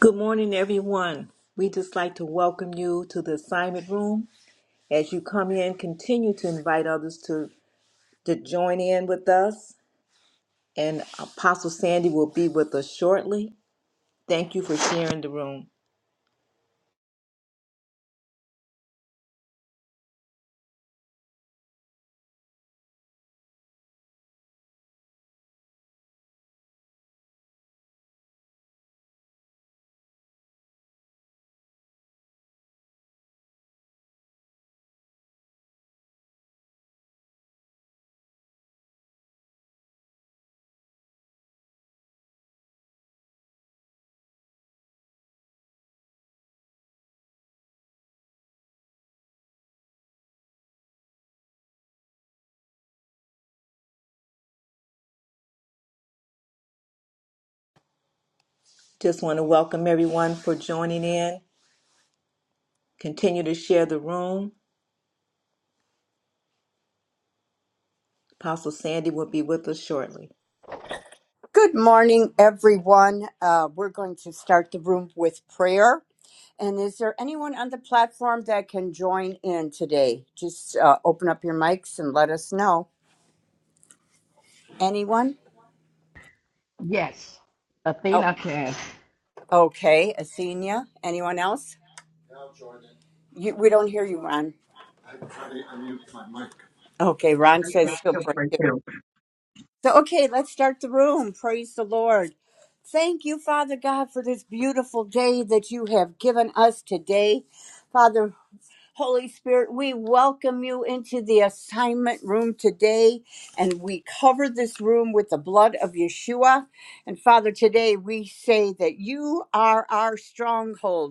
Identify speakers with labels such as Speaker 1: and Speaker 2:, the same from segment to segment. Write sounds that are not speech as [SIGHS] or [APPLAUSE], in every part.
Speaker 1: Good morning, everyone. We just like to welcome you to the assignment room. As you come in, continue to invite others to, to join in with us. And Apostle Sandy will be with us shortly. Thank you for sharing the room. Just want to welcome everyone for joining in. Continue to share the room. Apostle Sandy will be with us shortly.
Speaker 2: Good morning, everyone. Uh, we're going to start the room with prayer. And is there anyone on the platform that can join in today? Just uh, open up your mics and let us know. Anyone?
Speaker 3: Yes,
Speaker 2: Oh,
Speaker 3: Athena can.
Speaker 2: okay. Asenia. Anyone else? You, we don't hear you, Ron. Okay, Ron says he'll pray too. So, okay, let's start the room. Praise the Lord. Thank you, Father God, for this beautiful day that you have given us today. Father, Holy Spirit, we welcome you into the assignment room today, and we cover this room with the blood of Yeshua. And Father, today we say that you are our stronghold.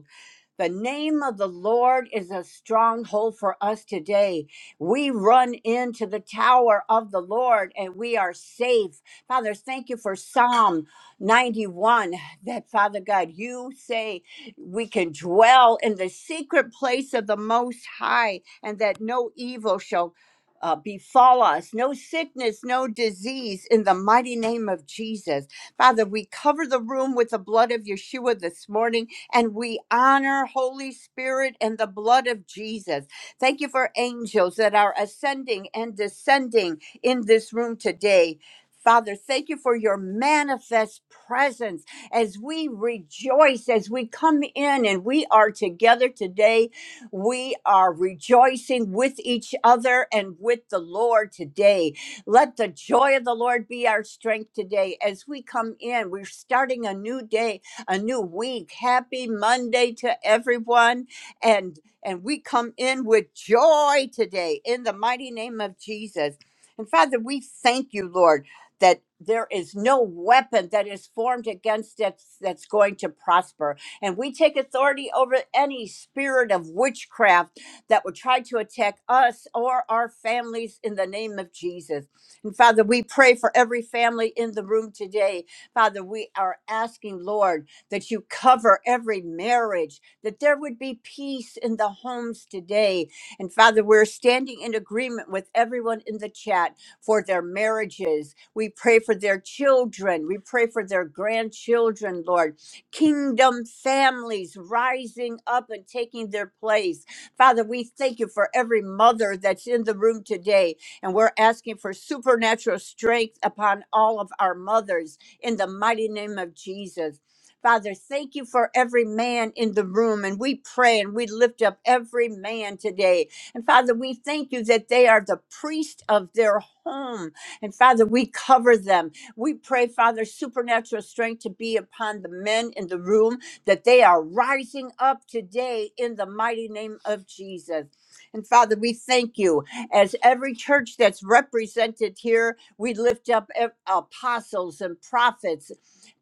Speaker 2: The name of the Lord is a stronghold for us today. We run into the tower of the Lord and we are safe. Father, thank you for Psalm 91 that, Father God, you say we can dwell in the secret place of the Most High and that no evil shall uh, befall us, no sickness, no disease, in the mighty name of Jesus. Father, we cover the room with the blood of Yeshua this morning and we honor Holy Spirit and the blood of Jesus. Thank you for angels that are ascending and descending in this room today. Father, thank you for your manifest presence as we rejoice, as we come in and we are together today. We are rejoicing with each other and with the Lord today. Let the joy of the Lord be our strength today as we come in. We're starting a new day, a new week. Happy Monday to everyone. And and we come in with joy today in the mighty name of Jesus. And Father, we thank you, Lord, that there is no weapon that is formed against us that's going to prosper. And we take authority over any spirit of witchcraft that would try to attack us or our families in the name of Jesus. And Father, we pray for every family in the room today. Father, we are asking, Lord, that you cover every marriage, that there would be peace in the homes today. And Father, we're standing in agreement with everyone in the chat for their marriages. We pray for their children. We pray for their grandchildren, Lord. Kingdom families rising up and taking their place. Father, we thank you for every mother that's in the room today and we're asking for supernatural strength upon all of our mothers in the mighty name of Jesus. Father, thank you for every man in the room. And we pray and we lift up every man today. And Father, we thank you that they are the priest of their home. And Father, we cover them. We pray, Father, supernatural strength to be upon the men in the room, that they are rising up today in the mighty name of Jesus. And Father, we thank you. As every church that's represented here, we lift up ev- apostles and prophets,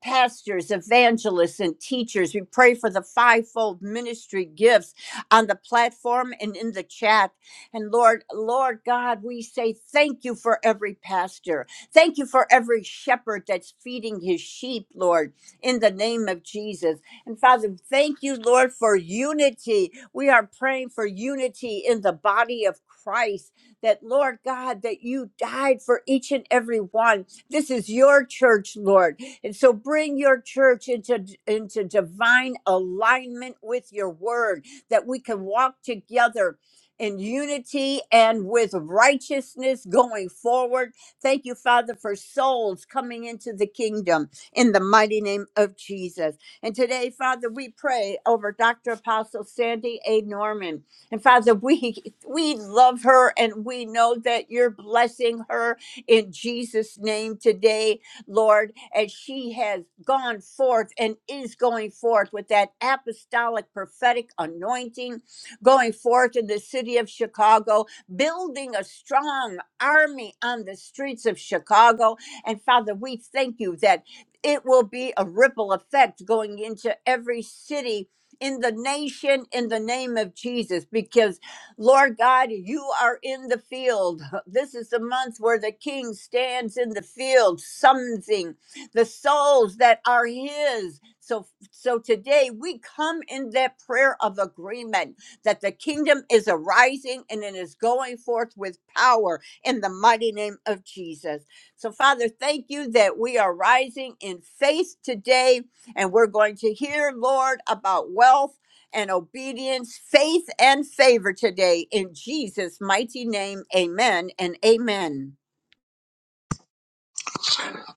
Speaker 2: pastors, evangelists, and teachers. We pray for the fivefold ministry gifts on the platform and in the chat. And Lord, Lord God, we say thank you for every pastor. Thank you for every shepherd that's feeding his sheep, Lord, in the name of Jesus. And Father, thank you, Lord, for unity. We are praying for unity in the body of Christ that, Lord God, that you died for each and every one. This is your church, Lord. And so bring your church into, into divine alignment with your word, that we can walk together in unity and with righteousness going forward. Thank you, Father, for souls coming into the kingdom in the mighty name of Jesus. And today, Father, we pray over Dr. Apostle Sandy A. Norman. And Father, we we love her and we know that you're blessing her in Jesus' name today, Lord, as she has gone forth and is going forth with that apostolic prophetic anointing, going forth in the city of Chicago, building a strong army on the streets of Chicago. And Father, we thank you that it will be a ripple effect going into every city in the nation in the name of Jesus because Lord God you are in the field [LAUGHS] this is the month where the king stands in the field summoning the souls that are his so so today we come in that prayer of agreement that the kingdom is arising and it is going forth with power in the mighty name of Jesus so father thank you that we are rising in faith today and we're going to hear, Lord, about wealth and obedience, faith and favor today in Jesus' mighty name. Amen and amen.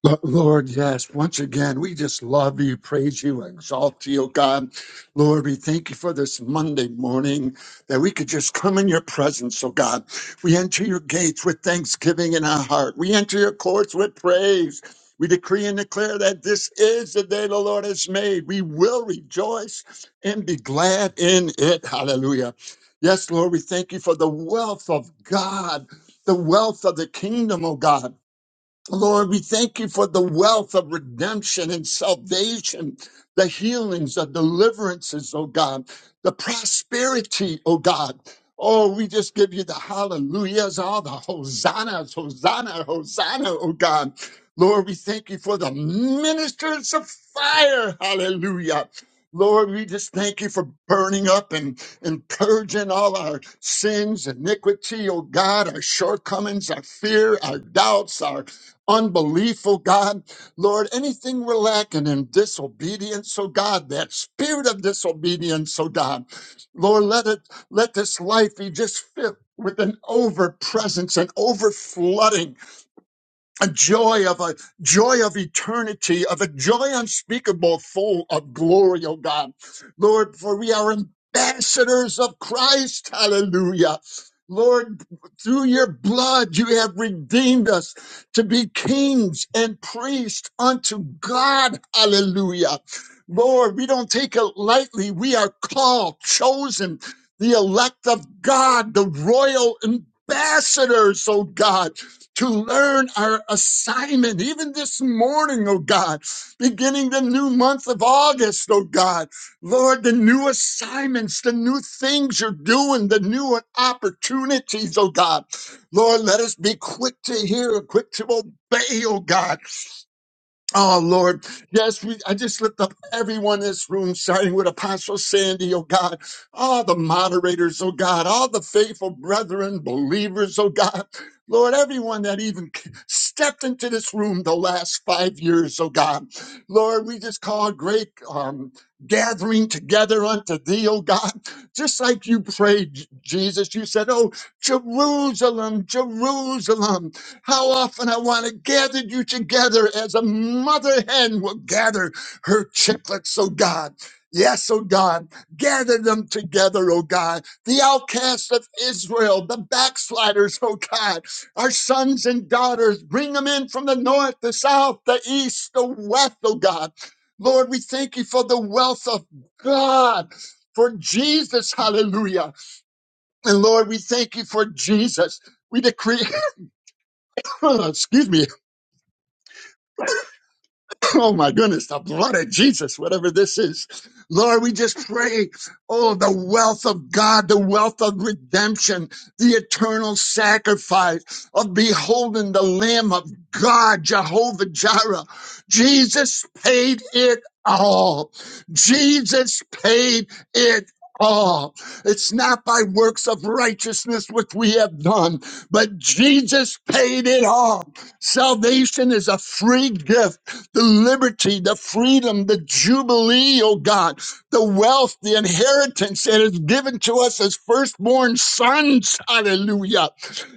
Speaker 4: Lo- Lord, yes, once again, we just love you, praise you, exalt you, God. Lord, we thank you for this Monday morning that we could just come in your presence, oh God. We enter your gates with thanksgiving in our heart, we enter your courts with praise. We decree and declare that this is the day the Lord has made. We will rejoice and be glad in it. Hallelujah. Yes, Lord, we thank you for the wealth of God, the wealth of the kingdom, oh God. Lord, we thank you for the wealth of redemption and salvation, the healings, the deliverances, oh God, the prosperity, oh God. Oh, we just give you the hallelujahs, all the hosannas, hosanna, hosanna, oh God. Lord, we thank you for the ministers of fire, hallelujah. Lord, we just thank you for burning up and, and purging all our sins, iniquity, oh God, our shortcomings, our fear, our doubts, our unbelief, oh God. Lord, anything we're lacking in disobedience, oh God, that spirit of disobedience, oh God. Lord, let it let this life be just filled with an over presence and over flooding a joy of a joy of eternity, of a joy unspeakable, full of glory, oh God. Lord, for we are ambassadors of Christ. Hallelujah. Lord, through your blood, you have redeemed us to be kings and priests unto God. Hallelujah. Lord, we don't take it lightly. We are called, chosen, the elect of God, the royal ambassadors, oh God to learn our assignment. Even this morning, oh God, beginning the new month of August, oh God, Lord, the new assignments, the new things you're doing, the new opportunities, oh God. Lord, let us be quick to hear, quick to obey, oh God Oh Lord, yes, we I just lift up everyone in this room, starting with Apostle Sandy, oh God, all the moderators, oh God, all the faithful brethren, believers, oh God. Lord, everyone that even stepped into this room the last five years, oh God. Lord, we just call a great um, gathering together unto thee, oh God. Just like you prayed, J- Jesus, you said, Oh, Jerusalem, Jerusalem. How often I want to gather you together as a mother hen will gather her chicklets, oh God. Yes, oh God, gather them together, oh God. The outcasts of Israel, the backsliders, oh God, our sons and daughters, bring them in from the north, the south, the east, the west, oh God. Lord, we thank you for the wealth of God, for Jesus, hallelujah. And Lord, we thank you for Jesus. We decree, [COUGHS] excuse me, [LAUGHS] Oh my goodness, the blood of Jesus, whatever this is. Lord, we just pray, oh, the wealth of God, the wealth of redemption, the eternal sacrifice of beholding the Lamb of God, Jehovah Jireh. Jesus paid it all. Jesus paid it all. It's not by works of righteousness which we have done, but Jesus paid it all. Salvation is a free gift the liberty, the freedom, the jubilee, oh God, the wealth, the inheritance that is given to us as firstborn sons. Hallelujah.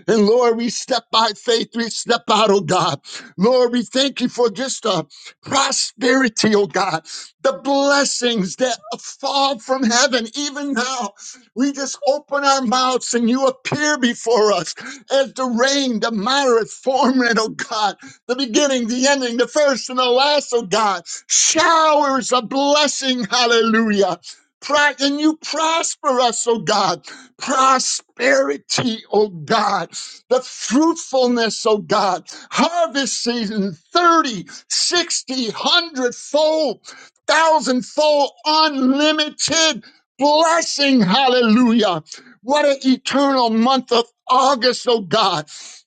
Speaker 4: And Lord, we step by faith, we step out, oh God. Lord, we thank you for just the prosperity, oh God, the blessings that fall from heaven. Even now, we just open our mouths and you appear before us as the rain, the moderate form, oh God the beginning, the ending, the first and the last, oh God. Showers of blessing, hallelujah. Pro- and you prosper us, oh God. Prosperity, oh God. The fruitfulness, oh God. Harvest season 30, 60, 100 fold, thousand fold, unlimited blessing, hallelujah. What an eternal month of August, oh God.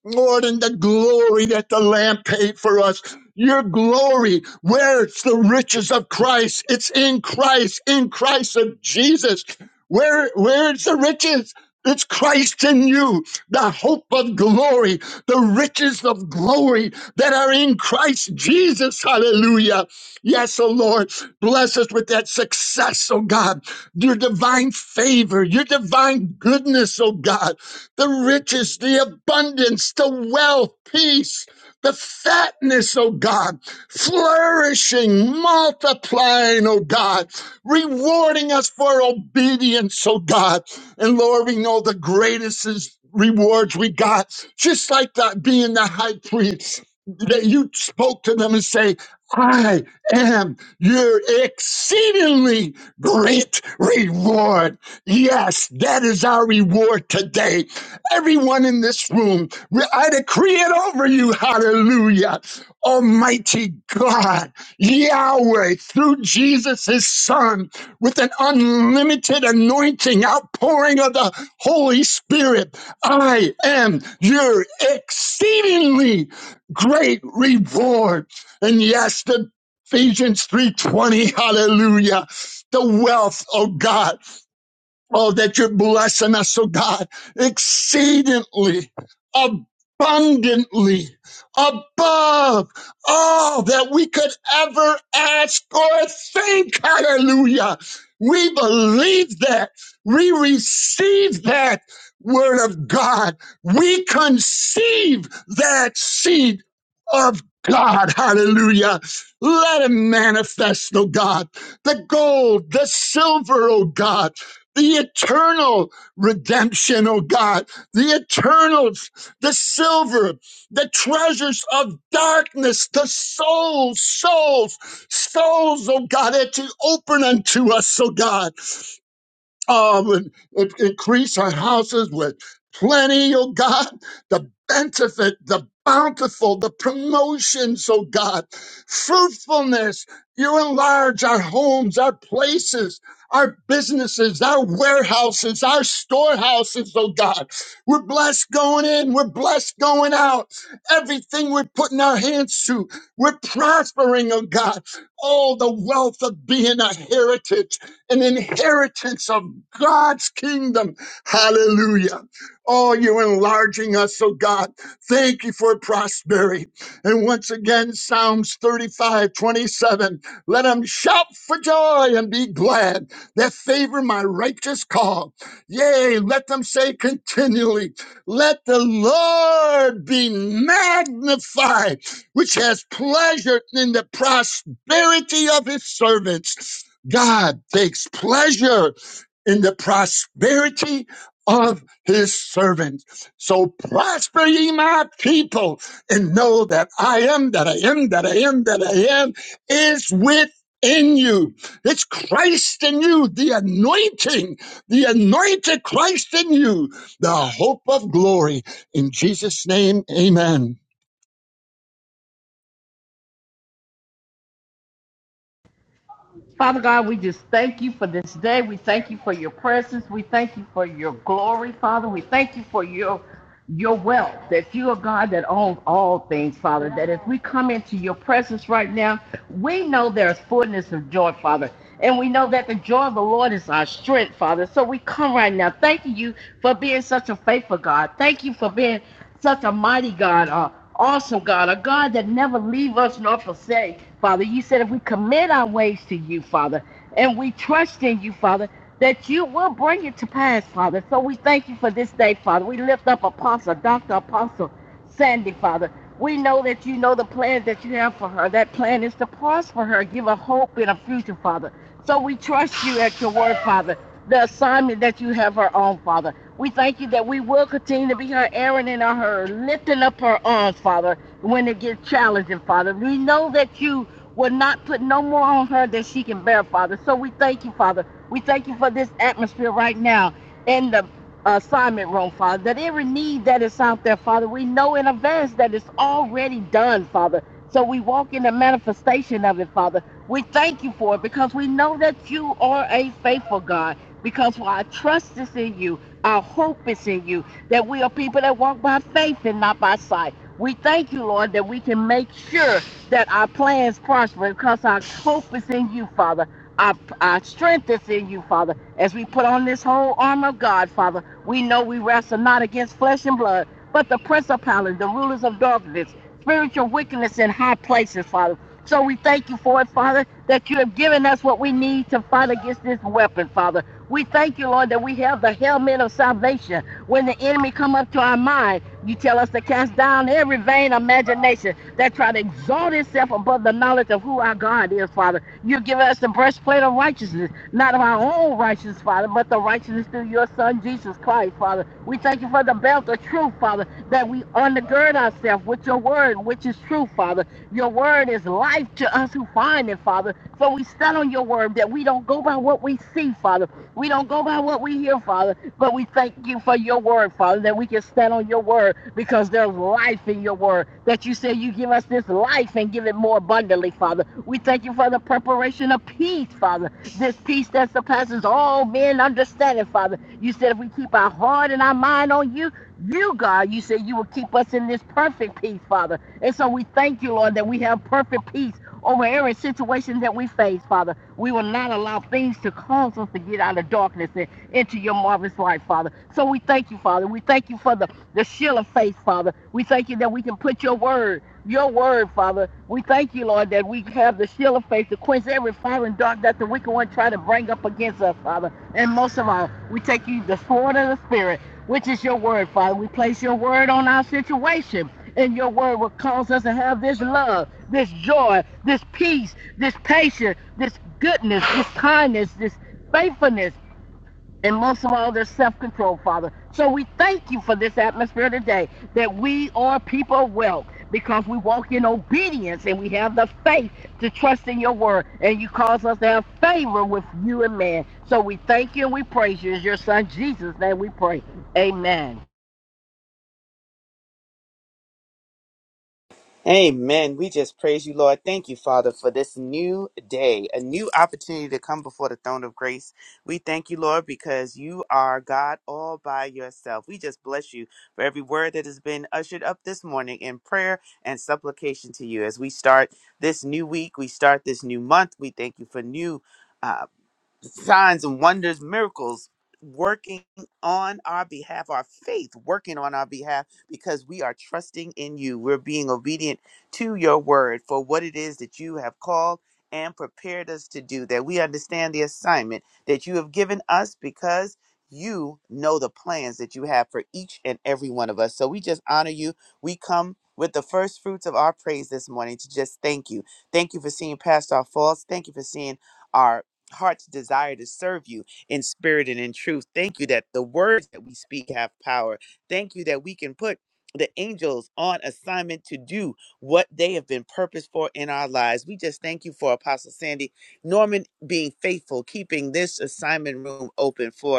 Speaker 4: Lord, and the glory that the Lamb paid for us. Your glory, Where's the riches of Christ, it's in Christ, in Christ of Jesus. Where, where is the riches? It's Christ in you, the hope of glory, the riches of glory that are in Christ Jesus. Hallelujah. Yes, oh Lord, bless us with that success, oh God, your divine favor, your divine goodness, oh God the riches, the abundance, the wealth, peace, the fatness, oh God, flourishing, multiplying, oh God, rewarding us for obedience, oh God. And Lord, we know the greatest is rewards we got, just like that being the high priest. That you spoke to them and say, I am your exceedingly great reward. Yes, that is our reward today Everyone in this room, I decree it over you. Hallelujah. Almighty God, Yahweh, through Jesus, his son, with an unlimited anointing, outpouring of the Holy Spirit, I am your exceedingly great reward. And yes, the Ephesians 3:20, hallelujah. The wealth, oh God. Oh, that you're blessing us, oh God, exceedingly, abundantly, above all that we could ever ask or think. Hallelujah. We believe that. We receive that word of God. We conceive that seed of God. Hallelujah. Let it manifest, oh God, the gold, the silver, oh God the eternal redemption, oh God, the eternals, the silver, the treasures of darkness, the souls, souls, souls, oh God, that you open unto us, oh God um, and, and increase our houses with plenty, oh God, the benefit, the bountiful, the promotions, oh God, fruitfulness. You enlarge our homes, our places, our businesses, our warehouses, our storehouses, oh God. We're blessed going in, we're blessed going out. Everything we're putting our hands to, we're prospering, oh God. Oh, the wealth of being a heritage an inheritance of God's kingdom. Hallelujah. Oh, you're enlarging us, oh God. Thank you for prosperity. And once again, Psalms 35 27. Let them shout for joy and be glad that favor my righteous call. Yea, let them say continually, let the Lord be magnified, which has pleasure in the prosperity of his servants. God takes pleasure in the prosperity of his servant. So prosper ye my people and know that I am, that I am, that I am, that I am is within you. It's Christ in you, the anointing, the anointed Christ in you, the hope of glory. In Jesus' name, amen.
Speaker 3: Father God, we just thank you for this day. We thank you for your presence. We thank you for your glory, Father. We thank you for your your wealth, that you are God that owns all things, Father. That if we come into your presence right now, we know there's fullness of joy, Father. And we know that the joy of the Lord is our strength, Father. So we come right now. Thank you for being such a faithful God. Thank you for being such a mighty God. uh, awesome God, a God that never leave us nor forsake. Father, you said if we commit our ways to you, Father, and we trust in you, Father, that you will bring it to pass, Father. So we thank you for this day, Father. We lift up Apostle, Dr. Apostle Sandy, Father. We know that you know the plans that you have for her. That plan is to prosper her, give her hope in a future, Father. So we trust you at your word, Father. The assignment that you have her on, Father. We thank you that we will continue to be her Aaron and her lifting up her arms, Father, when it gets challenging, Father. We know that you will not put no more on her than she can bear, Father. So we thank you, Father. We thank you for this atmosphere right now in the assignment room, Father. That every need that is out there, Father, we know in advance that it's already done, Father. So we walk in the manifestation of it, Father. We thank you for it because we know that you are a faithful God. Because our trust is in you. Our hope is in you, that we are people that walk by faith and not by sight. We thank you, Lord, that we can make sure that our plans prosper because our hope is in you, Father. Our, our strength is in you, Father. As we put on this whole armor of God, Father, we know we wrestle not against flesh and blood, but the principalities, the rulers of darkness, spiritual wickedness in high places, Father. So we thank you for it, Father, that you have given us what we need to fight against this weapon, Father. We thank you, Lord, that we have the helmet of salvation. When the enemy come up to our mind, you tell us to cast down every vain imagination that try to exalt itself above the knowledge of who our God is, Father. You give us the breastplate of righteousness, not of our own righteousness, Father, but the righteousness through your Son, Jesus Christ, Father. We thank you for the belt of truth, Father, that we undergird ourselves with your word, which is true, Father. Your word is life to us who find it, Father. So we stand on your word that we don't go by what we see, Father, we don't go by what we hear, Father, but we thank you for your word, Father, that we can stand on your word because there's life in your word. That you say you give us this life and give it more abundantly, Father. We thank you for the preparation of peace, Father. This peace that surpasses all men understanding, Father. You said if we keep our heart and our mind on you, you, God, you said you will keep us in this perfect peace, Father. And so we thank you, Lord, that we have perfect peace over every situation that we face, Father. We will not allow things to cause us to get out of darkness and into your marvelous light, Father. So we thank you, Father. We thank you for the, the shield of faith, Father. We thank you that we can put your word, your word, Father. We thank you, Lord, that we have the shield of faith to quench every fire and dark that the wicked one try to bring up against us, Father. And most of all, we take you the sword of the Spirit, which is your word, Father. We place your word on our situation. And your word will cause us to have this love, this joy, this peace, this patience, this goodness, this kindness, this faithfulness, and most of all, their self control, Father. So we thank you for this atmosphere today that we are people of wealth because we walk in obedience and we have the faith to trust in your word. And you cause us to have favor with you and man. So we thank you and we praise you. In your son Jesus' name we pray. Amen.
Speaker 5: Amen. We just praise you, Lord. Thank you, Father, for this new day, a new opportunity to come before the throne of grace. We thank you, Lord, because you are God all by yourself. We just bless you for every word that has been ushered up this morning in prayer and supplication to you. As we start this new week, we start this new month. We thank you for new. uh, signs and wonders, miracles working on our behalf, our faith working on our behalf, because we are trusting in you. We're being obedient to your word for what it is that you have called and prepared us to do, that we understand the assignment that you have given us because. You know the plans that you have for each and every one of us. So we just honor you. We come with the first fruits of our praise this morning to just thank you. Thank you for seeing past our faults. Thank you for seeing our heart's desire to serve you in spirit and in truth. Thank you that the words that we speak have power. Thank you that we can put the angels on assignment to do what they have been purposed for in our lives. We just thank you for Apostle Sandy Norman being faithful, keeping this assignment room open for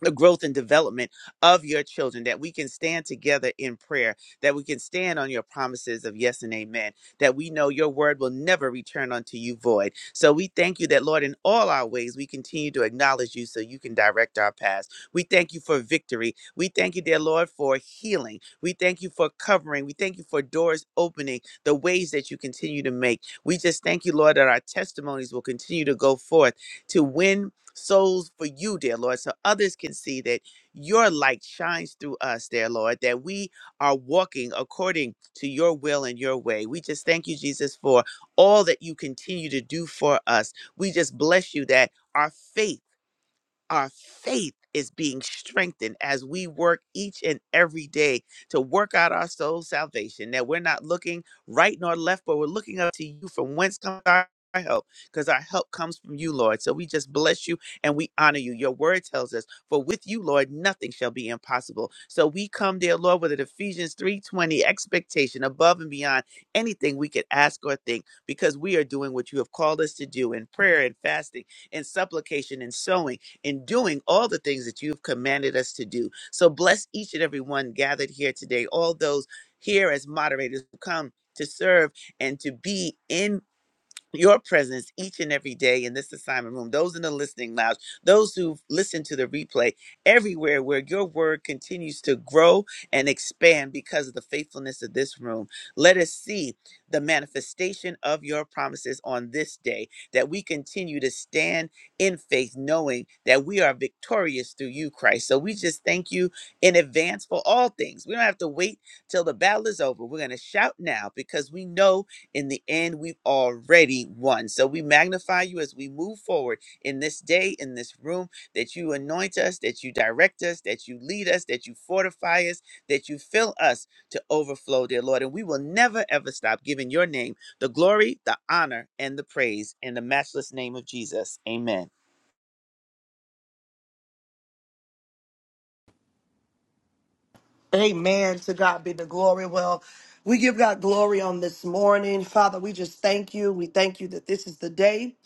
Speaker 5: the growth and development of your children, that we can stand together in prayer, that we can stand on your promises of yes and amen, that we know your word will never return unto you void. So we thank you that, Lord, in all our ways, we continue to acknowledge you so you can direct our paths. We thank you for victory. We thank you, dear Lord, for healing. We thank you for covering. We thank you for doors opening, the ways that you continue to make. We just thank you, Lord, that our testimonies will continue to go forth to win souls for you, dear Lord, so others can see that your light shines through us, dear Lord, that we are walking according to your will and your way. We just thank you, Jesus, for all that you continue to do for us. We just bless you that our faith our faith is being strengthened as we work each and every day to work out our soul's salvation. That we're not looking right nor left, but we're looking up to you from whence comes our our help, because our help comes from you, Lord. So we just bless you and we honor you. Your word tells us, for with you, Lord, nothing shall be impossible. So we come, dear Lord, with an Ephesians 3:20 expectation above and beyond anything we could ask or think, because we are doing what you have called us to do in prayer and fasting and supplication and sowing in doing all the things that you've commanded us to do. So bless each and every one gathered here today, all those here as moderators who come to serve and to be in your presence each and every day in this assignment room, those in the listening lounge, those who listen to the replay, everywhere where your word continues to grow and expand because of the faithfulness of this room. Let us see the manifestation of your promises on this day, that we continue to stand in faith, knowing that we are victorious through you, Christ. So we just thank you in advance for all things. We don't have to wait till the battle is over. We're going to shout now because we know in the end, we've already won. So we magnify you as we move forward in this day, in this room, that you anoint us, that you direct us, that you lead us, that you fortify us, that you fill us to overflow, dear Lord. And we will never, ever stop giving your name the glory, the honor, and the praise in the matchless name of Jesus. Amen.
Speaker 6: Amen. To God be the glory. Well, we give God glory on this morning. Father, we just thank you. We thank you that this is the day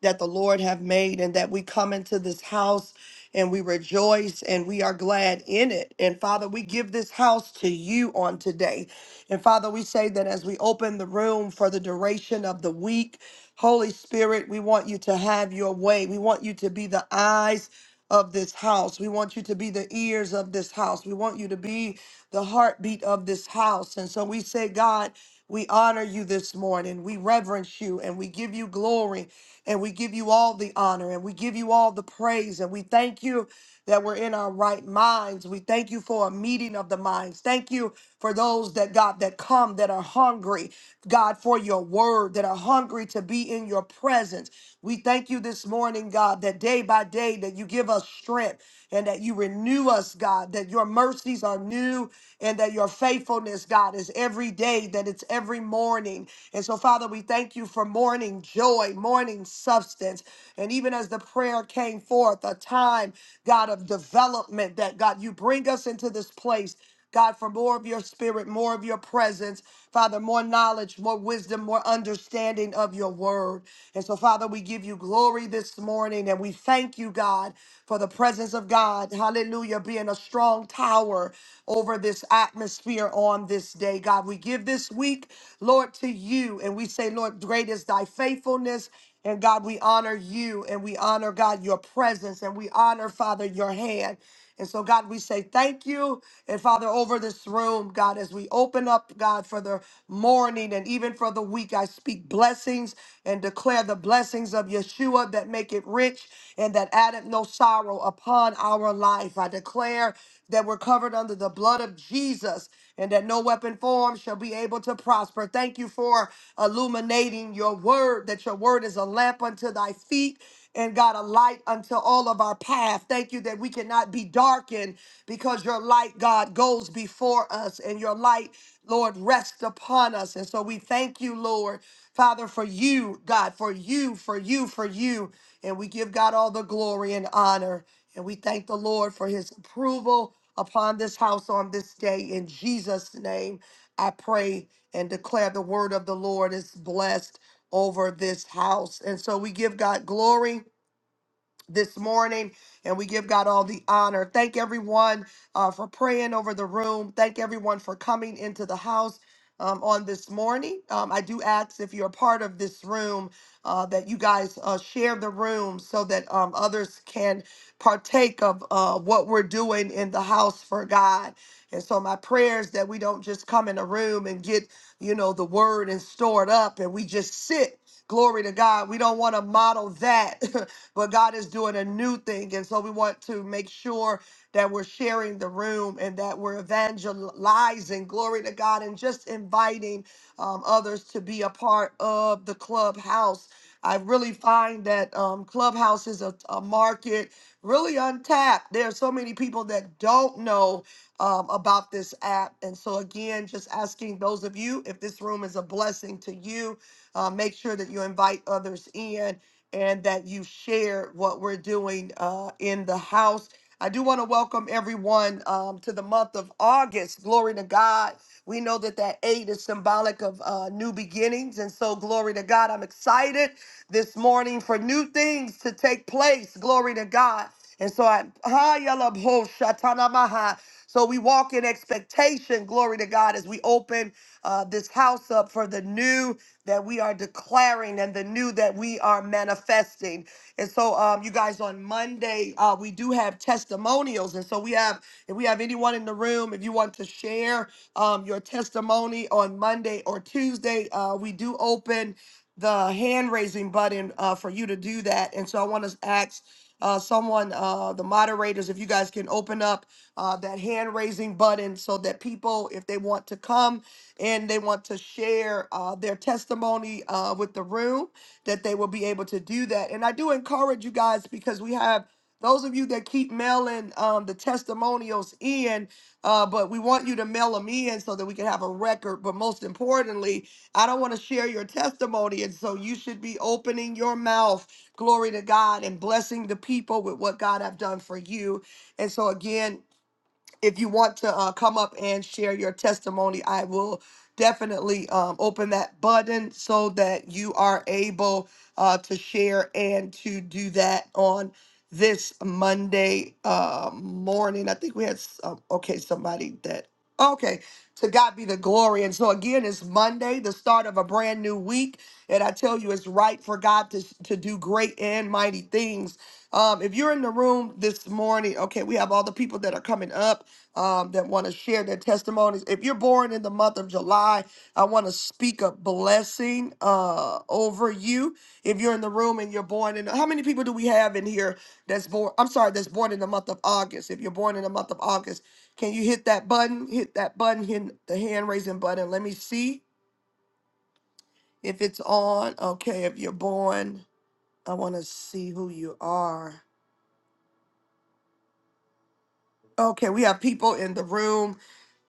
Speaker 6: that the Lord have made and that we come into this house and we rejoice and we are glad in it. And Father, we give this house to you on today. And Father, we say that as we open the room for the duration of the week, Holy Spirit, we want you to have your way. We want you to be the eyes of this house. We want you to be the ears of this house. We want you to be the heartbeat of this house. And so we say, God, we honor you this morning. We reverence you and we give you glory and we give you all the honor and we give you all the praise. And we thank you that we're in our right minds. We thank you for a meeting of the minds. Thank you for those that, God, that come that are hungry, God, for your word, that are hungry to be in your presence. We thank you this morning, God, that day by day that you give us strength and that you renew us, God, that your mercies are new and that your faithfulness, God, is every day, that it's every morning. And so, Father, we thank you for morning joy, morning substance. And even as the prayer came forth, a time, God, of development that God, you bring us into this place. God, for more of your spirit, more of your presence, Father, more knowledge, more wisdom, more understanding of your word. And so, Father, we give you glory this morning and we thank you, God, for the presence of God, hallelujah, being a strong tower over this atmosphere on this day. God, we give this this week, Lord, to you. And we say, Lord, great is thy faithfulness. And God, we honor you and we honor, God, your presence and we honor, Father, your hand. And so, God, we say thank you. And Father, over this room, God, as we open up, God, for the morning and even for the week, I speak blessings and declare the blessings of Yeshua that make it rich and that addeth no sorrow upon our life. I declare that we're covered under the blood of Jesus and that no weapon formed shall be able to prosper. Thank you for illuminating your word, that your word is a lamp unto thy feet and God, a light unto all of our path. Thank you that we cannot be darkened because your light, God, goes before us and your light, Lord, rests upon us. And so we thank you, Lord, Father, for you, God, for you, for you, for you. And we give God all the glory and honor. And we thank the Lord for his approval upon this house on this day. In Jesus' name, I pray and declare the word of the Lord is blessed over this house. And so we give God glory this morning, and we give God all the honor. Thank everyone uh, for praying over the room. Thank everyone for coming into the house. Um, on this morning, um, I do ask if you're a part of this room uh, that you guys uh, share the room so that um, others can partake of uh, what we're doing in the house for God. And so, my prayers that we don't just come in a room and get, you know, the word and store it up and we just sit glory to God. We don't want to model that [LAUGHS] but God is doing a new thing. And so we want to make sure that we're sharing the room and that we're evangelizing, glory to God, and just inviting um, others to be a part of the clubhouse. I really find that um, Clubhouse is a, a market really untapped. There are so many people that don't know um, about this app. And so, again, just asking those of you if this room is a blessing to you, uh, make sure that you invite others in and that you shared what we're doing uh, in the house. I do want to welcome everyone um, to the month of August. Glory to God. We know that that eight is symbolic of uh, new beginnings. And so, glory to God. I'm excited this morning for new things to take place. Glory to God. And so, I, hi, yalab ho, shatana maha. so we walk in expectation. Glory to God as we open uh, this house up for the new that we are declaring and the new that we are manifesting. And so, um, you guys, on Monday, uh, we do have testimonials. And so, we have, if we have anyone in the room, if you want to share um, your testimony on Monday or Tuesday, uh, we do open the hand raising button uh, for you to do that. And so, I want to ask uh, someone, uh, the moderators, if you guys can open up uh, that hand raising button so that people, if they want to come, and they want to share uh, their testimony uh, with the room, that they will be able to do that. And I do encourage you guys because we have those of you that keep mailing um, the testimonials in, uh, but we want you to mail them in so that we can have a record. But most importantly, I don't want to share your testimony. And so you should be opening your mouth, glory to God, and blessing the people with what God have done for you. And so again, if you want to uh, come up and share your testimony, I will definitely um, open that button so that you are able uh, to share and to do that on this Monday uh, morning. I think we had, s- um, okay, somebody that, okay, to God be the glory. And so again, it's Monday, the start of a brand new week. And I tell you, it's right for God to, to do great and mighty things. Um, if you're in the room this morning, okay, we have all the people that are coming up um, that want to share their testimonies. If you're born in the month of July, I want to speak a blessing uh, over you. If you're in the room and you're born in, how many people do we have in here that's born? I'm sorry, that's born in the month of August. If you're born in the month of August, can you hit that button? Hit that button, hit the hand raising button. Let me see if it's on. Okay, if you're born, I want to see who you are. Okay, we have people in the room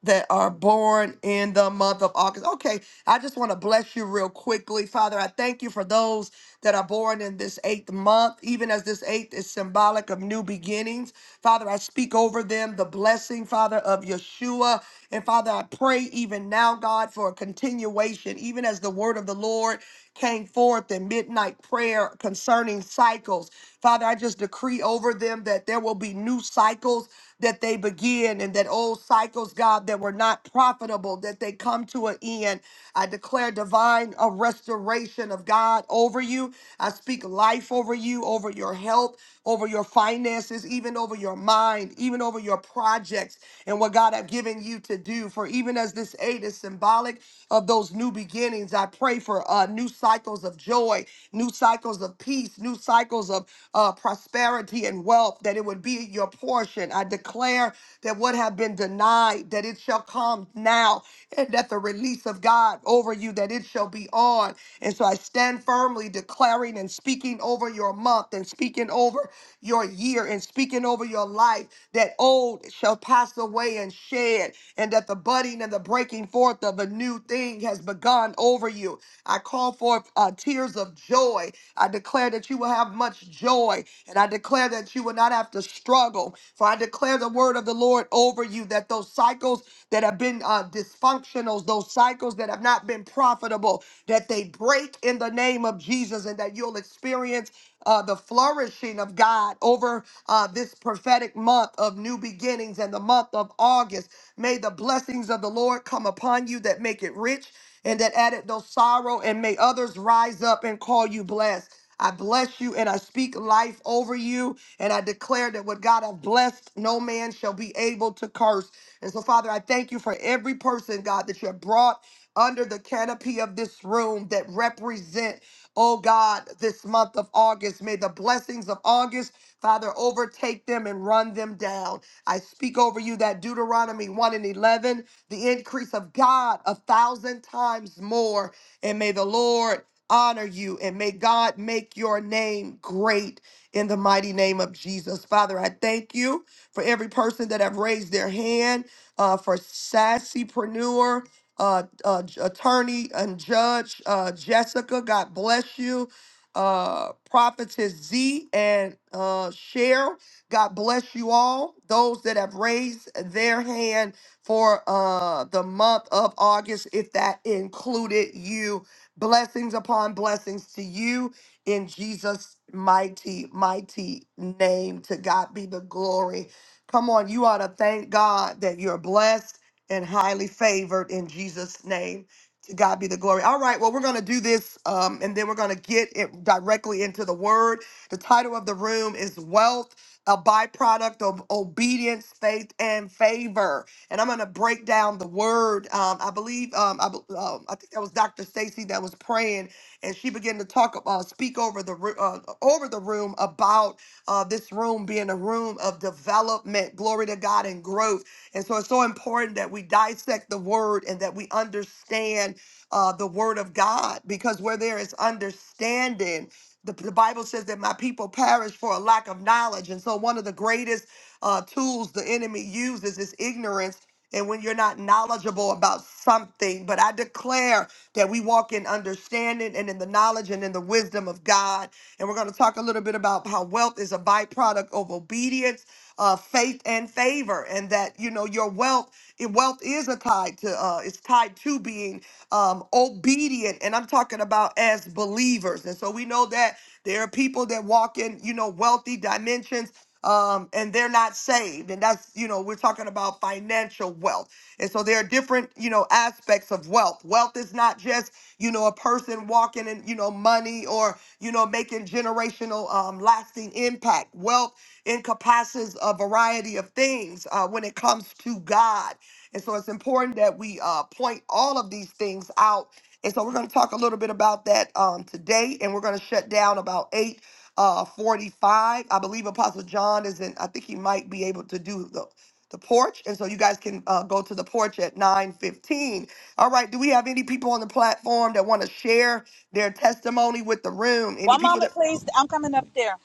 Speaker 6: that are born in the month of August. Okay, I just want to bless you real quickly. Father, I thank you for those that are born in this eighth month, even as this eighth is symbolic of new beginnings. Father, I speak over them the blessing, Father, of Yeshua. And Father, I pray even now, God, for a continuation, even as the word of the Lord came forth in midnight prayer concerning cycles. Father, I just decree over them that there will be new cycles that they begin and that old cycles, God, that were not profitable, that they come to an end. I declare divine a restoration of God over you. I speak life over you, over your health, over your finances, even over your mind, even over your projects and what God have given you to do. For even as this eight is symbolic of those new beginnings, I pray for a new cycle cycles of joy, new cycles of peace, new cycles of uh, prosperity and wealth, that it would be your portion. I declare that what have been denied, that it shall come now, and that the release of God over you, that it shall be on. And so I stand firmly declaring and speaking over your month and speaking over your year and speaking over your life that old shall pass away and shed, and that the budding and the breaking forth of a new thing has begun over you. I call forth uh, tears of joy. I declare that you will have much joy, and I declare that you will not have to struggle. For I declare the word of the Lord over you that those cycles that have been uh, dysfunctional, those cycles that have not been profitable, that they break in the name of Jesus and that you'll experience uh, the flourishing of God over uh, this prophetic month of new beginnings and the month of August. May the blessings of the Lord come upon you that make it rich and that added no sorrow, and may others rise up and call you blessed. I bless you and I speak life over you. And I declare that what God has blessed, no man shall be able to curse. And so, Father, I thank you for every person, God, that you have brought under the canopy of this room that represent. Oh God, this month of August, may the blessings of August, Father, overtake them and run them down. I speak over you that Deuteronomy 1 and 11, the increase of God a thousand times more. And may the Lord honor you and may God make your name great in the mighty name of Jesus. Father, I thank you for every person that have raised their hand uh, for Sassypreneur uh, uh, j- attorney and judge uh, Jessica. God bless you. Uh, Prophetess Z and uh, Cheryl. God bless you all. Those that have raised their hand for uh, the month of August, if that included you. Blessings upon blessings to you in Jesus' mighty, mighty name. To God be the glory. Come on, you ought to thank God that you're blessed and highly favored in Jesus' name. To God be the glory. All right, well, we're going to do this um, and then we're going to get it directly into the word. The title of the room is Wealth, a byproduct of obedience, faith, and favor. And I'm going to break down the word. Um, I believe, um, I, bel- um, I think that was Dr. Stacy that was praying and she began to talk, uh, speak over the, ru- uh, over the room about uh, this room being a room of development, glory to God, and growth. And so it's so important that we dissect the word and that we understand uh, the word of God because where there is understanding, the, the Bible says that my people perish for a lack of knowledge. And so one of the greatest uh, tools the enemy uses is ignorance and when you're not knowledgeable about something. But I declare that we walk in understanding and in the knowledge and in the wisdom of God. And we're going to talk a little bit about how wealth is a byproduct of obedience, uh, faith, and favor, and that you know your wealth. It, wealth is a tied to uh, it's tied to being um, obedient, and I'm talking about as believers. And so we know that there are people that walk in you know wealthy dimensions um, and they're not saved. And that's, you know, we're talking about financial wealth. And so there are different, you know, aspects of wealth. Wealth is not just, you know, a person walking in, you know, money or, you know, making generational um, lasting impact. Wealth encompasses a variety of things uh, when it comes to God. And so it's important that we uh, point all of these things out. And so we're going to talk a little bit about that um, today, and we're going to shut down about 8 uh 45 i believe apostle john is in i think he might be able to do the the porch and so you guys can uh, go to the porch at 9:15. All right, do we have any people on the platform that want to share their testimony with the room? Any
Speaker 7: One
Speaker 6: people
Speaker 7: moment,
Speaker 6: that
Speaker 7: please. I'm coming up there.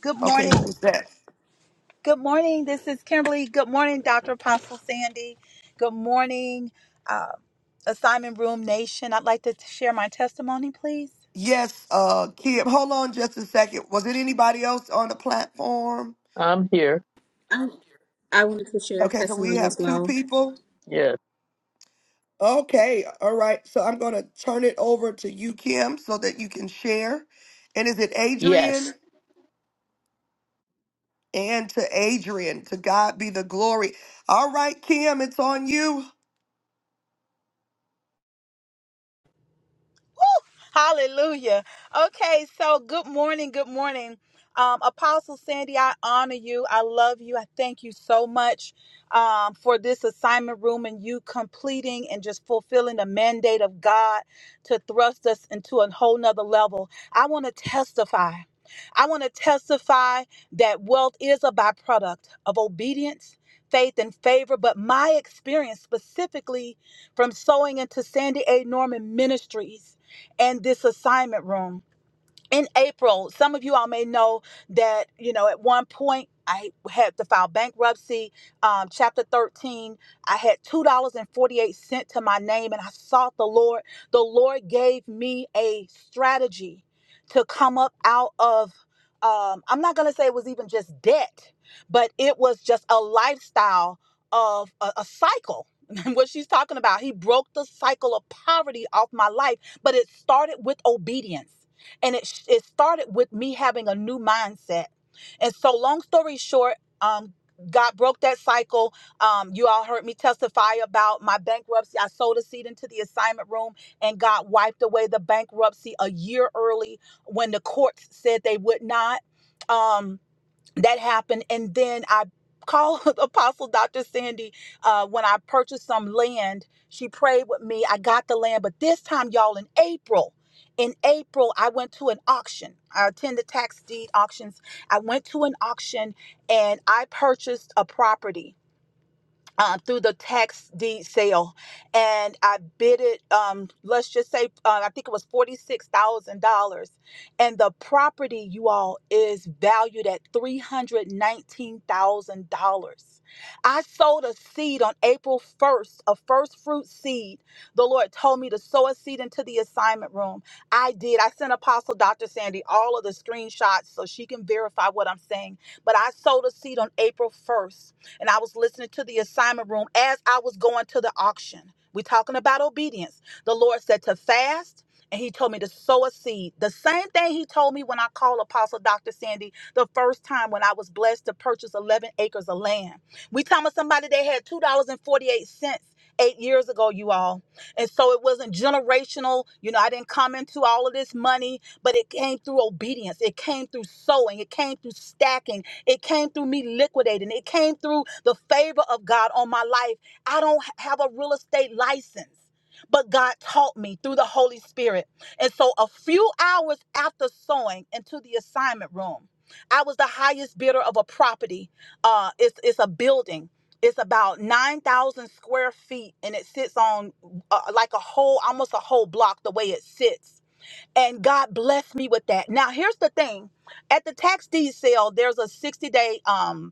Speaker 7: Good
Speaker 6: Okay, who
Speaker 7: morning.
Speaker 6: was that?
Speaker 7: Good morning. This is Kimberly. Good morning, Dr. Apostle Sandy. Good morning, uh, Assignment Room Nation. I'd like to t- share my testimony, please.
Speaker 6: Yes, uh Kim. Hold on just a second. Was it anybody else on the platform?
Speaker 8: I'm here.
Speaker 9: I, I wanted to share a
Speaker 6: Okay, so we
Speaker 9: testimony
Speaker 6: have
Speaker 9: as
Speaker 6: two
Speaker 9: well.
Speaker 6: people.
Speaker 8: Yes.
Speaker 6: Okay, all right. So I'm going to turn it over to you Kim so that you can share. And is it
Speaker 8: Yes.
Speaker 6: Adrian? and to Adrian. To God be the glory. All right, Kim, it's on you.
Speaker 7: Hallelujah. Okay, so good morning. Good morning. Um, Apostle Sandy, I honor you. I love you. I thank you so much um, for this assignment room and you completing and just fulfilling the mandate of God to thrust us into a whole nother level. I want to testify. I want to testify that wealth is a byproduct of obedience, faith, and favor. But my experience specifically from sowing into Sandy A. Norman Ministries and this assignment room in April, some of you all may know that, you know, at one point I had to file bankruptcy. Um, chapter 13, I had $2.48 to my name and I sought the Lord. The Lord gave me a strategy to come up out of, um, I'm not going to say it was even just debt, but it was just a lifestyle of a, a cycle. [LAUGHS] what she's talking about. He broke the cycle of poverty off my life, but it started with obedience and it sh- it started with me having a new mindset. And so, long story short, um, God broke that cycle. Um, you all heard me testify about my bankruptcy. I sold a seed into the assignment room, and God wiped away the bankruptcy a year early when the courts said they would not. Um, that happened and then i called [LAUGHS] apostle dr sandy uh, when i purchased some land she prayed with me i got the land but this time y'all in april in april i went to an auction i attended tax deed auctions i went to an auction and i purchased a property uh, through the tax deed sale, and I bid it. Um, let's just say uh, I think it was forty six thousand dollars, and the property, you all, is valued at three hundred nineteen thousand dollars. I sowed a seed on April first, a first fruit seed. The Lord told me to sow a seed into the assignment room. I did. I sent Apostle Dr. Sandy all of the screenshots so she can verify what I'm saying. But I sowed a seed on April first and I was listening to the assignment room as I was going to the auction. We're talking about obedience. The Lord said to fast, and He told me to sow a seed. The same thing He told me when I called Apostle Dr. Sandy the first time when I was blessed to purchase 11 acres of land. We talking about somebody that had $2.48 eight years ago, you all. And so it wasn't generational. You know, I didn't come into all of this money, but it came through obedience. It came through sowing. It came through stacking. It came through me liquidating. It came through the favor of God on my life. I don't have a real estate license. But God taught me through the Holy Spirit. And so, a few hours after sewing into the assignment room, I was the highest bidder of a property. Uh, it's, it's a building it's about 9,000 square feet and it sits on uh, like a whole, almost a whole block the way it sits and God blessed me with that. Now, here's the thing. At the tax deed sale, there's a 60 day um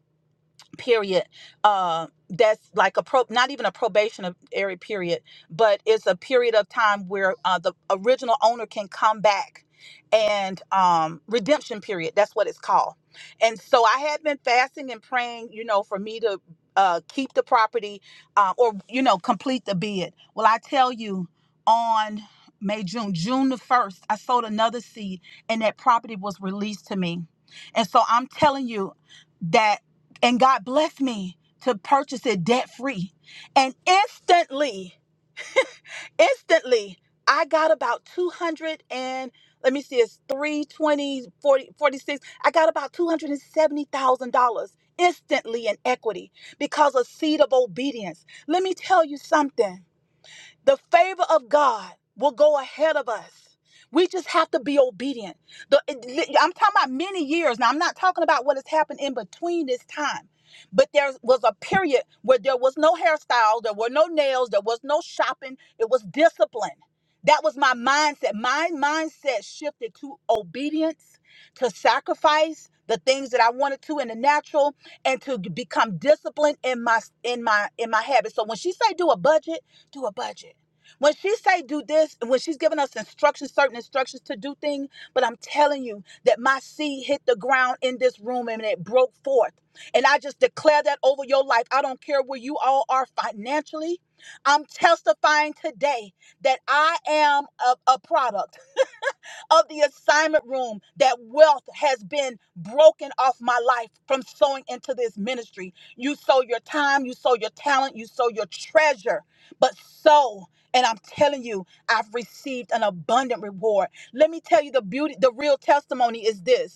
Speaker 7: period uh that's like a pro not even a probationary period but it's a period of time where uh, the original owner can come back and um redemption period that's what it's called and so i had been fasting and praying you know for me to uh keep the property uh, or you know complete the bid well i tell you on may june june the 1st i sold another seed and that property was released to me and so i'm telling you that and God blessed me to purchase it debt free. And instantly, instantly, I got about 200 and let me see, it's three twenty forty forty six. I got about $270,000 instantly in equity because of seed of obedience. Let me tell you something. The favor of God will go ahead of us. We just have to be obedient. The- it- I'm talking about many years. Now, I'm not talking about what has happened in between this time. But there was a period where there was no hairstyle, there were no nails, there was no shopping. It was discipline. That was my mindset. My mindset shifted to obedience, to sacrifice the things that I wanted to in the natural, and to become disciplined in my in my in my habits. So when she say do a budget, do a budget. When she say do this, when she's giving us instructions, certain instructions to do things, but I'm telling you that my seed hit the ground in this room and it broke forth. And I just declare that over your life. I don't care where you all are financially. I'm testifying today that I am a, a product of the assignment room that wealth has been broken off my life from sowing into this ministry. You sow your time, you sow your talent, you sow your treasure, but sow. And I'm telling you, I've received an abundant reward. Let me tell you the beauty, the real testimony is this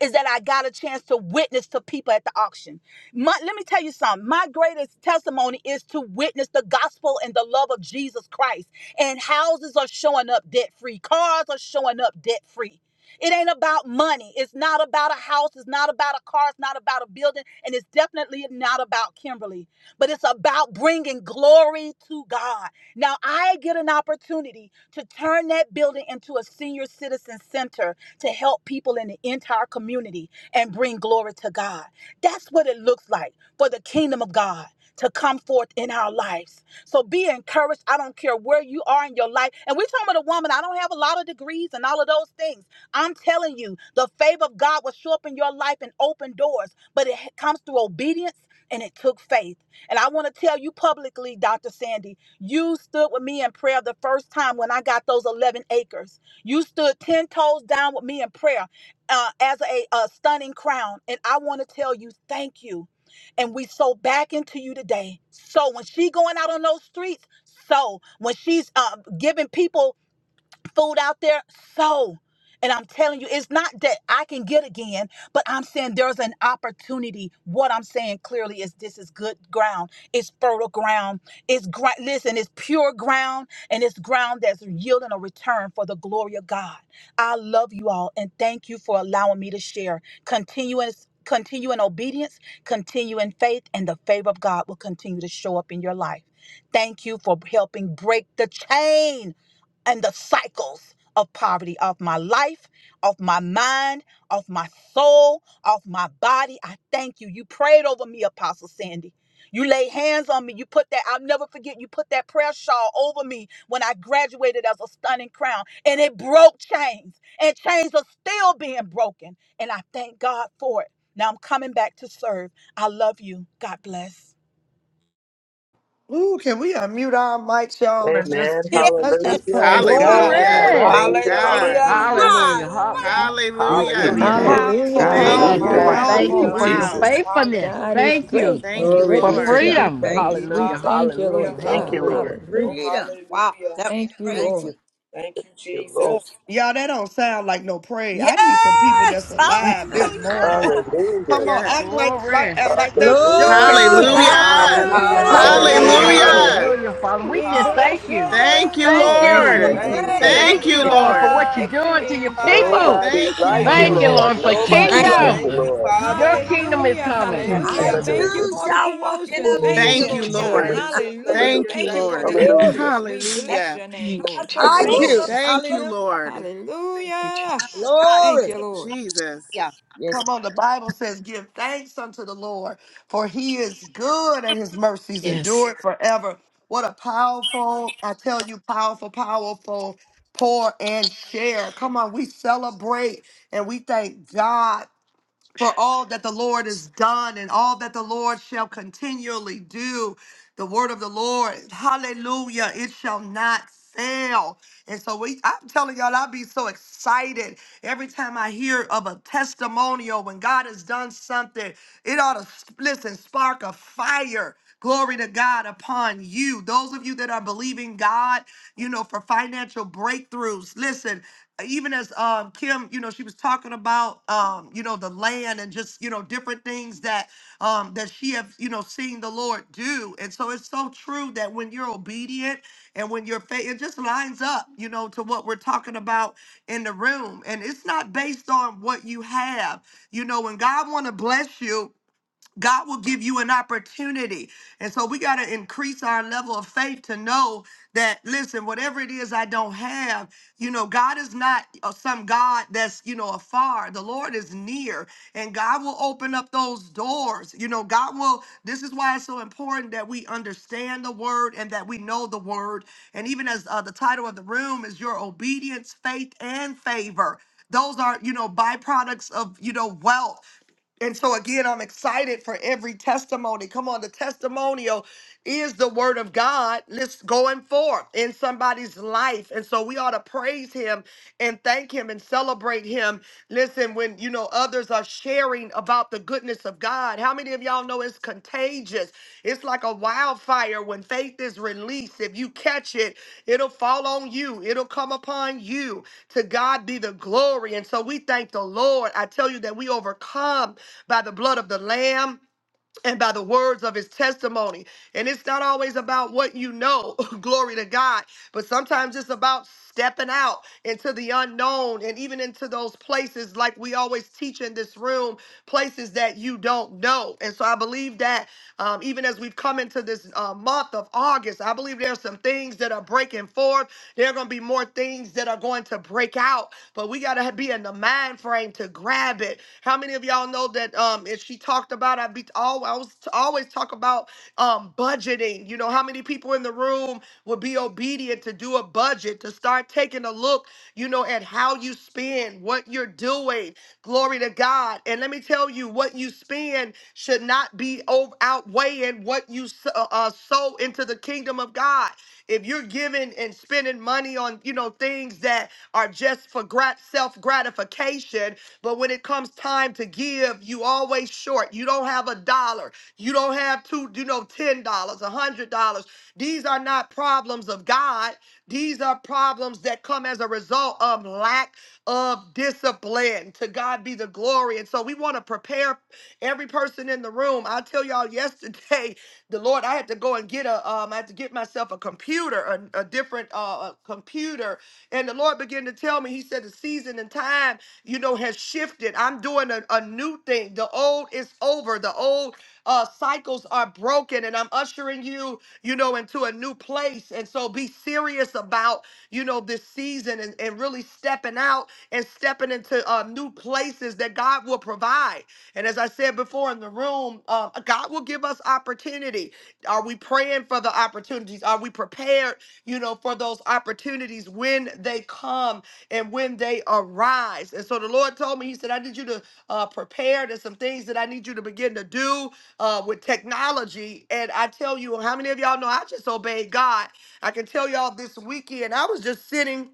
Speaker 7: is that I got a chance to witness to people at the auction. My, let me tell you something. My greatest testimony is to witness the gospel and the love of Jesus Christ. And houses are showing up debt free, cars are showing up debt free. It ain't about money. It's not about a house. It's not about a car. It's not about a building. And it's definitely not about Kimberly. But it's about bringing glory to God. Now, I get an opportunity to turn that building into a senior citizen center to help people in the entire community and bring glory to God. That's what it looks like for the kingdom of God to come forth in our lives. So be encouraged. I don't care where you are in your life. And we're talking about a woman. I don't have a lot of degrees and all of those things. I'm telling you, the favor of God will show up in your life and open doors, but it comes through obedience and it took faith. And I want to tell you publicly, Dr. Sandy, you stood with me in prayer the first time when I got those 11 acres. You stood 10 toes down with me in prayer uh, as a, a stunning crown. And I want to tell you, thank you. And we sow back into you today. So when she going out on those streets, so when she's uh, giving people food out there, so. And I'm telling you, it's not that I can get again, but I'm saying there's an opportunity. What I'm saying clearly is this is good ground. It's fertile ground. It's gr- listen, it's pure ground, and it's ground that's yielding a return for the glory of God. I love you all, and thank you for allowing me to share. Continuous, continue in obedience, continue in faith, and the favor of God will continue to show up in your life. Thank you for helping break the chain and the cycles of poverty of my life, of my mind, of my soul, of my body. I thank you. You prayed over me, Apostle Sandy. You laid hands on me. You put that, I'll never forget, you put that prayer shawl over me when I graduated as a stunning crown. And it broke chains. And chains are still being broken. And I thank God for it. Now I'm coming back to serve. I love you. God bless.
Speaker 6: Ooh, can we unmute our mics, y'all, and
Speaker 8: Amen.
Speaker 6: just
Speaker 2: [LAUGHS]
Speaker 6: give, let's
Speaker 2: Yes.
Speaker 6: just
Speaker 8: Hallelujah.
Speaker 6: praise God
Speaker 2: Wow.
Speaker 8: Amen.
Speaker 6: for a
Speaker 10: Hallelujah.
Speaker 3: Glory.
Speaker 6: moment.
Speaker 10: Thank
Speaker 8: Hallelujah.
Speaker 10: God.
Speaker 11: Hallelujah,
Speaker 2: Praise
Speaker 8: Hallelujah.
Speaker 2: God.
Speaker 3: Hallelujah.
Speaker 2: What
Speaker 11: hallelujah,
Speaker 2: a
Speaker 10: Hallelujah.
Speaker 2: morning.
Speaker 6: What a
Speaker 3: Hallelujah.
Speaker 5: Amen.
Speaker 6: powerful,
Speaker 12: Hallelujah,
Speaker 8: Amen.
Speaker 11: hallelujah,
Speaker 10: Thank
Speaker 3: Yes,
Speaker 10: you,
Speaker 6: powerful,
Speaker 5: Hallelujah.
Speaker 12: hallelujah,
Speaker 3: Lord.
Speaker 10: God.
Speaker 8: Hallelujah.
Speaker 3: Thank you
Speaker 5: Ooh,
Speaker 11: hallelujah,
Speaker 6: powerful.
Speaker 3: for
Speaker 12: hallelujah.
Speaker 3: your
Speaker 10: Wow.
Speaker 5: Jesus.
Speaker 3: faithfulness.
Speaker 12: God
Speaker 11: hallelujah.
Speaker 12: is
Speaker 3: Thank
Speaker 11: Thank
Speaker 3: you
Speaker 12: great
Speaker 11: you,
Speaker 10: Thank
Speaker 12: and
Speaker 10: you,
Speaker 13: Glory
Speaker 3: for
Speaker 13: be
Speaker 12: greatly
Speaker 11: Jesus.
Speaker 13: to
Speaker 10: Lord.
Speaker 12: to be
Speaker 13: God.
Speaker 3: freedom.
Speaker 13: Thank
Speaker 12: praised.
Speaker 13: you,
Speaker 12: We
Speaker 3: Hallelujah.
Speaker 13: Jesus.
Speaker 12: thank you,
Speaker 3: Hallelujah.
Speaker 11: Hallelujah.
Speaker 12: Lord
Speaker 8: Thank
Speaker 10: Thank
Speaker 12: God.
Speaker 10: you,
Speaker 8: you, Lord.
Speaker 3: Hallelujah.
Speaker 10: Lord.
Speaker 12: Hallelujah.
Speaker 11: Oh,
Speaker 13: Freedom.
Speaker 2: Wow.
Speaker 11: hallelujah.
Speaker 2: That was
Speaker 12: Thank you,
Speaker 13: Thank
Speaker 2: great.
Speaker 12: Lord.
Speaker 13: you.
Speaker 11: Thank
Speaker 8: Thank
Speaker 11: you,
Speaker 8: you, Lord.
Speaker 2: Lord.
Speaker 11: Jesus.
Speaker 6: Y'all, that don't sound like no praise. I need some people that's
Speaker 2: Yes.
Speaker 6: alive this morning.
Speaker 2: Hallelujah.
Speaker 8: Hallelujah.
Speaker 6: Come on,
Speaker 10: Yes.
Speaker 6: act like like
Speaker 3: Glory.
Speaker 6: act like that was your
Speaker 13: Lord.
Speaker 8: Hallelujah.
Speaker 6: testimony.
Speaker 10: Hallelujah.
Speaker 2: Yes.
Speaker 3: Hallelujah.
Speaker 6: Glory to
Speaker 3: Hallelujah.
Speaker 13: Yes,
Speaker 12: Hallelujah.
Speaker 11: Hallelujah,
Speaker 6: God.
Speaker 2: Glory.
Speaker 13: Lord.
Speaker 8: Hallelujah.
Speaker 10: Hallelujah.
Speaker 3: Hallelujah. Father,
Speaker 12: Woo,
Speaker 3: we
Speaker 12: we
Speaker 3: just
Speaker 2: Glory.
Speaker 12: bless
Speaker 3: thank you.
Speaker 12: your
Speaker 11: hallelujah.
Speaker 2: Glory.
Speaker 10: Thank
Speaker 12: name,
Speaker 10: you,
Speaker 3: Thank
Speaker 12: Lord.
Speaker 13: Thank
Speaker 3: you.
Speaker 10: Lord.
Speaker 13: you,
Speaker 11: Thank you,
Speaker 12: Hallelujah.
Speaker 2: Glory.
Speaker 8: [LAUGHS]
Speaker 13: Jesus.
Speaker 12: With
Speaker 10: Thank
Speaker 3: Thank
Speaker 12: the
Speaker 3: you,
Speaker 10: you,
Speaker 3: Lord,
Speaker 12: voice
Speaker 3: for
Speaker 12: of
Speaker 10: Lord.
Speaker 3: what you're
Speaker 11: Jesus.
Speaker 3: doing to
Speaker 12: victory
Speaker 3: your
Speaker 12: and
Speaker 2: Glory.
Speaker 3: people.
Speaker 12: triumph,
Speaker 8: Nobody
Speaker 11: Hallelujah.
Speaker 12: we
Speaker 10: Thank you,
Speaker 8: like you,
Speaker 3: Thank
Speaker 12: praise
Speaker 10: Lord.
Speaker 3: you,
Speaker 12: you,
Speaker 14: Hallelujah.
Speaker 8: Lord.
Speaker 3: Lord,
Speaker 12: Lord
Speaker 3: for
Speaker 12: God.
Speaker 10: Mm.
Speaker 14: Thank
Speaker 8: Nobody
Speaker 14: you,
Speaker 13: Thank
Speaker 2: Glory.
Speaker 13: you.
Speaker 8: like
Speaker 3: kingdom.
Speaker 8: you,
Speaker 11: Thank you,
Speaker 14: Father.
Speaker 8: Lord.
Speaker 3: Your
Speaker 11: Father.
Speaker 3: kingdom is
Speaker 12: Hallelujah,
Speaker 2: Hallelujah.
Speaker 3: coming.
Speaker 11: Thank
Speaker 5: Yes,
Speaker 14: Thank you,
Speaker 13: I
Speaker 11: you.
Speaker 12: hallelujah. Thank
Speaker 14: Lord.
Speaker 12: you
Speaker 8: Hallelujah.
Speaker 13: too
Speaker 12: for
Speaker 5: Jesus.
Speaker 12: the
Speaker 13: shall walk in
Speaker 12: promotion.
Speaker 5: Ooh.
Speaker 12: Thank
Speaker 14: Praise
Speaker 12: you,
Speaker 10: Thank
Speaker 14: you,
Speaker 10: you,
Speaker 12: Lord
Speaker 14: Jesus.
Speaker 13: obedience.
Speaker 12: God.
Speaker 8: Hallelujah.
Speaker 10: Lord.
Speaker 11: Thank you, thank
Speaker 12: Hallelujah.
Speaker 10: Thank
Speaker 11: you,
Speaker 10: you,
Speaker 12: Thank you
Speaker 11: thank
Speaker 12: for the
Speaker 13: Woo.
Speaker 14: [CLEARS THROAT]
Speaker 10: Lord.
Speaker 11: you.
Speaker 14: Thank
Speaker 8: Hallelujah.
Speaker 12: increase. We
Speaker 2: Thank
Speaker 12: bless
Speaker 10: Hallelujah.
Speaker 12: your name,
Speaker 14: you,
Speaker 2: God
Speaker 12: Lord.
Speaker 2: for
Speaker 8: Hallelujah.
Speaker 13: I
Speaker 8: [CLEARS THROAT]
Speaker 12: Hallelujah.
Speaker 2: favor
Speaker 14: Jesus.
Speaker 13: too.
Speaker 10: Thank
Speaker 2: and
Speaker 10: you,
Speaker 13: Hallelujah.
Speaker 10: Lord.
Speaker 14: Thank you,
Speaker 12: Hallelujah.
Speaker 14: Jesus.
Speaker 2: God.
Speaker 12: Thank
Speaker 13: Glory.
Speaker 12: you, Lord.
Speaker 10: Jesus.
Speaker 2: Yeah.
Speaker 13: Yes.
Speaker 6: Come on, the Bible says, Give thanks unto the Lord, for he is good and his mercies endure
Speaker 14: Yes.
Speaker 6: it forever. What a powerful, I tell you, powerful, powerful pour and share. Come on, we celebrate and we thank God for all that the Lord has done and all that the Lord shall continually do. The word of the Lord, hallelujah, it shall not fail. And so we I'm telling y'all, I'll be so excited every time I hear of a testimonial when God has done something. It ought to listen, spark a fire. Glory to God upon you. Those of you that are believing God, you know, for financial breakthroughs. Listen, even as um Kim, you know, she was talking about um, you know know, the land and just, you know, different things that um that she have, you know, seen the Lord do. And so it's so true that when you're obedient and when you're faith, it just lines up, you know, to what we're talking about in the room. And it's not based on what you have. You know, when God wanna bless you, God will give you an opportunity. And so we got to increase our level of faith to know that, listen, whatever it is I don't have, you know, God is not uh, some God that's, you know, afar. The Lord is near and God will open up those doors. You know, God will, this is why it's so important that we understand the word and that we know the word. And even as uh, the title of the room is Your Obedience, Faith, and Favor those are you know byproducts of you know wealth and so again, I'm excited for every testimony. Come on, the testimonial is the word of God. Let's going forth in somebody's life. And so we ought to praise him and thank him and celebrate him. Listen, when you know others are sharing about the goodness of God, how many of y'all know it's contagious? It's like a wildfire when faith is released. If you catch it, it'll fall on you, it'll come upon you. To God be the glory. And so we thank the Lord. I tell you that we overcome by the blood of the Lamb and by the words of his testimony. And it's not always about what you know, [LAUGHS] glory to God, but sometimes it's about stepping out into the unknown and even into those places, like we always teach in this room, places that you don't know. And so I believe that um, even as we've come into this uh, month of August, I believe there are some things that are breaking forth. There are going to be more things that are going to break out but we gotta be in the mind frame to grab it. How many of y'all know that? Um, and she talked about I be all I was always talk about um budgeting. You know how many people in the room would be obedient to do a budget to start taking a look, you know, at how you spend, what you're doing. Glory to God. And let me tell you, what you spend should not be over, outweighing what you s- uh, uh, sow into the kingdom of God. If you're giving and spending money on, you know, things that are just for grat- self gratification. But when it comes time to give, you always short. You don't have a dollar. You don't have two, you know, $10, dollars, a $100. These are not problems of God. These are problems that come as a result of lack of discipline. To God be the glory. And so we want to prepare every person in the room. I tell y'all yesterday, [LAUGHS] the Lord, I had to go and get a, um, I had to get myself a computer, a, a different uh, a computer and the Lord began to tell me, He said, the season and time, you know, has shifted. I'm doing a, a new thing. The old is over. The old uh, cycles are broken, and I'm ushering you, you know, into a new place. And so be serious about, you know, this season and, and really stepping out and stepping into uh, new places that God will provide. And as I said before in the room, um, God will give us opportunity. Are we praying for the opportunities? Are we prepared? you know, for those opportunities when they come and when they arise. And so the Lord told me, He said, I need you to uh, prepare. There's some things that I need you to begin to do uh, with technology. And I tell you, how many of y'all know I just obeyed God? I can tell y'all this weekend, I was just sitting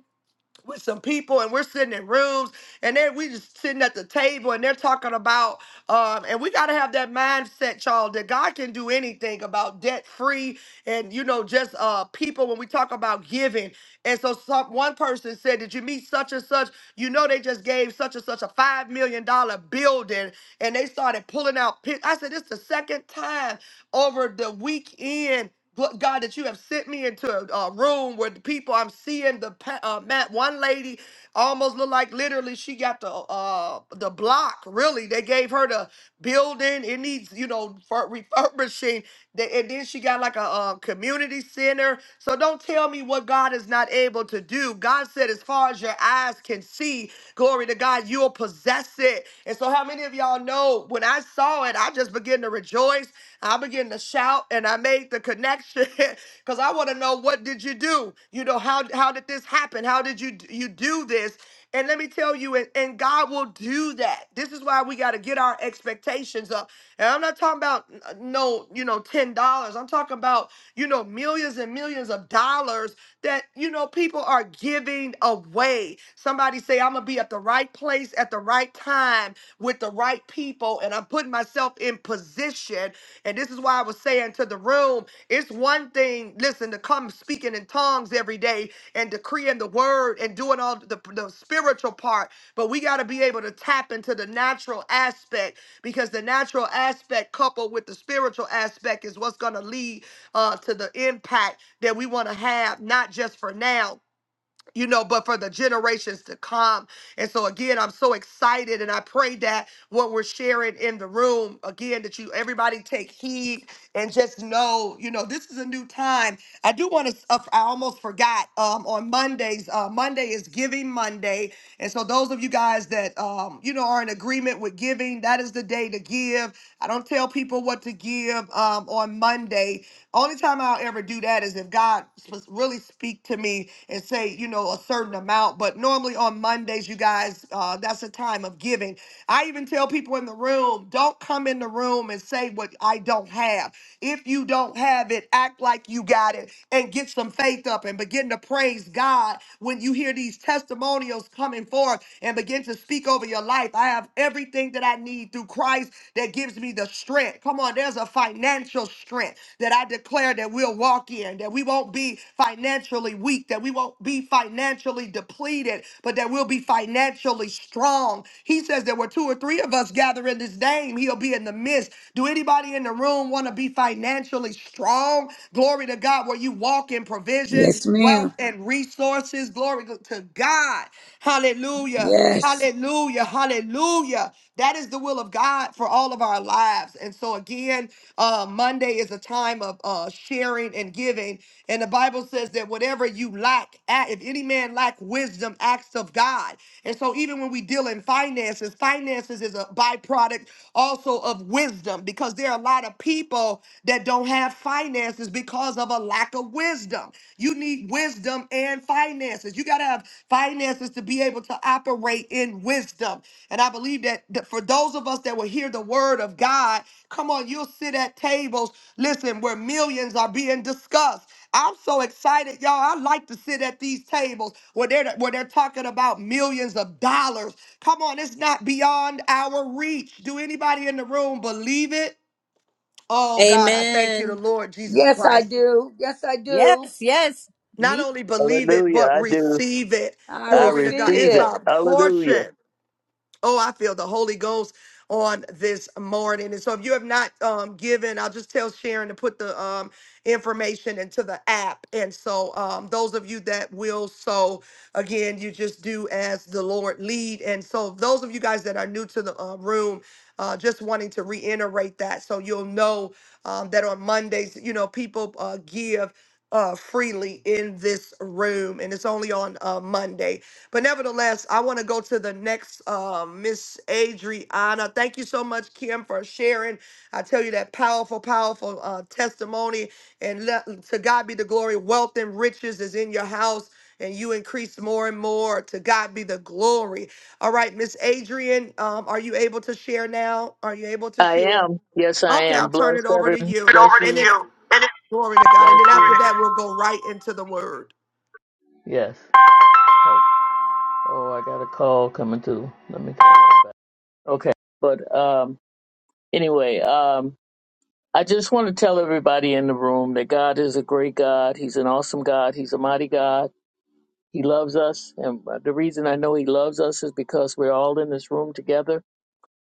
Speaker 6: with some people and we're sitting in rooms and then we just sitting at the table and they're talking about um and we got to have that mindset y'all that god can do anything about debt free and you know just uh people when we talk about giving and so some, one person said did you meet such and such you know they just gave such and such a five million dollar building and they started pulling out pic- i said it's the second time over the weekend. Gl- God, that you have sent me into a, a room where the people I'm seeing the pa- uh, Matt, one lady almost looked like literally she got the uh the block. Really, they gave her the building. It needs you know for refurbishing. They, and then she got like a uh, community center. So don't tell me what God is not able to do. God said, as far as your eyes can see, glory to God, you'll possess it. And so, how many of y'all know when I saw it, I just began to rejoice. I began to shout and I made the connection [LAUGHS] because I want to know what did you do? You know, how how did this happen? How did you you do this? And let me tell you, and, and God will do that. This is why we got to get our expectations up. And I'm not talking about uh, no, you know, ten dollars. I'm talking about you know millions and millions of dollars that you know people are giving away. Somebody say, "I'm gonna be at the right place at the right time with the right people," and I'm putting myself in position and this is why I was saying to the room, it's one thing, listen, to come speaking in tongues every day and decreeing the word and doing all the, the spiritual part, but we got to be able to tap into the natural aspect because the natural aspect coupled with the spiritual aspect is what's going to lead uh, to the impact that we want to have, not just for now you know, but for the generations to come. And so again, I'm so excited and I pray that what we're sharing in the room, again, that you everybody take heed and just know, you know, this is a new time. I do want to uh, I almost forgot um on Mondays, uh Monday is giving Monday. And so those of you guys that um you know are in agreement with giving, that is the day to give. I don't tell people what to give um on Monday, only time I'll ever do that is if God sp- really speak to me and say, you know, a certain amount. But normally on Mondays, you guys, uh, that's a time of giving. I even tell people in the room, don't come in the room and say what I don't have. If you don't have it, act like you got it and get some faith up and begin to praise God when you hear these testimonials coming forth and begin to speak over your life. I have everything that I need through through Christ that gives me the strength. Come on, there's a financial strength that I declare that we'll walk in, that we won't be financially weak, that we won't be financially depleted, but that we'll be financially strong. He says there were two or three of us gather in his name, he'll be in the midst. Do anybody in the room want to be financially strong? Glory to God, where you walk in provision,
Speaker 13: Yes,
Speaker 6: wealth,
Speaker 13: ma'am.
Speaker 6: and resources. Glory to God. Hallelujah.
Speaker 13: Yes.
Speaker 6: Hallelujah, hallelujah. That is the will of God for all of our lives. And so, again, uh, Monday is a time of uh, sharing and giving. And the Bible says that whatever you lack, a- if any man lack wisdom, acts of God. And so, even when we deal in finances, finances is a byproduct also of wisdom because there are a lot of of people that don't have finances because of a lack of wisdom. You need wisdom and finances. You got to have finances to be able to operate in wisdom. And I believe that, that for those of us that will hear the word of God, come on, you'll sit at tables, listen, where millions are being discussed. I'm so excited, y'all. I like to sit at these tables where they're where they're talking about millions of dollars. Come on, it's not beyond our reach. Do anybody in the room believe it? Oh God, I thank you, the
Speaker 9: Amen.
Speaker 6: Lord Jesus
Speaker 13: Yes, I
Speaker 6: Christ.
Speaker 13: do. Yes, I do.
Speaker 2: Yes, yes.
Speaker 6: Not
Speaker 2: Me.
Speaker 6: only believe it,
Speaker 8: Hallelujah.
Speaker 6: but
Speaker 8: I do.
Speaker 6: receive it.
Speaker 13: I
Speaker 8: I
Speaker 6: Glory to God.
Speaker 13: receive
Speaker 8: receive
Speaker 6: It's
Speaker 8: it.
Speaker 13: it.
Speaker 6: our
Speaker 8: Hallelujah.
Speaker 6: portion. Oh, I feel the Holy Ghost on this morning. And so if you have not um given, I'll just tell Sharon to put the um information into the app. And so um those of you that will so again, you just do as the Lord lead. And so those of you guys that are new to the uh, room, uh, just wanting to reiterate that so you'll know um, that on Mondays, you know, people uh, give uh, freely in this room, and it's only on uh, Monday. But nevertheless, I want to go to the next um, Miss Adriana. Thank you so much, Kim, for sharing. I tell you that powerful, powerful uh, testimony. And let, to God be the glory. Wealth and riches is in your house, and you increase more and more. To God be the glory. All right, Miss Adrian, um, are you able to share now? Are you able to
Speaker 8: I
Speaker 6: share?
Speaker 8: am. Yes, I
Speaker 6: Okay,
Speaker 8: am.
Speaker 6: I'll turn
Speaker 8: Bless
Speaker 6: it over
Speaker 8: every.
Speaker 6: to
Speaker 8: It Bless
Speaker 6: you.
Speaker 8: over to you.
Speaker 6: And then
Speaker 8: you. And it's
Speaker 6: glory to God.
Speaker 8: Bless
Speaker 6: And then
Speaker 8: you.
Speaker 6: after that, we'll go right into the word.
Speaker 8: Yes. Oh, oh, I got a call coming through. Let me call you back. Okay. But um, anyway, um, I just want to tell everybody in the room that God is a great God. He's an awesome God. He's a mighty God. He loves us. And uh, the reason I know He loves us is because we're all in this room together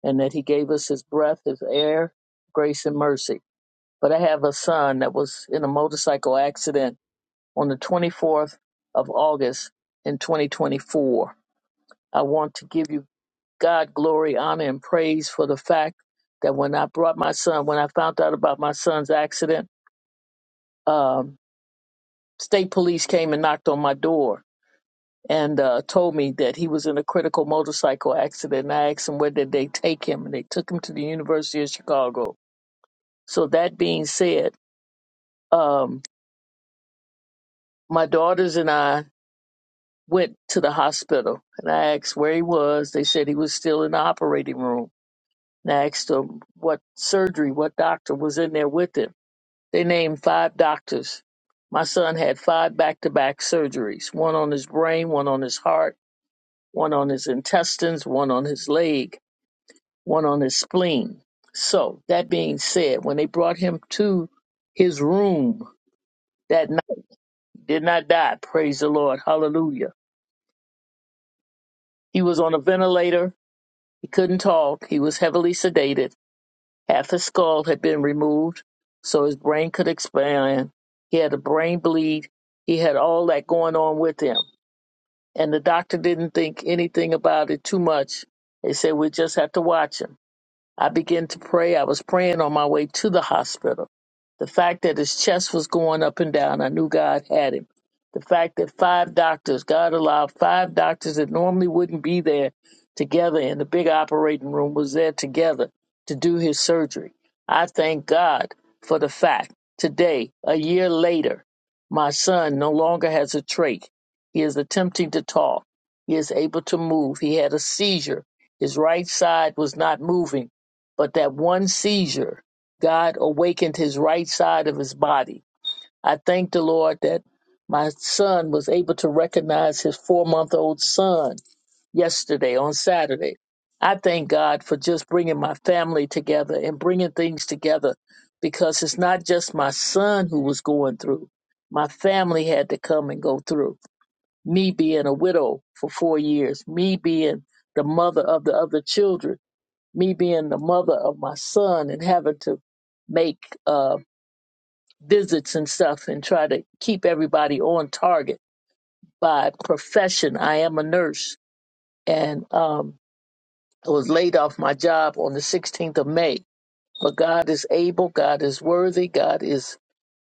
Speaker 8: and that He gave us His breath, His air, grace, and mercy. But I have a son that was in a motorcycle accident on the 24th of August in 2024. I want to give you God glory, honor, and praise for the fact that when I brought my son, when I found out about my son's accident, um, state police came and knocked on my door and uh, told me that he was in a critical motorcycle accident. And I asked them where did they take him, and they took him to the University of Chicago. So that being said, um, my daughters and I went to the hospital and I asked where he was. They said he was still in the operating room. And I asked them what surgery, what doctor was in there with him. They named five doctors. My son had five back to back surgeries one on his brain, one on his heart, one on his intestines, one on his leg, one on his spleen. So, that being said, when they brought him to his room that night, he did not die. Praise the Lord. Hallelujah. He was on a ventilator He couldn't talk. He was heavily sedated. Half his skull had been removed so his brain could expand. He had a brain bleed. He had all that going on with him. And the doctor didn't think anything about it too much. They said, we just have to watch him. I began to pray. I was praying on my way to the hospital. The fact that his chest was going up and down, I knew God had him. The fact that five doctors, God allowed five doctors that normally wouldn't be there together in the big operating room was there together to do his surgery. I thank God for the fact today, a year later, my son no longer has a trach. He is attempting to talk. He is able to move. He had a seizure. His right side was not moving but that one seizure, God awakened his right side of his body. I thank the Lord that my son was able to recognize his four month old son yesterday on Saturday. I thank God for just bringing my family together and bringing things together because it's not just my son who was going through. My family had to come and go through. Me being a widow for four years, me being the mother of the other children me being the mother of my son and having to make uh, visits and stuff and try to keep everybody on target. By profession, I am a nurse, and um, I was laid off my job on the 16th of May. But God is able, God is worthy, God is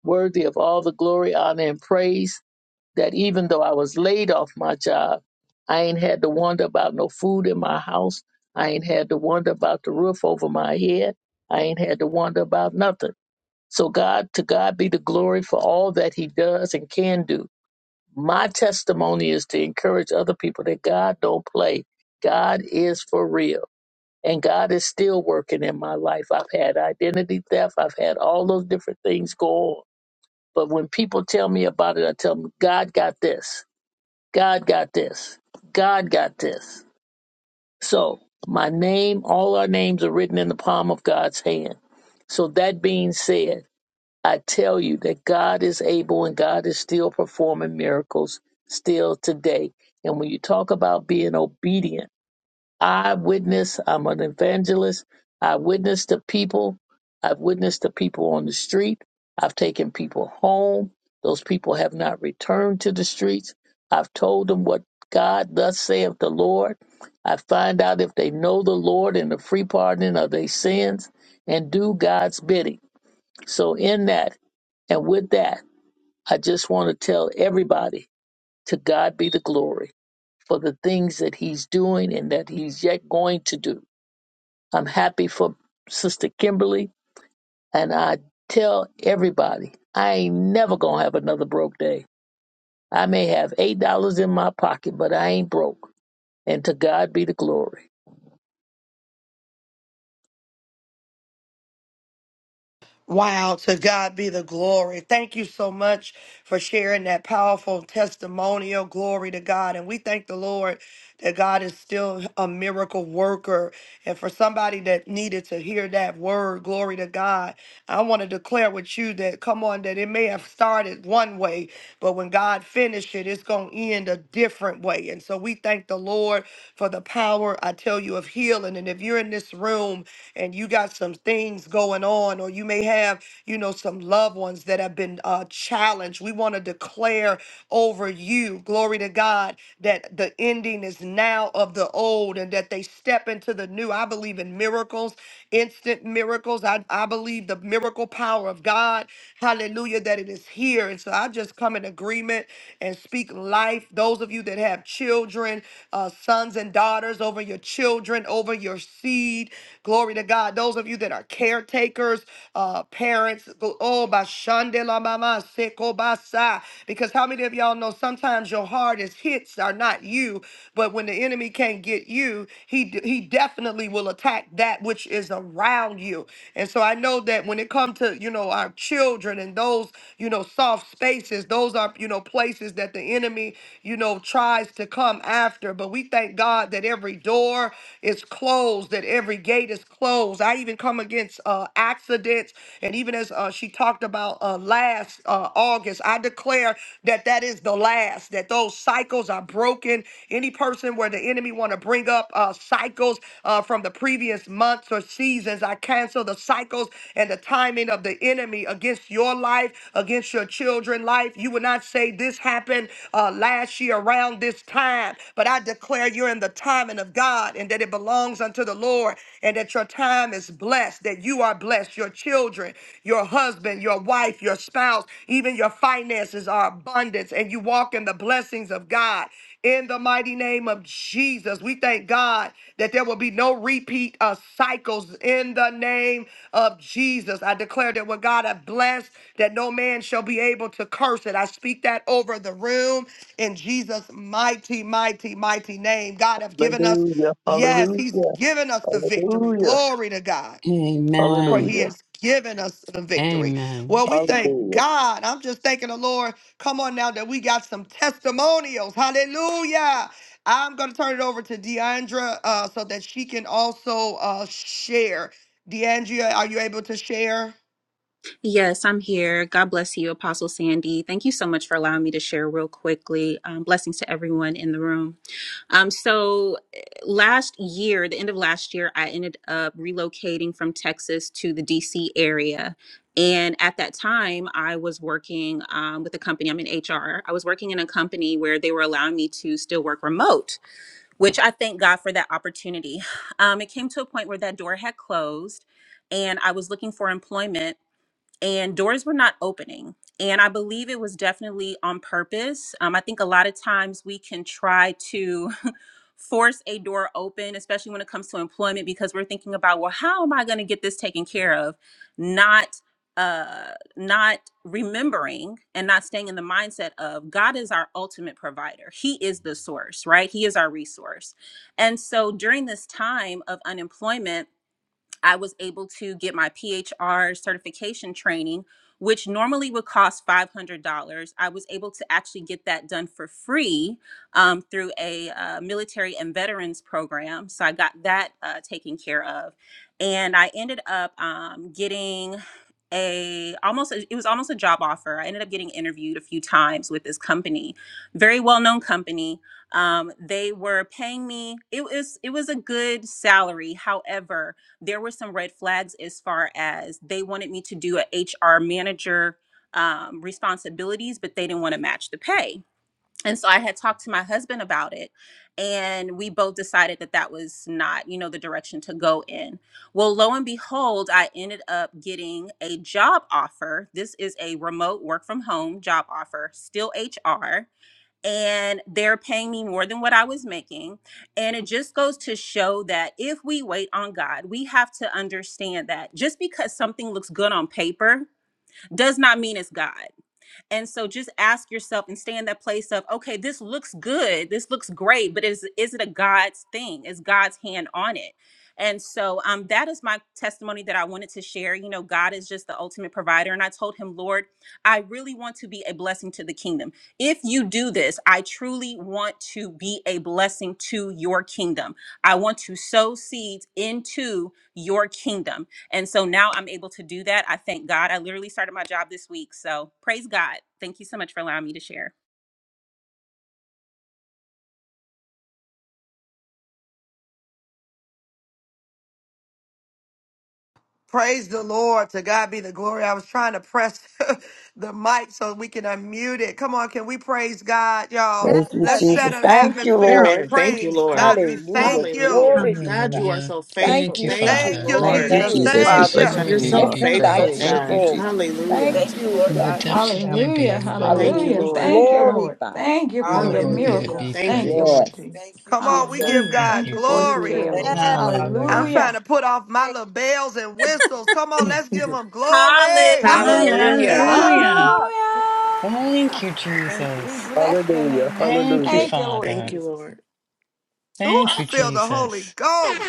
Speaker 8: worthy of all the glory, honor, and praise. that even though I was laid off my job, I ain't had to wonder about no food in my house. I ain't had to wonder about the roof over my head. I ain't had to wonder about nothing. So God, to God be the glory for all that he does and can do. My testimony is to encourage other people that God don't play. God is for real. And God is still working in my life. I've had identity theft. I've had all those different things go on. But when people tell me about it, I tell them, God got this. God got this. God got this. So my name, all our names are written in the palm of God's hand. So that being said, I tell you that God is able and God is still performing miracles still today. And when you talk about being obedient, I witness, I'm an evangelist. I witness the people. I've witnessed the people on the street. I've taken people home. Those people have not returned to the streets. I've told them what God thus saith the Lord. I find out if they know the Lord and the free pardoning of their sins and do God's bidding. So, in that and with that, I just want to tell everybody to God be the glory for the things that He's doing and that He's yet going to do I'm happy for Sister Kimberly, and I tell everybody I ain't never gonna have another broke day. I may have eight dollars in my pocket, but I ain't broke. And to God be the glory.
Speaker 6: Wow, to God be the glory. Thank you so much for sharing that powerful testimonial. Glory to God. And we thank the Lord that God is still a miracle worker. And for somebody that needed to hear that word, glory to God, I want to declare with you that, come on, that it may have started one way, but when God finished it, it's going to end a different way. And so we thank the Lord for the power, I tell you, of healing. And if you're in this room, and you got some things going on, or you may have, you know, some loved ones that have been uh, challenged. We want to declare over you, glory to God, that the ending is now of the old and that they step into the new. I believe in miracles, instant miracles. I, I believe the miracle power of God. Hallelujah, that it is here. And so I just come in agreement and speak life. Those of you that have children, uh, sons and daughters, over your children, over over your seed. Glory to God. Those of you that are caretakers, uh, parents, go- oh, bashandela mama seko basa. Because how many of y'all know sometimes your hardest hits are not you, but when the enemy can't get you, he d- he definitely will attack that which is around you. And so I know that when it comes to you know our children and those you know soft spaces, those are you know places that the enemy you know tries to come after. But we thank God. God, that every door is closed, that every gate is closed. I even come against uh, accidents. And even as uh, she talked about uh, last uh, August, I declare that that is the last, that those cycles are broken. Any person where the enemy want to bring up uh, cycles uh, from the previous months or seasons, I cancel the cycles and the timing of the enemy against your life, against your children's life. You would not say this happened uh, last year around this time time. But I declare you're in the timing of God and that it belongs unto the Lord and that your time is blessed, that you are blessed. Your children, your husband, your wife, your spouse, even your finances are abundance and you walk in the blessings of God. In the mighty name of Jesus, we thank God that there will be no repeat of cycles in the name of Jesus. I declare that what God has blessed, that no man shall be able to curse it. I speak that over the room in Jesus' mighty, mighty, mighty name. God have given us,
Speaker 8: Hallelujah!
Speaker 6: yes,
Speaker 8: Hallelujah!
Speaker 6: He's given us the victory.
Speaker 8: Hallelujah!
Speaker 6: Glory to God. For
Speaker 14: Amen.
Speaker 6: he
Speaker 8: Hallelujah!
Speaker 6: has given us the victory.
Speaker 14: Amen.
Speaker 6: Well, we thank
Speaker 8: Hallelujah!
Speaker 6: God. I'm just thanking the Lord. Come on now that we got some testimonials. Hallelujah. I'm going to turn it over to Deandra uh, so that she can also uh, share. Deandra, are you able to share?
Speaker 9: Yes, I'm here. God bless you, Apostle Sandy. Thank you so much for allowing me to share real quickly. Um, blessings to everyone in the room. Um, so, eh, last year, the end of last year, I ended up relocating from Texas to the DC area. And at that time, I was working um, with a company. I'm in HR. I was working in a company where they were allowing me to still work remote. which I thank God for that opportunity. [SIGHS] Um, it came to a point where that door had closed and I was looking for employment and doors were not opening. And I believe it was definitely on purpose. Um, I think a lot of times we can try to [LAUGHS] force a door open, especially when it comes to employment, because we're thinking about, well, how am I going to get this taken care of? Not uh not remembering and not staying in the mindset of God is our ultimate provider. He is the source, right? He is our resource. And so during this time of unemployment, I was able to get my PHR certification training, which normally would cost $500. I was able to actually get that done for free um, through a uh, military and veterans program. So I got that uh, taken care of. And I ended up um, getting a almost a- it was almost a job offer i ended up getting interviewed a few times with this company very well known company um, they were paying me it was it was a good salary however there were some red flags as far as they wanted me to do a HR manager um, responsibilities, but they didn't want to match the pay. And so I had talked to my husband about it, and we both decided that that was not, you know, the direction to go in. Well, lo and behold, I ended up getting a job offer. This is a remote work from home job offer, still HR and they're paying me more than what I was making. And it just goes to show that if we wait on God, we have to understand that just because something looks good on paper does not mean it's God. And so just ask yourself and stay in that place of, okay, this looks good. This looks great, but is is it a God's thing? Is God's hand on it? And so um, that is my testimony that I wanted to share. You know, God is just the ultimate provider. And I told him, Lord, I really want to be a blessing to the kingdom. If you do this, I truly want to be a blessing to your kingdom. I want to sow seeds into your kingdom. And so now I'm able to do that. I thank God. I literally started my job this week. So praise God. Thank you so much for allowing me to share.
Speaker 6: Praise the Lord. To God be the glory. I was trying to press [LAUGHS] the mic so we can unmute it. Come on, can we praise God, y'all?
Speaker 2: Yes.
Speaker 13: Thank you,
Speaker 6: Let's set
Speaker 13: Jesus.
Speaker 6: an
Speaker 13: Thank you,
Speaker 6: atmosphere
Speaker 2: God.
Speaker 6: of
Speaker 13: Lord.
Speaker 6: praise. God, we
Speaker 2: Thank you,
Speaker 13: Hallelujah.
Speaker 6: thank
Speaker 10: Hallelujah.
Speaker 6: you.
Speaker 13: Glory be to God.
Speaker 14: Hallelujah.
Speaker 13: Thank
Speaker 14: Thank you,
Speaker 13: you,
Speaker 6: Thank
Speaker 13: Father.
Speaker 14: Father.
Speaker 6: you,
Speaker 13: Thank
Speaker 5: Thank you,
Speaker 6: Jesus.
Speaker 11: Thank you,
Speaker 13: you.
Speaker 14: You
Speaker 5: Jesus.
Speaker 14: are
Speaker 5: We
Speaker 6: Thank
Speaker 11: Father,
Speaker 14: so
Speaker 6: you.
Speaker 2: Lord.
Speaker 5: bless
Speaker 11: for
Speaker 5: your
Speaker 14: worthy
Speaker 2: for
Speaker 5: name,
Speaker 14: to
Speaker 11: continuing
Speaker 5: Lord.
Speaker 14: be
Speaker 13: Listen,
Speaker 11: to
Speaker 13: thy
Speaker 11: bless your
Speaker 14: praised.
Speaker 5: Thank you,
Speaker 11: people.
Speaker 13: people.
Speaker 5: Jesus.
Speaker 13: Thank
Speaker 11: Thank you,
Speaker 13: you,
Speaker 11: Lord
Speaker 14: In the
Speaker 11: God,
Speaker 13: God.
Speaker 11: that
Speaker 2: our
Speaker 11: we
Speaker 14: depths of
Speaker 11: have
Speaker 14: my
Speaker 11: a
Speaker 12: Hallelujah.
Speaker 14: being,
Speaker 2: call.
Speaker 14: Lord,
Speaker 11: testimony
Speaker 13: Hallelujah.
Speaker 11: to
Speaker 12: Hallelujah.
Speaker 13: We
Speaker 12: Thank you,
Speaker 11: share.
Speaker 12: Lord.
Speaker 13: glorify you.
Speaker 12: Thank you for
Speaker 14: you are
Speaker 12: your
Speaker 14: worthy to
Speaker 11: Hallelujah.
Speaker 14: be
Speaker 12: miracles. Thank you, Lord
Speaker 14: praised.
Speaker 13: Yes.
Speaker 12: Jesus.
Speaker 11: Thank you,
Speaker 6: Come on, we
Speaker 11: Jesus.
Speaker 6: give
Speaker 12: Hallelujah.
Speaker 14: Thank
Speaker 6: God
Speaker 12: Thank
Speaker 14: you.
Speaker 12: you for your
Speaker 6: glory.
Speaker 12: care,
Speaker 11: Thank
Speaker 12: Lord.
Speaker 11: you,
Speaker 2: Yes. We
Speaker 11: Father.
Speaker 2: give
Speaker 6: I'm
Speaker 14: Hallelujah.
Speaker 2: God
Speaker 6: trying
Speaker 12: Hallelujah.
Speaker 6: to put
Speaker 2: all
Speaker 6: off my
Speaker 2: praise.
Speaker 6: little bells and whistles. Come on, let's give him glory.
Speaker 9: Hallelujah.
Speaker 6: Hallelujah.
Speaker 9: [LAUGHS]
Speaker 14: Hallelujah.
Speaker 2: Hallelujah.
Speaker 12: Hallelujah.
Speaker 14: Thank you,
Speaker 9: Thank you.
Speaker 12: We
Speaker 14: Jesus.
Speaker 12: bless your
Speaker 8: Hallelujah!
Speaker 12: name, Lord.
Speaker 14: Thank you,
Speaker 8: Hallelujah!
Speaker 12: Thank you, Lord
Speaker 10: Thank you,
Speaker 14: Father.
Speaker 12: Jesus.
Speaker 10: Lord.
Speaker 6: Ooh,
Speaker 14: Thank
Speaker 6: I
Speaker 14: you,
Speaker 6: feel the Holy
Speaker 14: Jesus.
Speaker 6: Ghost.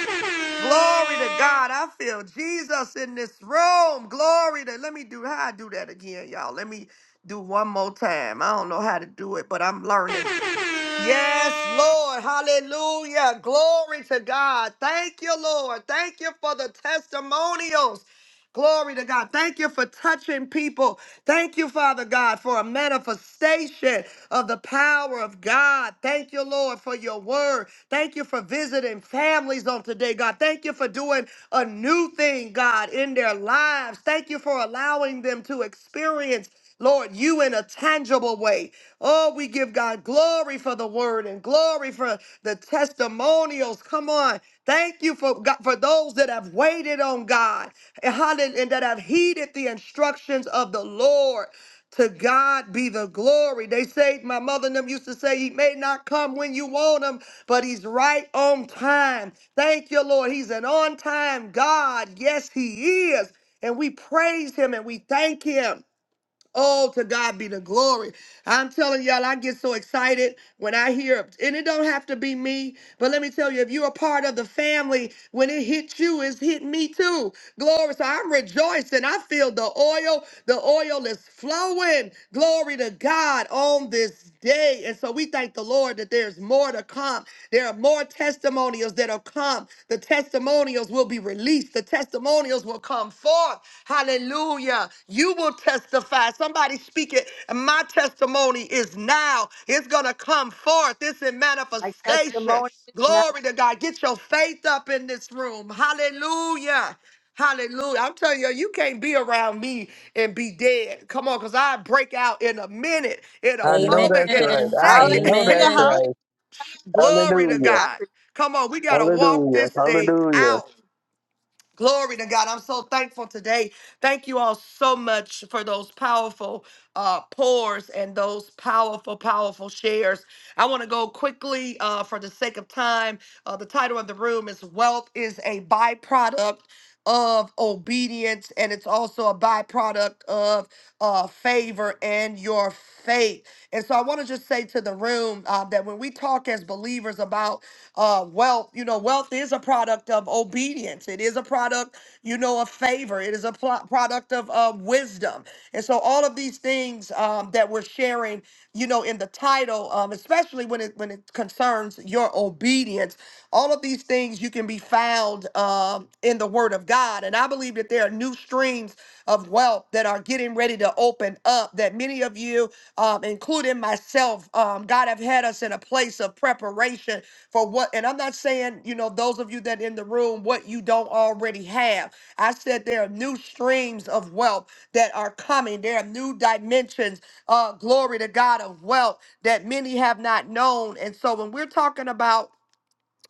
Speaker 6: Glory to God. I feel Jesus in this room. Glory to let me do how I do that again, y'all. Let me do one more time. I don't know how to do it, but I'm learning. Yes, Lord. Hallelujah. Glory to God. Thank you, Lord. Thank you for the testimonials. Glory to God. Thank you for touching people. Thank you, Father God, for a manifestation of the power of God. Thank you, Lord, for your word. Thank you for visiting families on today, God. Thank you for doing a new thing, God, in their lives. Thank you for allowing them to experience Lord, you in a tangible way. Oh, we give God glory for the word and glory for the testimonials. Come on. Thank you for God, for those that have waited on God and hallel- and that have heeded the instructions of the Lord. To God be the glory. They say, my mother and them used to say, He may not come when you want Him, but He's right on time. Thank you, Lord. He's an on time God. Yes, He is. And we praise Him and we thank Him. Oh, to God be the glory. I'm telling y'all, I get so excited when I hear, and it don't have to be me, but let me tell you, if you're a part of the family, when it hit you, it's hit me too. Glory. So I'm rejoicing. I feel the oil. The oil is flowing. Glory to God on this day. And so we thank the Lord that there's more to come. There are more testimonials that will come. The testimonials will be released. The testimonials will come forth. Hallelujah. You will testify. Somebody speak it. My testimony is now. It's going to come forth. It's in
Speaker 2: My
Speaker 6: manifestation.
Speaker 2: testimony is now.
Speaker 6: Glory to God. Get your faith up in this room. Hallelujah. Hallelujah. I'm telling you, you can't be around me and be dead. Come on, because I break out in a minute, in a
Speaker 8: I know
Speaker 6: moment,
Speaker 8: that's
Speaker 6: in a
Speaker 8: right.
Speaker 9: Amen.
Speaker 8: I
Speaker 6: second.
Speaker 8: know
Speaker 6: [LAUGHS]
Speaker 2: Hallelujah.
Speaker 8: that's
Speaker 9: Amen.
Speaker 2: Hallelujah.
Speaker 8: right.
Speaker 6: Glory to
Speaker 8: Hallelujah!
Speaker 2: I
Speaker 6: God.
Speaker 2: re-
Speaker 6: Come on, we got to walk
Speaker 8: Hallelujah!
Speaker 6: this thing
Speaker 8: Hallelujah!
Speaker 6: out. Glory to God. I'm so thankful today. Thank you all so much for those powerful uh, pours and those powerful, powerful shares. I want to go quickly uh, for the sake of time. Uh, the title of the room is Wealth is a Byproduct of obedience, and it's also a byproduct of uh, favor and your faith. And so I want to just say to the room uh, that when we talk as believers about uh, wealth, you know, wealth is a product of obedience. It is a product, you know, of favor. It is a pl- product of uh, wisdom. And so all of these things um, that we're sharing, you know, in the title, um, especially when it when it concerns your obedience, all of these things you can be be found um, in the Word of God. And I believe that there are new streams of wealth that are getting ready to open up, that many of you, um, including myself, um, God have had us in a place of preparation for what, and I'm not saying, you know, those of you that in the room, what you don't already have. I said there are new streams of wealth that are coming, there are new dimensions, uh, glory to God, of wealth that many have not known. And so when we're talking about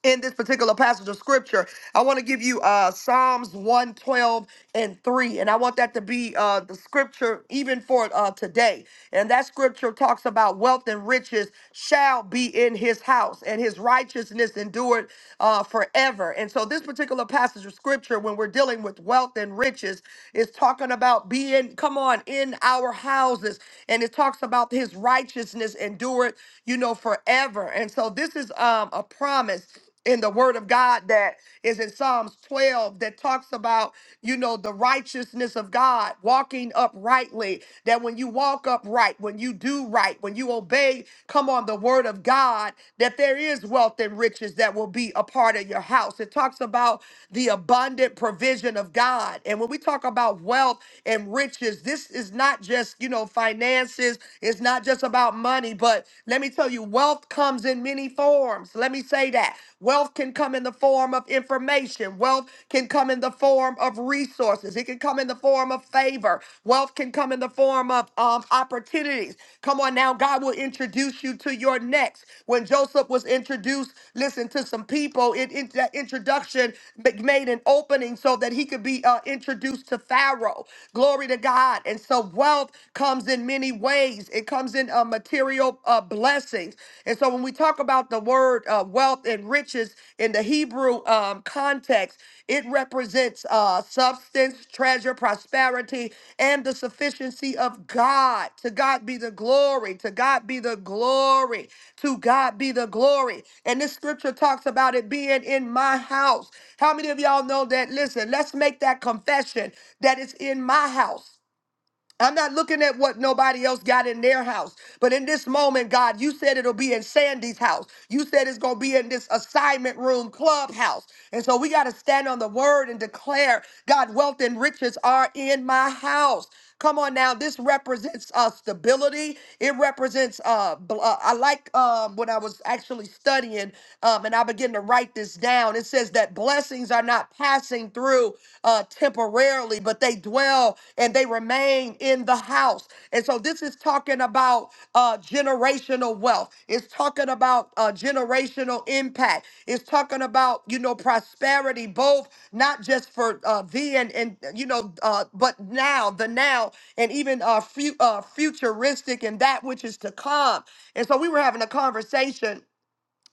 Speaker 6: in this particular passage of scripture. I want to give you uh Psalms 112 and 3. And I want that to be uh the scripture even for uh today. And that scripture talks about wealth and riches shall be in his house, and his righteousness endured uh forever. And so this particular passage of scripture, when we're dealing with wealth and riches, is talking about being, come on, in our houses, and it talks about his righteousness endured, you know, forever. And so this is um, a promise in the word of God that is in Psalms 12 that talks about, you know, the righteousness of God, walking uprightly, that when you walk upright, when you do right, when you obey, come on, the word of God, that there is wealth and riches that will be a part of your house. It talks about the abundant provision of God. And when we talk about wealth and riches, this is not just, you know, finances, it's not just about money, money, but let me tell you, wealth comes in many forms. Let me say that. Wealth can come in the form of information, wealth can come in the form of resources, it can come in the form of favor, wealth can come in the form of um, opportunities. Come on now, God will introduce you to your next. When Joseph was introduced, listen to some people, it, it- that introduction ma- made an opening so that he could be uh, introduced to Pharaoh. Glory to God. And so wealth comes in many in many ways. It comes in uh, material uh, blessings. And so when we talk about the word uh, wealth and riches in the Hebrew um, context, it represents uh, substance, treasure, prosperity, and the sufficiency of God. To God be the glory. To God be the glory. To God be the glory. And this scripture talks about it being in my house. How many of y'all know that? Listen, let's make that confession that it's in my house. I'm not looking at what nobody else got in their house. But in this moment, God, you said it'll be in Sandy's house. You said it's going to be in this assignment room clubhouse. And so we got to stand on the word and declare, God, wealth and riches are in my house. Come on now, this represents uh, stability. It represents. Uh, bl- uh, I like um, what I was actually studying, um, and I began to write this down. It says that blessings are not passing through uh, temporarily, but they dwell and they remain in the house. And so this is talking about uh, generational wealth. It's talking about uh, generational impact. It's talking about you know prosperity, both not just for uh, thee and and you know, uh, but now the now and even uh, fu- uh, futuristic and that which is to come. And so we were having a conversation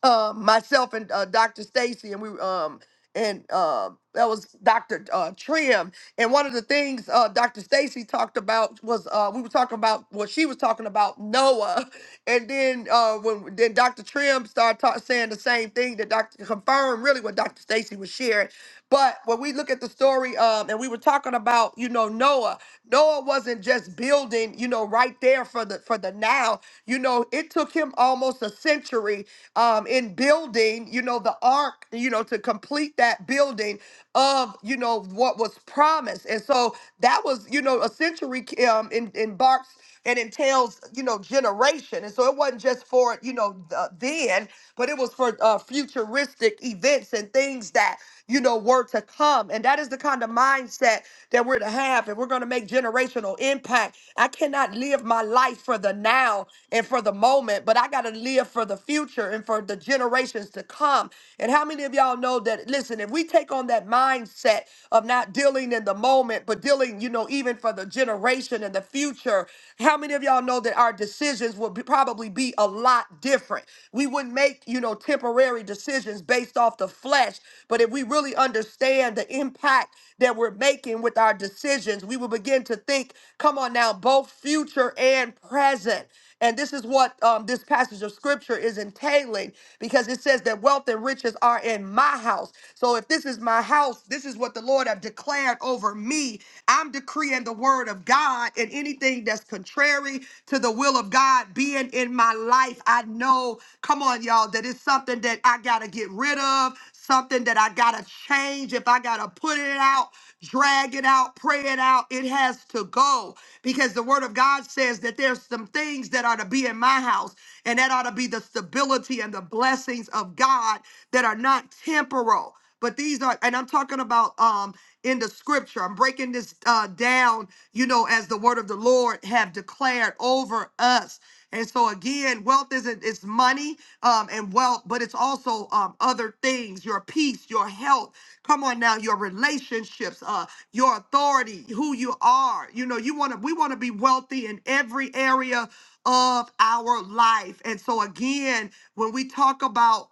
Speaker 6: uh, myself and uh, Dr. Stacy, and we um and uh, that was Dr. Uh, Trim, and one of the things uh, Dr. Stacy talked about was uh, we were talking about what she was talking about Noah, [LAUGHS] and then uh, when then Dr. Trim started ta- saying the same thing that Dr. confirmed really what Dr. Stacy was sharing. But when we look at the story, um, and we were talking about you know Noah, Noah wasn't just building you know right there for the for the now. You know it took him almost a century um, in building you know the ark you know to complete that building of you know what was promised and so that was you know a century um, in, embarks and entails you know generation and so it wasn't just for you know uh, then but it was for uh, futuristic events and things that you know were to come and that is the kind of mindset that we're to have and we're going to make generational impact i cannot live my life for the now and for the moment but i got to live for the future and for the generations to come and how many of y'all know that listen and we take on that mindset of not dealing in the moment, but dealing, you know, even for the generation and the future. How many of y'all know that our decisions would be, probably be a lot different? We wouldn't make, you know, temporary decisions based off the flesh, but if we really understand the impact that we're making with our decisions, we will begin to think, come on now, both future and present. And this is what um, this passage of scripture is entailing because it says that wealth and riches are in my house. So if this is my house, this is what the Lord have declared over me. I'm decreeing the word of God and anything that's contrary to the will of God being in my life. I know, come on, y'all, that it's something that I got to get rid of, something that I gotta change, if I gotta put it out, drag it out, pray it out, it has to go. Because the word of God says that there's some things that are to be in my house, and that ought to be the stability and the blessings of God that are not temporal. But these are, and I'm talking about um in the scripture. I'm breaking this uh down, you know, as the word of the Lord have declared over us. And so again, wealth isn't it's money um and wealth, but it's also um other things, your peace, your health. Come on now, your relationships, uh, your authority, who you are. You know, you want to we want to be wealthy in every area of our life. And so again, when we talk about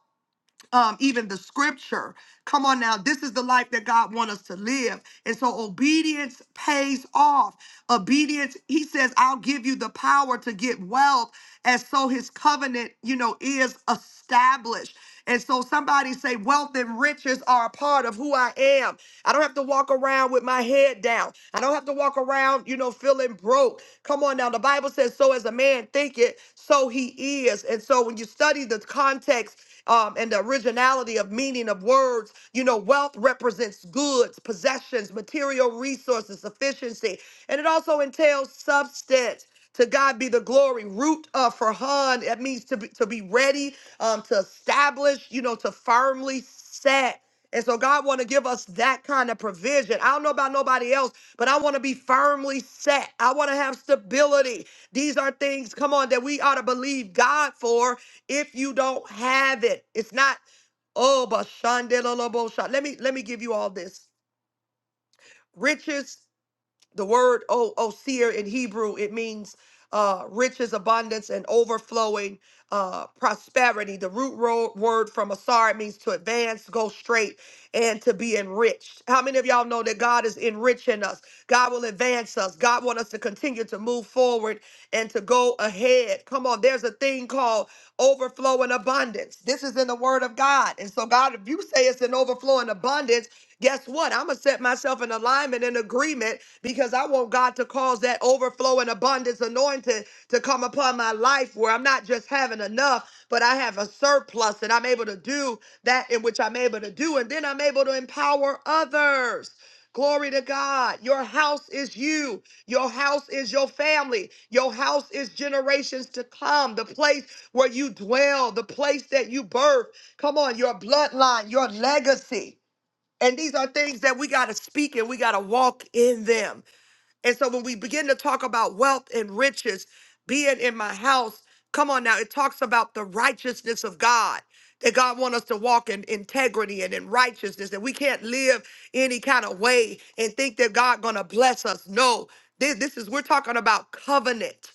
Speaker 6: um, even the scripture. Come on now, this is the life that God wants us to live. And so obedience pays off. Obedience, he says, I'll give you the power to get wealth. And so his covenant, you know, is established. And so somebody say, wealth and riches are a part of who I am. I don't have to walk around with my head down. I don't have to walk around, you know, feeling broke. Come on now. The Bible says, so as a man man thinketh, so he is. And so when you study the context um, and the originality of meaning of words, you know, wealth represents goods, possessions, material resources, sufficiency, and it also entails substance. To God be the glory. Root uh, for hun. That means to be to be ready, um, to establish. You know, to firmly set. And so God want to give us that kind of provision. I don't know about nobody else, but I want to be firmly set. I want to have stability. These are things, come on, that we ought to believe God for if you don't have it. It's not, oh, but Shandelolobo Sha- Let me let me give you all this. Riches the word o- osir in Hebrew, it means uh, riches, abundance, and overflowing uh, prosperity. The root ro- word from asar means to advance, go straight, and to be enriched. How many of y'all know that God is enriching us? God will advance us. God wants us to continue to move forward and to go ahead. Come on, there's a thing called overflow and abundance. This is in the word of God. And so, God, if you say it's an overflow and abundance, Guess what? I'm going to set myself in alignment and agreement because I want God to cause that overflow and abundance anointed to come upon my life where I'm not just having enough, but I have a surplus and I'm able to do that in which I'm able to do. And then I'm able to empower others. Glory to God. Your house is you. Your house is your family. Your house is generations to come. The place where you dwell, the place that you birth. Come on, your bloodline, your legacy. And these are things that we got to speak and we got to walk in them. And so when we begin to talk about wealth and riches being in my house, come on now, it talks about the righteousness of God. That God wants us to walk in integrity and in righteousness, that we can't live any kind of way and think that God gonna bless us. No, this, this is we're talking about covenant.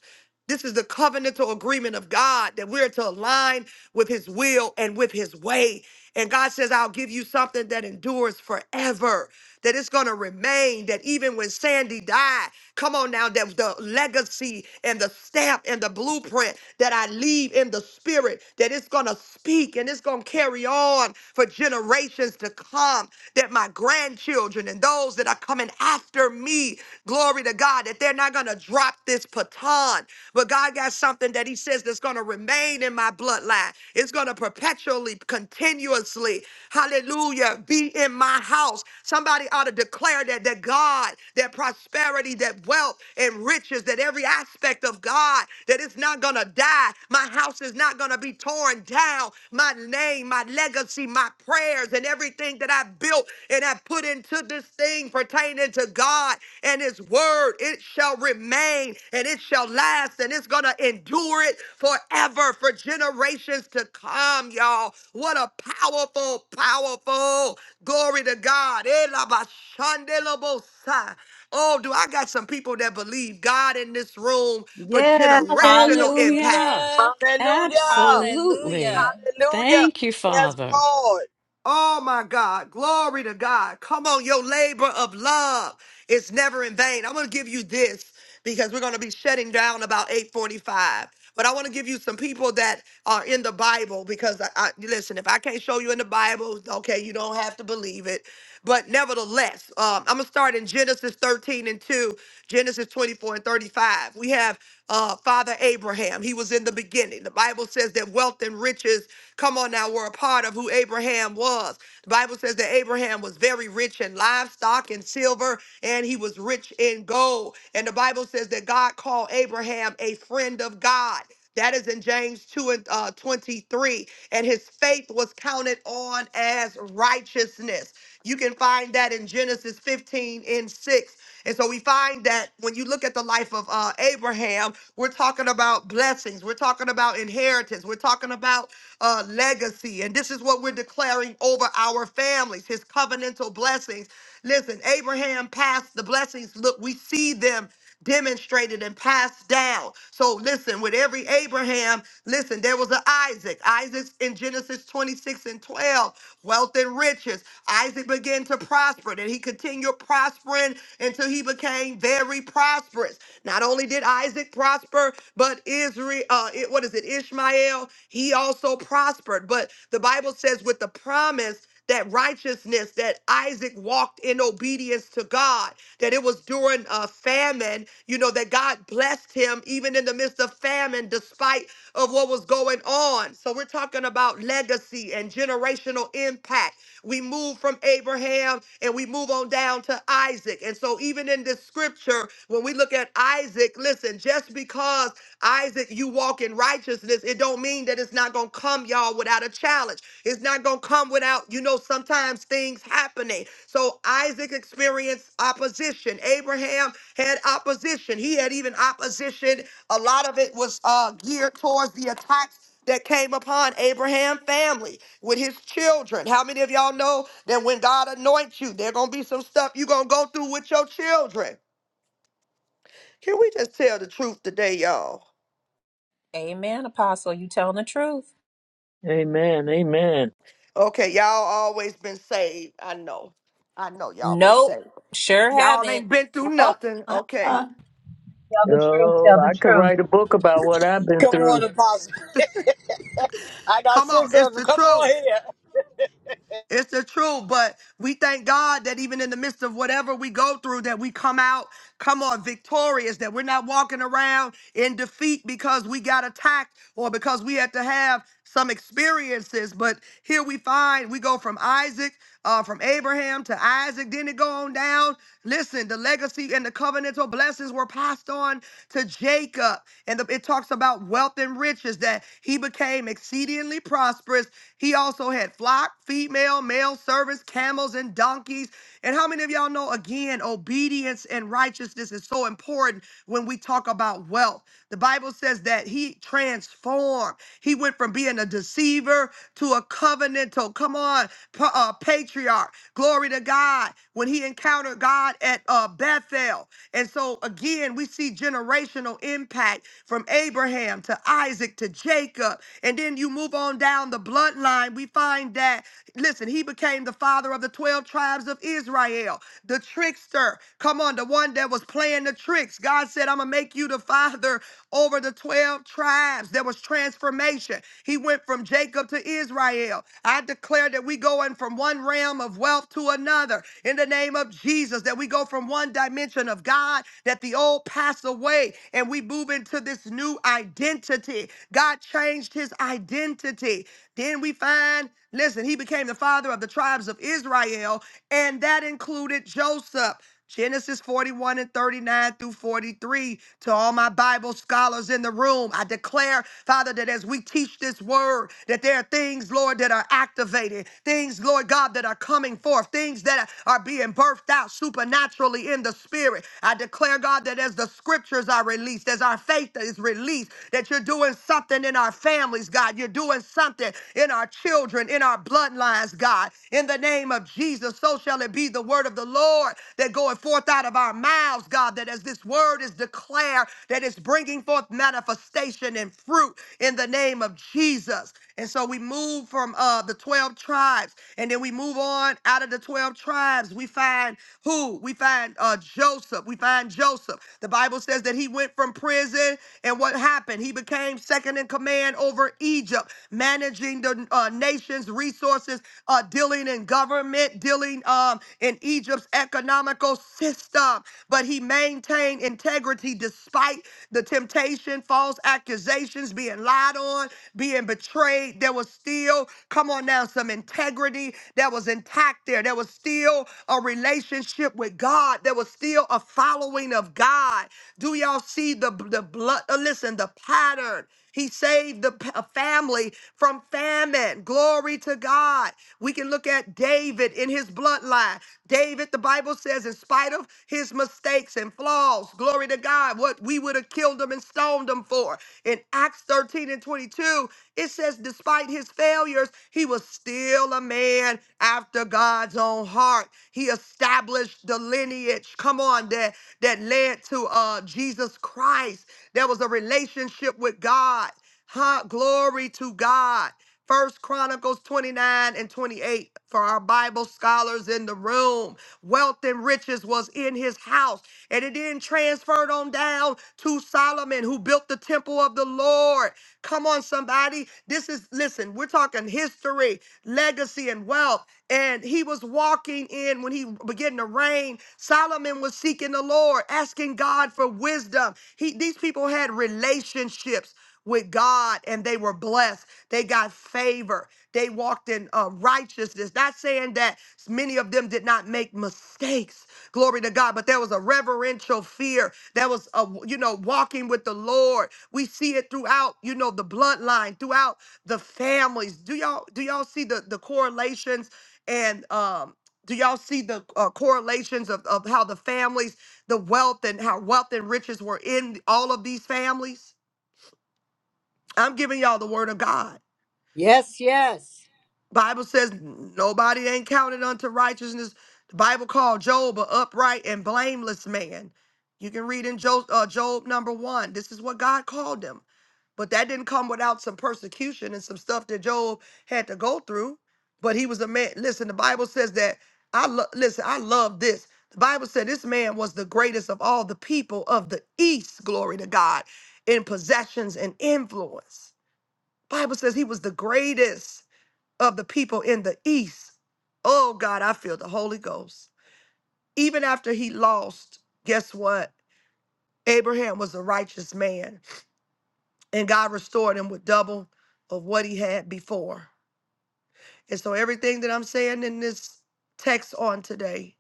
Speaker 6: This is the covenantal agreement of God that we're to align with his will and with his way. And God says, I'll give you something that endures forever that it's going to remain, that even when Sandy died, come on now, that the legacy and the stamp and the blueprint that I leave in the spirit, that it's going to speak and it's going to carry on for generations to come, that my grandchildren and those that are coming after me, glory to God, that they're not going to drop this baton, bloodline. But God got something that He says that's going to remain in my bloodline. It's going to perpetually, continuously, hallelujah, be in my house. Somebody ought to declare that that God, that prosperity, that wealth and riches, that every aspect of God, that it's not going to die. My house is not going to be torn down. My name, my legacy legacy, my prayers, and everything that I built and I put into this thing pertaining to God and His Word. It shall remain and it shall last and it's going to endure it forever for generations to come, y'all. What a powerful, powerful glory to God. Elabashandelabosa. Oh, do I got some people that believe God in this room for
Speaker 2: Yes.
Speaker 6: generational impact?
Speaker 14: Hallelujah.
Speaker 9: Hallelujah.
Speaker 15: Hallelujah.
Speaker 14: Absolutely.
Speaker 9: Hallelujah.
Speaker 15: Hallelujah.
Speaker 14: Thank you,
Speaker 15: Yes,
Speaker 14: Father.
Speaker 15: Lord.
Speaker 6: Oh my God. Glory to God. Come on. Your labor of love is never in vain. I'm going to give you this because we're going to be shutting down about 8:45. But I want to give you some people that are in the Bible because I, I listen. If I can't show you in the Bible, okay, you don't have to believe it. But nevertheless, um, I'm gonna start in Genesis 13 and 2, Genesis 24 and 35. We have uh, Father Abraham. He was in the beginning. The Bible says that wealth and riches, come on now, were a part of who Abraham was. The Bible says that Abraham was very rich in livestock and silver, and he was rich in gold old. And the Bible says that God called Abraham a friend of God. That is in James 2 and uh, 23. And his faith was counted on as righteousness. You can find that in Genesis 15 and 6. And so we find that when you look at the life of uh, Abraham, we're talking about blessings, we're talking about inheritance, we're talking about uh, legacy. And this is what we're declaring over our families, his covenantal covenantal blessings. Listen, Abraham passed the blessings. Look, we see them demonstrated and passed down. So listen, with every Abraham, listen, there was an Isaac. Isaac's in Genesis 26 and 12, wealth and riches. Isaac began to prosper, and he continued prospering until he became very prosperous. Not only did Isaac prosper, but Israel, uh, it- what is it, Ishmael, he also prospered. But the Bible says with the promise that righteousness that Isaac walked in obedience to God, that it was during a famine, you know, that God blessed him even in the midst of famine, despite of what was going on. So we're talking about legacy and generational impact. We move from Abraham and we move on down to Isaac. And so even in this scripture, when we look at Isaac, listen, just because Isaac, you walk in righteousness righteousness, it don't mean that it's not gonna come, y'all, without a challenge. It's not gonna come without, you know, sometimes things happening. So Isaac experienced opposition. Abraham had opposition. He had even opposition. A lot of it was uh, geared towards the attacks that came upon Abraham family with his children. How many of y'all know that when God anoints you, there gonna be some stuff you gonna go through with your children? Can we just tell the truth today, y'all?
Speaker 9: Amen, Apostle. You telling the truth?
Speaker 8: Amen. Amen.
Speaker 6: Okay, y'all always been saved. I know. I know y'all been
Speaker 9: Nope.
Speaker 6: saved.
Speaker 9: Sure
Speaker 6: Y'all
Speaker 9: haven't.
Speaker 6: ain't been through
Speaker 2: Oh,
Speaker 6: nothing. Okay.
Speaker 2: uh-uh.
Speaker 7: Tell the truth.
Speaker 8: Oh,
Speaker 7: Tell the
Speaker 8: I could
Speaker 7: truth.
Speaker 8: write a book about what I've been
Speaker 15: Come on,
Speaker 8: through.
Speaker 15: Apostle. I got
Speaker 6: Come on,
Speaker 15: six of
Speaker 6: it's
Speaker 15: them.
Speaker 6: the
Speaker 15: Come on
Speaker 6: truth.
Speaker 15: here.
Speaker 6: It's the truth, but we thank God that even in the midst of whatever we go through that we come out, come on victorious, that we're not walking around in defeat because we got attacked or because we had to have some experiences. But here we find we go from Isaac, uh, from Abraham to Isaac, then it go on down. Listen, the legacy and the covenantal blessings were passed on to Jacob. And the, it talks about wealth and riches that he became exceedingly prosperous. He also had flock, female, male servants, camels, and donkeys. And how many of y'all know again, obedience and righteousness is so important? important when we talk about wealth. The Bible says that he transformed. He went from being a deceiver to a covenantal, come on, pa- uh, patriarch. Glory to God. When he encountered God at uh, Bethel. And so, again, we see generational impact from Abraham to Isaac to Jacob. And then you move on down the bloodline, we find that, listen, he became the father of the 12 tribes of Israel, the trickster her. Come on, the one that was playing the tricks. God said, I'm going to make you the father over the 12 tribes. There was transformation. He went from Jacob to Israel. I declare that we going from one realm of wealth to another in the name of Jesus, that we go from one dimension of God, that the old pass away and we move into this new identity. God changed his identity. Then we find, listen, he became the father of the tribes of Israel, and that included Joseph. Genesis 41 and 39 through 43. To all my Bible scholars in the room, I declare, Father, that as we teach this word, that there are things, Lord, that are activated, things, Lord God, that are coming forth, things that are being birthed out supernaturally in the spirit. I declare, God, that as the scriptures are released, as our faith is released, that you're doing something in our families, God. You're doing something in our children, in our bloodlines, God. In the name of Jesus so shall it be the word of the Lord that goeth forth out of our mouths, God, that as this word is declared, that it's bringing forth manifestation and fruit in the name of Jesus. And so we move from uh, the 12 tribes, and then we move on out of the 12 tribes. We find who? We find uh, Joseph. We find Joseph. The Bible says that he went from prison, and what happened? He became second in command over Egypt, managing the uh, nation's resources forces uh, dealing in government, dealing um, in Egypt's economical system. But he maintained integrity despite the temptation, false accusations, being lied on, being betrayed. There was still, come on now, some integrity that was intact there. There was still a relationship with God. There was still a following of God. Do y'all see the, the blood? uh, Listen, the pattern. He saved the p- a family from famine. Glory to God. We can look at David in his bloodline. David, the Bible says, in spite of his mistakes and flaws, glory to God, what we would have killed him and stoned him for. In Acts 13 and 22, it says, despite his failures, he was still a man after God's own heart. He established the lineage, come on, that, that led to uh, Jesus Christ. There was. There was a relationship with God. Huh? Glory to God. First Chronicles 29 and 28 for our Bible scholars in the room. Wealth and riches was in his house, and it then transferred on down to Solomon, who built the temple of the Lord. Come on, somebody. This is, listen, we're talking history, legacy, and wealth. And he was walking in when he began to reign. Solomon was seeking the Lord, asking God for for wisdom. He, these people had relationships with God and they were blessed. They got favor. They walked in uh, righteousness. Not saying that many of them did not make mistakes. Glory to God. But there was a reverential fear. There was a you know walking with the Lord. We see it throughout you know the bloodline, throughout the families. Do y'all do y'all see the the correlations and um do y'all see the uh, correlations of, of how the families the wealth and how wealth and riches were in all of these families. I'm giving y'all the word of God.
Speaker 2: Yes, yes.
Speaker 6: Bible says nobody ain't counted unto righteousness. The Bible called Job a upright and blameless man. You can read in Job, uh, Job number one. This is what God called him. But that didn't come without some persecution and some stuff that Job had to go through. But he was a man. Listen, the Bible says that I lo- listen, I love this. The Bible said this man was the greatest of all the people of the east, glory to God, in possessions and influence. Bible says he was the greatest of the people in the east. Oh God, I feel the Holy Ghost. Even after he lost, guess what? Abraham was a righteous man and God restored him with double of what he had before. And so everything that I'm saying in this text on today,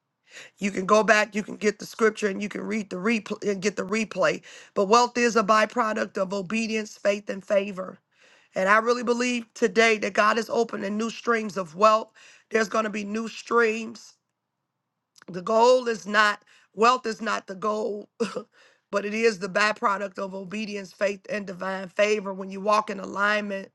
Speaker 6: you can go back, you can get the scripture, and you can read the replay and get the replay. But wealth is a byproduct of obedience, faith, and favor. And I really believe today that God is opening new streams of wealth. There's going to be new streams. The goal is not wealth is not the goal, [LAUGHS] but it is the byproduct of obedience, faith, and divine favor. When you walk in alignment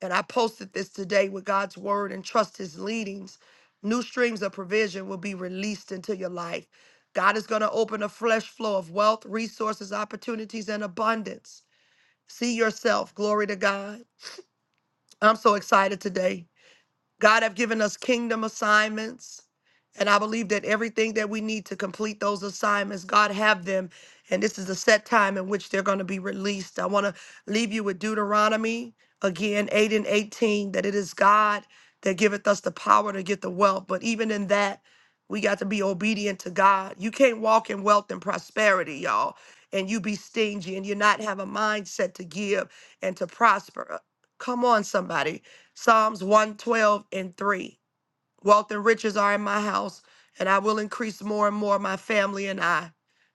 Speaker 6: and I posted this today with God's word and trust his leadings, new streams of provision will be released into your life. God is going to open a fresh flow of wealth, resources, opportunities, and abundance. See yourself. Glory to God. I'm so excited today. God have given us kingdom assignments. And I believe that everything that we need to complete those assignments, God have them. And this is a set time in which they're going to be released. I want to leave you with Deuteronomy again, 8 and 18, that it is God that giveth us the power to get the wealth. But even in that, we got to be obedient to God. You can't walk in wealth and prosperity, y'all, and you be stingy and you not have a mindset to give and to prosper. Uh, Come on, somebody. Psalms 112 and 3. Wealth and riches are in my house, and I will increase more and more my family and I.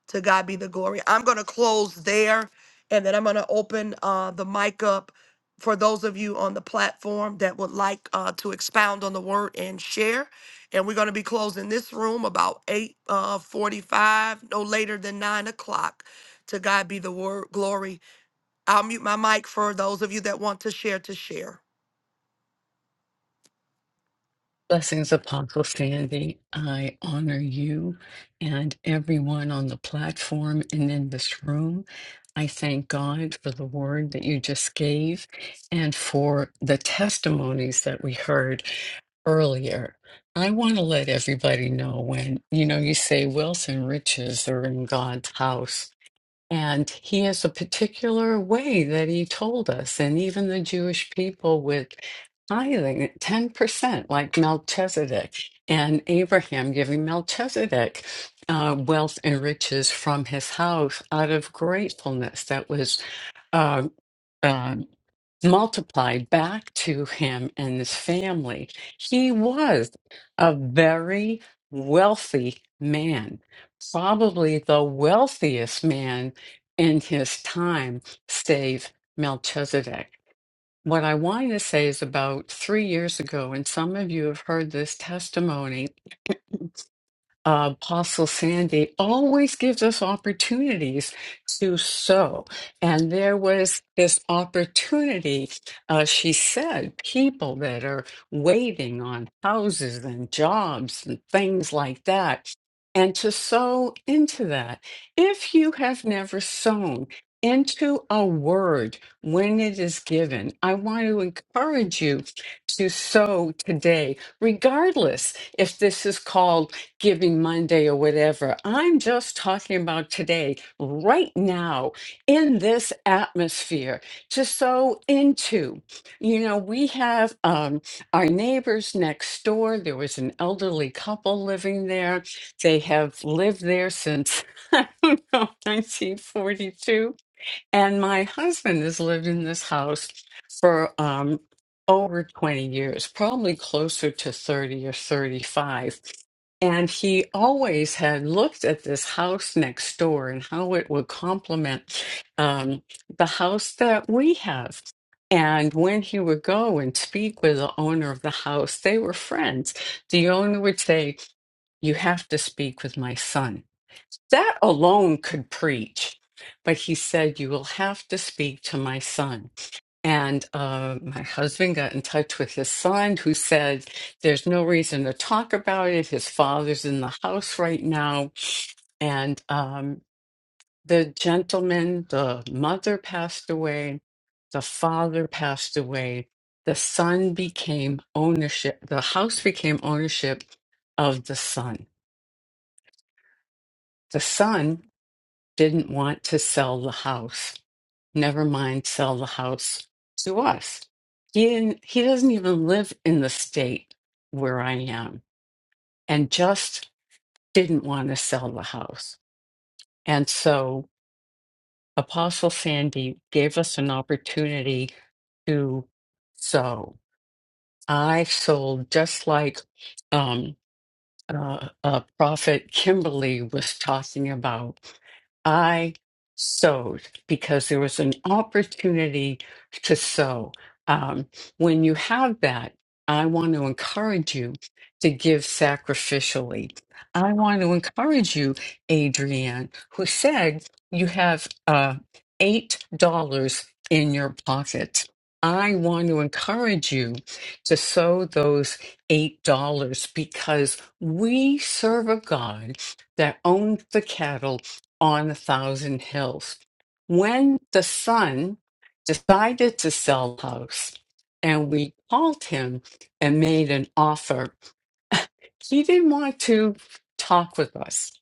Speaker 6: To God be the glory. I'm going to close there, and then I'm going to open uh, the mic up for those of you on the platform that would like uh, to expound on the word and share. And we're going to be closing this room about 8 uh, 45, no later than 9 o'clock. To God be the word, glory. I'll mute my mic for those of you that want to share to share.
Speaker 14: Blessings, Apostle Sandy. I honor you and everyone on the platform and in this room. I thank God for the word that you just gave and for the testimonies that we heard earlier. I want to let everybody know when, you know, you say wealth and riches are in God's house. And he has a particular way that he told us, and even the Jewish people with tithing at 10%, like Melchizedek, and Abraham giving Melchizedek uh, wealth and riches from his house out of gratefulness. That was. uh, um, multiplied back to him and his family. He was a very wealthy man, probably the wealthiest man in his time, save Melchizedek. What I wanted to say is about three years ago, and some of you have heard this testimony uh, Apostle Sandy always gives us opportunities to sow. And there was this opportunity, uh, she said, people that are waiting on houses and jobs and things like that, and to sow into that. If you have never sown, into a word when it is given. I want to encourage you to sow today, regardless if this is called Giving Monday or whatever. I'm just talking about today, right now, in this atmosphere, to sow into. You know, we have um, our neighbors next door. There was an elderly couple living there. They have lived there since, [LAUGHS] I don't know, 1942 and my husband has lived in this house for um, over 20 years, probably closer to 30 or 35. And he always had looked at this house next door and how it would complement um, the house that we have. And when he would go and speak with the owner of the house, they were friends. The owner would say, You have to speak with my son that alone could preach. But he said, You will have to speak to my son. And uh, my husband got in touch with his son, who said, There's no reason to talk about it. His father's in the house right now. And um, the gentleman, the mother passed away, the father passed away, the son became ownership, the house became ownership of the son. The son didn't want to sell the house Never mind, sell the house to us. He didn't, he doesn't even live in the state where I am and just didn't want to sell the house. And so Apostle Sandy gave us an opportunity to sow. I sold just like um, uh, uh, Prophet Kimberly was talking about. I sewed because there was an opportunity to sew. Um, when you have that, I want to encourage you to give sacrificially. I want to encourage you, Adrienne, who said you have uh, $8 in your pocket. I want to encourage you to sow those $8 because we serve a God that owns the cattle on a thousand hills. When the son decided to sell the house and we called him and made an offer, [LAUGHS] he didn't want to talk with us.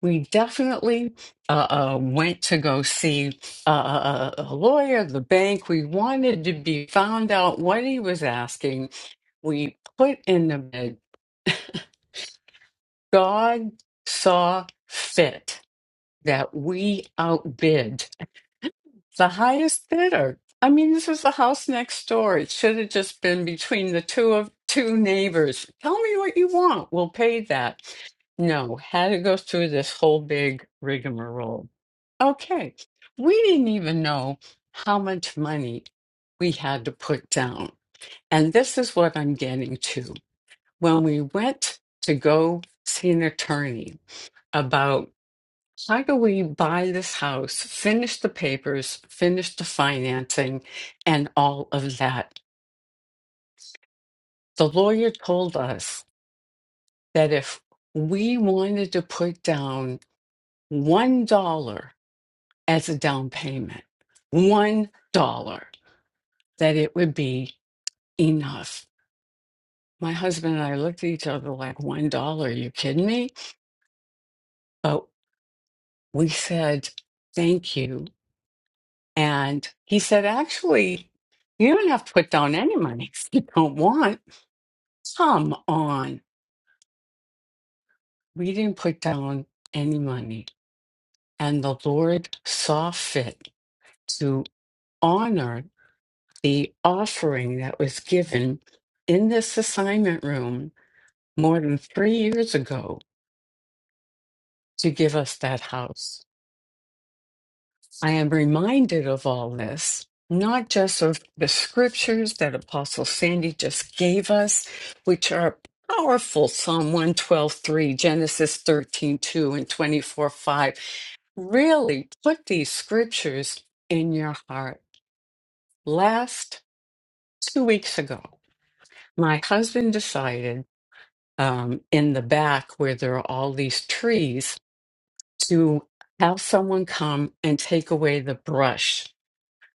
Speaker 14: We definitely uh, uh, went to go see uh, a a- a lawyer, the bank. We wanted to be found out what he was asking. We put in the bid [LAUGHS] God saw fit that we outbid the highest bidder. I mean, this is the house next door. It should have just been between the two of two neighbors. Tell me what you want. We'll pay that. No, had to go through this whole big rigmarole. Okay, we didn't even know how much money we had to put down. And this is what I'm getting to. When we went to go see an attorney, about how do we buy this house, finish the papers, finish the financing, and all of that. The lawyer told us that if we wanted to put down $1 as a down payment, $1, that it would be enough. My husband and I looked at each other like, $1, you kidding me? But we said, thank you And he said, actually, you don't have to put down any money if you don't want. Come on. We didn't put down any money. And the Lord saw fit to honor the offering that was given in this assignment room more than three years ago to give us that house. I am reminded of all this, not just of the scriptures that Apostle Sandy just gave us, which are powerful Psalm one twelve three, Genesis 13 2 and 24, 5. Really put these scriptures in your heart. Last two weeks ago, my husband decided um, in the back where there are all these trees to have someone come and take away the brush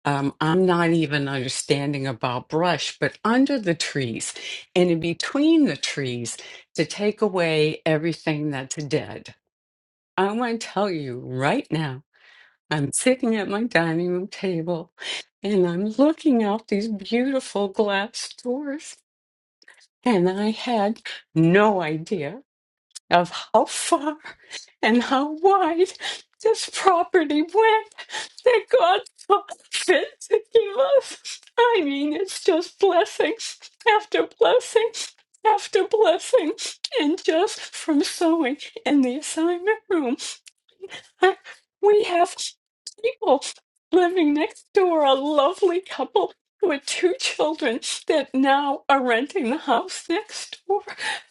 Speaker 14: um, I'm not even understanding about brush, but under the trees and in between the trees to take away everything that's dead. I want to tell you right now, I'm sitting at my dining room table and I'm looking out these beautiful glass doors, and I had no idea of how far and how wide this property went that God saw fit to give us. I mean, it's just blessings after blessings after blessing and just from sewing in the assignment room [LAUGHS] we have people living next door, a lovely couple with two children that now are renting the house next door.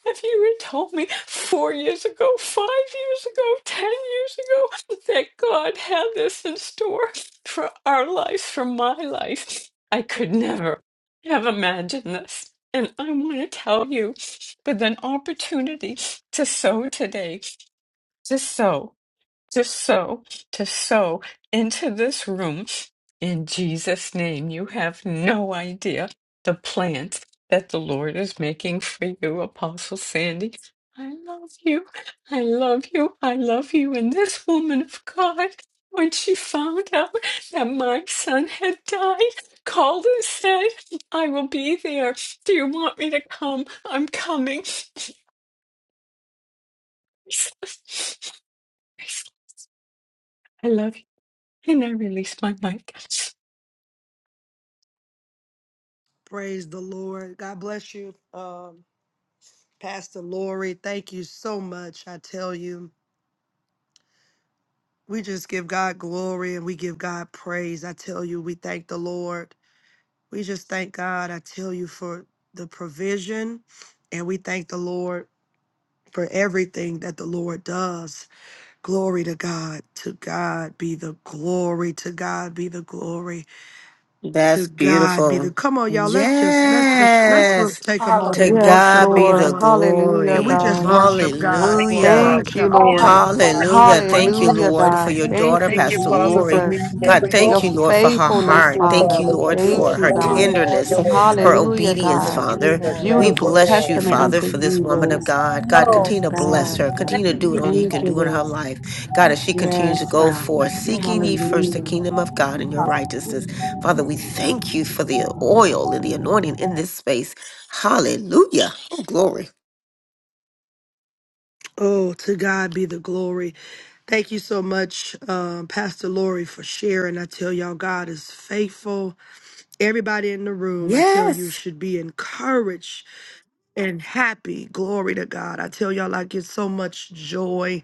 Speaker 14: If you had told me four years ago, five years ago, ten years ago that God had this in store for our lives, for my life, I could never have imagined this. And I want to tell you with an opportunity to sow today, to sow to sow, to sow into this room. In Jesus' name, you have no idea the plans that the Lord is making for you, Apostle Sandy. I love you. I love you. I love you. And this woman of God, when she found out that my son had died, called and said, I will be there. Do you want me to come? I'm coming. [LAUGHS] I love you. And I release my mic.
Speaker 6: Praise the Lord. God bless you, um, Pastor Lori. Thank you so much. I tell you, we just give God glory and we give God praise. I tell you, we thank the Lord. We just thank God. I tell you for the provision and we thank the Lord for everything that the Lord does. Glory to God. To God be the glory. To God be the glory.
Speaker 16: That's
Speaker 6: To God be the.
Speaker 16: beautiful.
Speaker 6: Come on, y'all. Let's just let's just let's re-
Speaker 16: Yes.
Speaker 6: take a moment
Speaker 16: To
Speaker 6: and
Speaker 17: Yes,
Speaker 6: worship
Speaker 16: God
Speaker 6: the
Speaker 16: be the
Speaker 17: Lord.
Speaker 6: Lord.
Speaker 17: Hallelujah,
Speaker 6: Can we
Speaker 16: glory.
Speaker 6: just
Speaker 17: God.
Speaker 6: worship God
Speaker 8: Thank
Speaker 6: for a
Speaker 8: you,
Speaker 16: Hallelujah.
Speaker 8: Father,
Speaker 17: Thank
Speaker 6: moment,
Speaker 8: for
Speaker 17: you,
Speaker 6: y'all?
Speaker 8: being
Speaker 2: Oh,
Speaker 8: a
Speaker 17: Lord.
Speaker 8: source of
Speaker 16: Hallelujah.
Speaker 8: life.
Speaker 16: Thank you,
Speaker 2: thank
Speaker 17: Hallelujah,
Speaker 16: Lord, for
Speaker 17: God.
Speaker 16: your
Speaker 17: Thank
Speaker 16: daughter,
Speaker 17: you,
Speaker 2: you,
Speaker 8: Thank you,
Speaker 16: Pastor
Speaker 8: Father, for
Speaker 16: Lori.
Speaker 17: Jesus.
Speaker 8: meeting
Speaker 16: God,
Speaker 8: every need.
Speaker 2: Lord.
Speaker 17: Your
Speaker 16: thank you, Lord, for her
Speaker 8: Thank
Speaker 17: faithfulness,
Speaker 16: heart.
Speaker 8: you,
Speaker 16: Thank
Speaker 17: Father.
Speaker 16: you,
Speaker 8: Father,
Speaker 17: We
Speaker 8: for
Speaker 16: Lord,
Speaker 8: being
Speaker 16: for
Speaker 17: thank you,
Speaker 16: her
Speaker 8: holy
Speaker 17: God.
Speaker 8: in all
Speaker 16: tenderness,
Speaker 8: your ways.
Speaker 16: her
Speaker 17: Hallelujah,
Speaker 16: obedience,
Speaker 8: In
Speaker 17: God.
Speaker 8: Jesus'
Speaker 16: Father. We
Speaker 8: name,
Speaker 17: Beautiful
Speaker 16: bless
Speaker 8: amen.
Speaker 16: you,
Speaker 17: testament
Speaker 16: Father,
Speaker 17: unto
Speaker 16: for this
Speaker 17: you,
Speaker 16: woman of
Speaker 17: Lord.
Speaker 16: God. God,
Speaker 2: Oh,
Speaker 16: continue
Speaker 17: Yes,
Speaker 16: to bless
Speaker 17: God.
Speaker 16: her.
Speaker 2: thank
Speaker 16: Continue to do
Speaker 2: you.
Speaker 16: what only you
Speaker 17: Thank
Speaker 16: can
Speaker 17: you,
Speaker 16: do in her
Speaker 17: Lord.
Speaker 16: life. God, as she continues to
Speaker 17: Yes,
Speaker 16: go
Speaker 17: God.
Speaker 16: forth, seeking ye first the
Speaker 17: Hallelujah.
Speaker 16: kingdom of God and your righteousness. Father, we thank you for the oil and the anointing in this space. Hallelujah. Oh, glory.
Speaker 6: Oh, to God be the glory. Thank you so much, um, Pastor Lori, for sharing. I tell y'all, God is faithful. Everybody in the room, I tell you,
Speaker 16: Yes.
Speaker 6: should be encouraged and happy. Glory to God. I tell y'all, I get so much joy.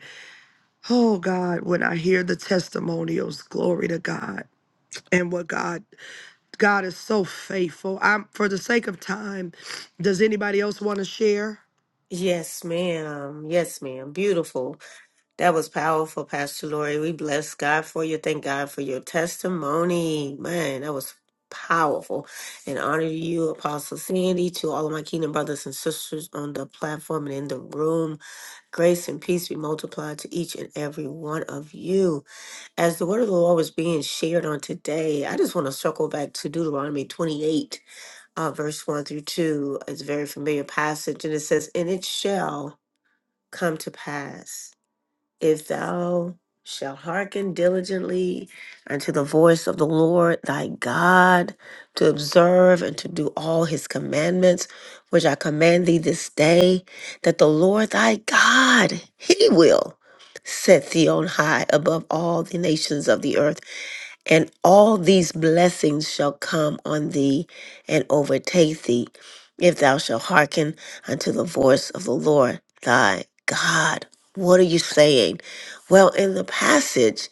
Speaker 6: Oh, God, when I hear the testimonials, glory to God. And what God, God is so faithful. I'm for the sake of time. Does anybody else want to share?
Speaker 16: Yes, ma'am. Yes, ma'am. Beautiful. That was powerful, Pastor Lori. We bless God for you. Thank God for your testimony. Man, that was powerful. And honor you, Apostle Sandy, to all of my kingdom brothers and sisters on the platform and in the room. Grace and peace be multiplied to each and every one of you. As the word of the Lord was being shared on today, I just want to circle back to Deuteronomy 28, uh, verse 1 through 2. It's a very familiar passage, and it says, And it shall come to pass if thou shalt hearken diligently unto the voice of the Lord thy God to observe and to do all his commandments which I command thee this day that the Lord thy God he will set thee on high above all the nations of the earth and all these blessings shall come on thee and overtake thee, if thou shalt hearken unto the voice of the Lord thy God. What are you saying? Well, in the passage,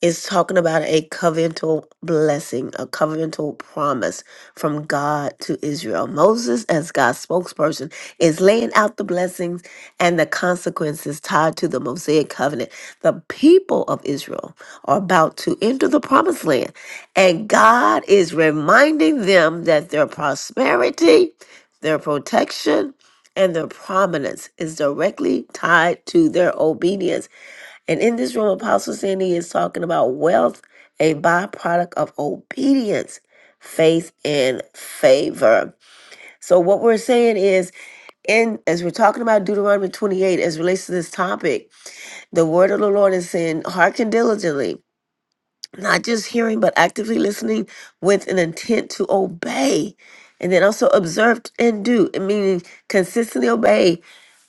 Speaker 16: it's talking about a covenantal blessing, a covenantal promise from God to Israel. Moses, as God's spokesperson, is laying out the blessings and the consequences tied to the Mosaic covenant. The people of Israel are about to enter the promised land, and God is reminding them that their prosperity, their protection, and their prominence is directly tied to their obedience and in this room, Apostle Sandy is talking about wealth, a byproduct of obedience, faith, and favor. So, what we're saying is, in as we're talking about Deuteronomy 28, as it relates to this topic, the word of the Lord is saying, hearken diligently not just hearing but actively listening with an intent to obey and then also observe and do meaning consistently obey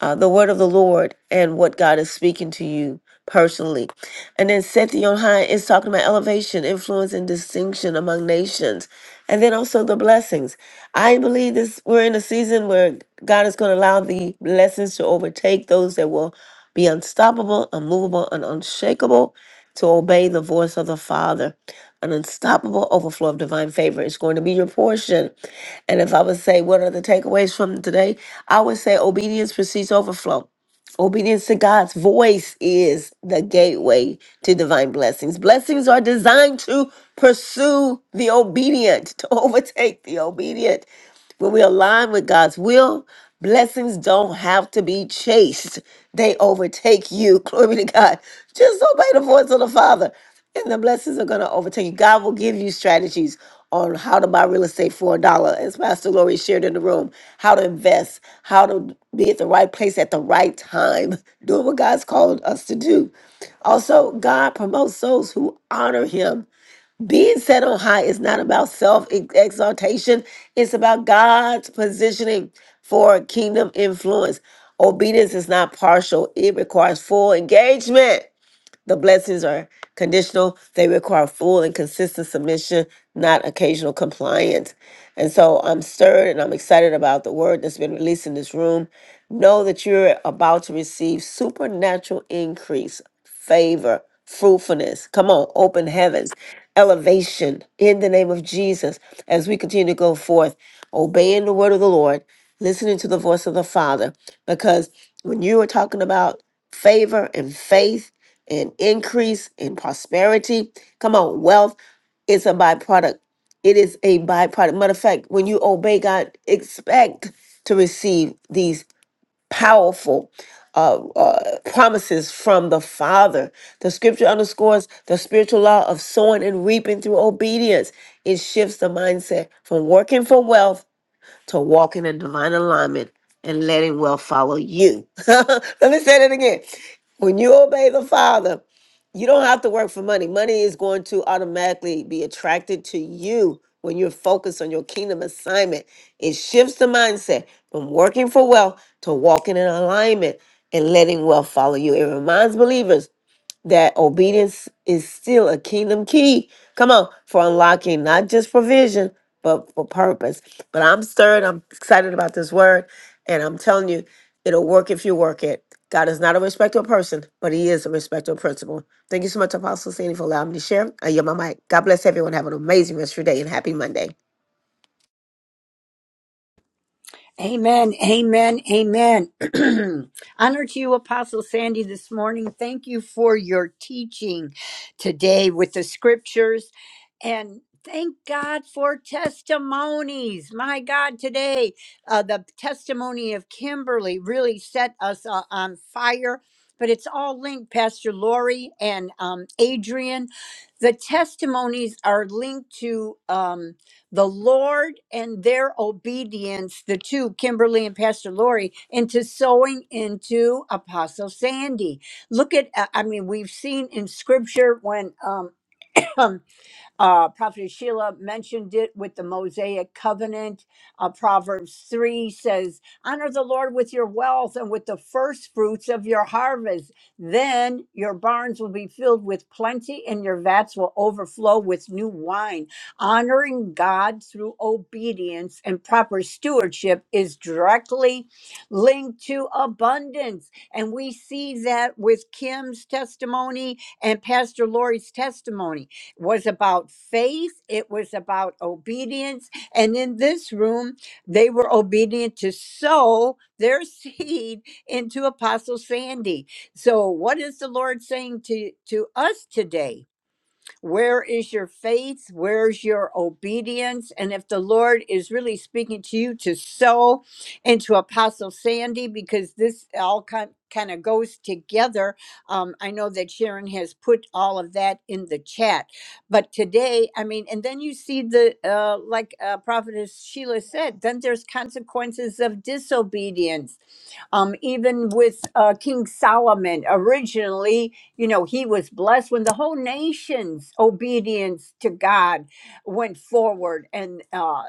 Speaker 16: uh, the word of the lord and what god is speaking to you personally and then set Sethi on high is talking about elevation influence and distinction among nations and then also the blessings i believe this we're in a season where god is going to allow the blessings to overtake those that will be unstoppable unmovable and unshakable to obey the voice of the Father. An unstoppable overflow of divine favor is going to be your portion. And if I would say, what are the takeaways from today? I would say obedience precedes overflow. Obedience to God's voice is the gateway to divine blessings. Blessings are designed to pursue the obedient, [LAUGHS] to overtake the obedient. When we align with God's will, blessings don't have to be chased. They overtake you. [LAUGHS] Glory be to God. Just obey the voice of the Father, and the blessings are going to overtake you. God will give you strategies on how to buy real estate for a dollar, as Pastor Lori shared in the room, how to invest, how to be at the right place at the right time, [LAUGHS] doing what God's called us to do. Also, God promotes those who honor Him being set on high is not about self exaltation, it's about God's positioning for kingdom influence. Obedience is not partial, it requires full engagement. The blessings are conditional. They require full and consistent submission, not occasional compliance. And so I'm stirred and I'm excited about the word that's been released in this room. Know that you're about to receive supernatural increase, favor, fruitfulness. Come on, open heavens, elevation in the name of Jesus as we continue to go forth, obeying the word of the Lord, listening to the voice of the Father. Because when you are talking about favor and faith, and increase in prosperity. Come on, wealth is a byproduct. It is a byproduct. Matter of fact, when you obey God, expect to receive these powerful uh, uh, promises from the Father. The scripture underscores the spiritual law of sowing and reaping through obedience. It shifts the mindset from working for wealth to walking in divine alignment and letting wealth follow you. [LAUGHS] Let me say that again. When you obey the Father, you don't have to work for money. Money is going to automatically be attracted to you when you're focused on your kingdom assignment. It shifts the mindset from working for wealth to walking in alignment and letting wealth follow you. It reminds believers that obedience is still a kingdom key. Come on, for unlocking not just provision, but for purpose. But I'm stirred. I'm excited about this word. And I'm telling you, it'll work if you work it. God is not a respecter of person, but He is a respecter of principle. Thank you so much, Apostle Sandy, for allowing me to share. I yield my mic. God bless everyone. Have an amazing rest of your day and happy Monday.
Speaker 2: Amen, amen, amen. [CLEARS THROAT] Honor to you, Apostle Sandy, this morning. Thank you for your teaching today with the scriptures. And thank God for testimonies. My God, today, uh, the testimony of Kimberly really set us uh, on fire. But it's all linked, Pastor Lori and um, Adrian. The testimonies are linked to. Um, the Lord and their obedience, the two, Kimberly and Pastor Lori, into sowing into Apostle Sandy. Look at, I I mean, we've seen in scripture when um, [CLEARS THROAT] Uh, Prophet Sheila mentioned it with the Mosaic covenant. Uh, Proverbs 3 says, Honor the Lord with your wealth and with the first fruits of your harvest. Then your barns will be filled with plenty and your vats will overflow with new wine. Honoring God through obedience and proper stewardship is directly linked to abundance. And we see that with Kim's testimony and Pastor Lori's testimony was about faith, it was about obedience. And in this room, they were obedient to sow their [LAUGHS] seed into Apostle Sandy. So, what is the Lord saying to, to us today? Where is your faith? Where's your obedience? And if the Lord is really speaking to you to sow into Apostle Sandy, because this all kind kind of goes together. Um, I know that Sharon has put all of that in the chat, but today, I mean, and then you see the uh, like uh, Prophetess Sheila said, then there's consequences of disobedience um, even with uh, King Solomon originally. You know, he was blessed when the whole nation's obedience to God went forward. And uh,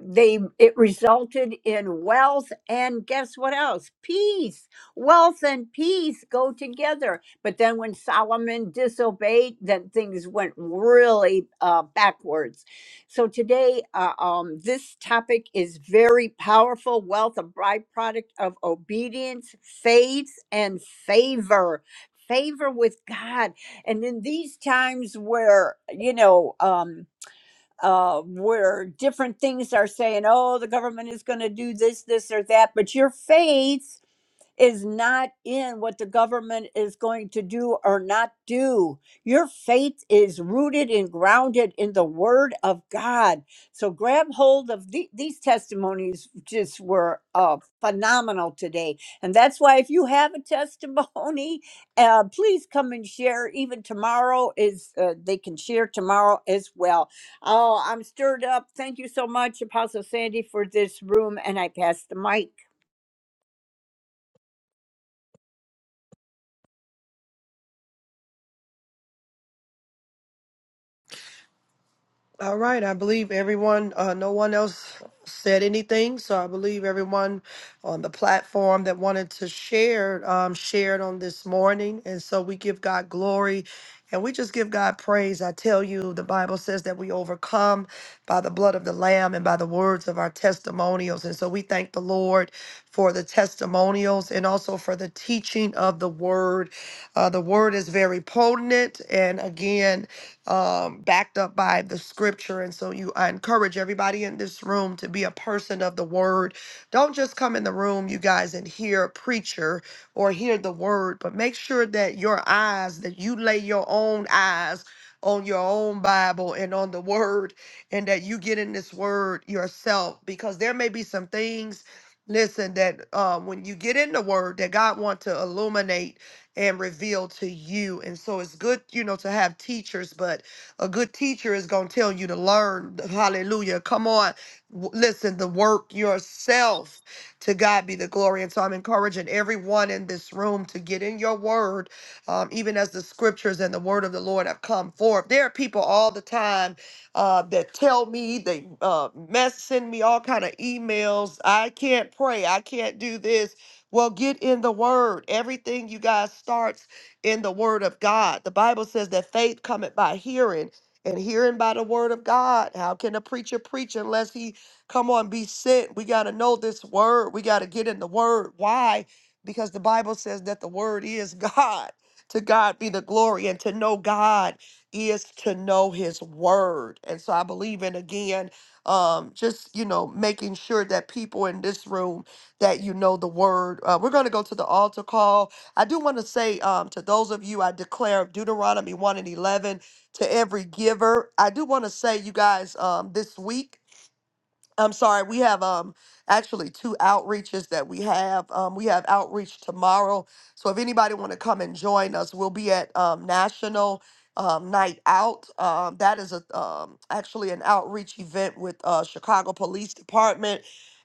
Speaker 2: they it resulted in wealth and guess what else peace wealth and peace go together but then when solomon disobeyed then things went really uh, backwards so today uh, um, this topic is very powerful wealth a byproduct of obedience faith and favor favor with god and in these times where you know um uh, where different things are saying, oh, the government is going to do this, this, or that. But your faith is not in what the government is going to do or not do. Your faith is rooted and grounded in the word of God. So grab hold of the, these testimonies, just were uh, phenomenal today. And that's why, if you have a testimony, [LAUGHS] uh, please come and share. Even tomorrow is, uh, they can share tomorrow as well. Oh, I'm stirred up. Thank you so much, Apostle Sandy, for this room. And I pass the mic.
Speaker 6: All right, I believe everyone, uh, no one else said anything, so I believe everyone on the platform that wanted to share um, shared on this morning. And so we give God glory and we just give God praise. I tell you, the Bible says that we overcome by the blood of the Lamb and by the words of our testimonials. And so we thank the Lord for the testimonials and also for the teaching of the word. Uh, the word is very potent, and again, um, backed up by the scripture. And so you, I encourage everybody in this room to be a person of the word. Don't just come in the room, you guys, and hear a preacher or hear the word, but make sure that your eyes, that you lay your own eyes on your own Bible and on the word, and that you get in this word yourself, because there may be some things. Listen, that uh, when you get in the word, that God want to illuminate and revealed to you. And so it's good, you know, to have teachers, but a good teacher is going to tell you to learn. Hallelujah. Come on. W- Listen, the work yourself to God be the glory. And so I'm encouraging everyone in this room to get in your word, um, even as the scriptures and the word of the Lord have come forth. There are people all the time uh, that tell me they uh, mess send me all kind of emails. I can't pray. I can't do this. Well, get in the word. Everything you guys starts in the word of God. The Bible says that faith cometh by hearing, and hearing by the word of God. How can a preacher preach unless he come on be sent? We got to know this word. We got to get in the word. Why? Because the Bible says that the word is [LAUGHS] God. To God be the glory, and to know God is to know His word. And so I believe in again, um, just you know, making sure that people in this room that you know the word. Uh, we're going to go to the altar call. I do want to say um, to those of you, I declare Deuteronomy 1 and 11 to every giver. I do want to say, you guys, um, this week, I'm sorry, we have um actually two outreaches that we have. Um, we have outreach tomorrow. So if anybody want to come and join us, we'll be at um, National um, Night Out. Um, that is a um, actually an outreach event with uh, Chicago Police Department,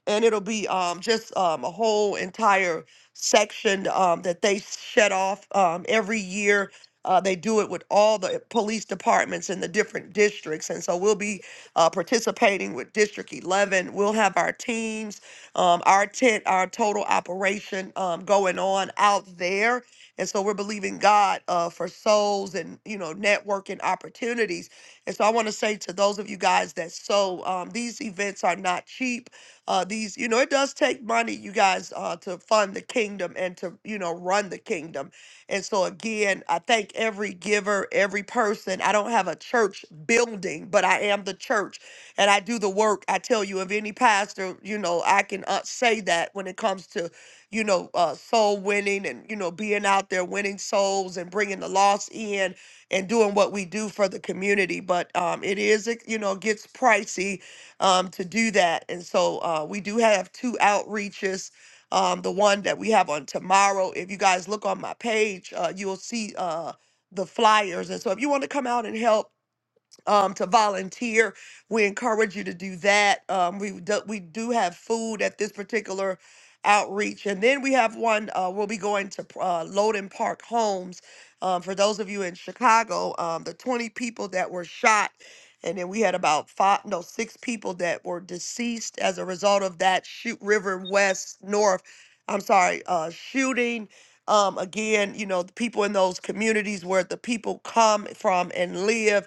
Speaker 6: and it'll be um, just um, a whole entire section um, that they shut off um, every year. Uh, they do it with all the police departments in the different districts, and so we'll be uh, participating with District 11. We'll have our teams, um, our tent, our total operation um, going on out there. And so we're believing God uh, for souls and, you know, networking opportunities. And so I want to say to those of you guys that so um, these events are not cheap. Uh, these, you know, it does take money, you guys, uh, to fund the kingdom and to, you know, run the kingdom. And so, again, I thank every giver, every person. I don't have a church building, but I am the church and I do the work. I tell you, if any pastor, you know, I can uh, say that when it comes to, you know, uh, soul winning and, you know, being out there winning souls and bringing the lost in and doing what we do for the community. But um, it is, it, you know, gets pricey um, to do that. And so uh, we do have two outreaches um, the one that we have on tomorrow. If you guys look on my page, uh, you'll see uh, the flyers. And so if you want to come out and help, um, to volunteer. We encourage you to do that. Um, we do, we do have food at this particular outreach, and then we have one. Uh, we'll be going to uh, Loden Park Homes. Um, for those of you in Chicago, um, the 20 people that were shot, and then we had about five, no, six people that were deceased as a result of that shoot River West North. I'm sorry, uh, shooting. Um, again, you know, the people in those communities where the people come from and live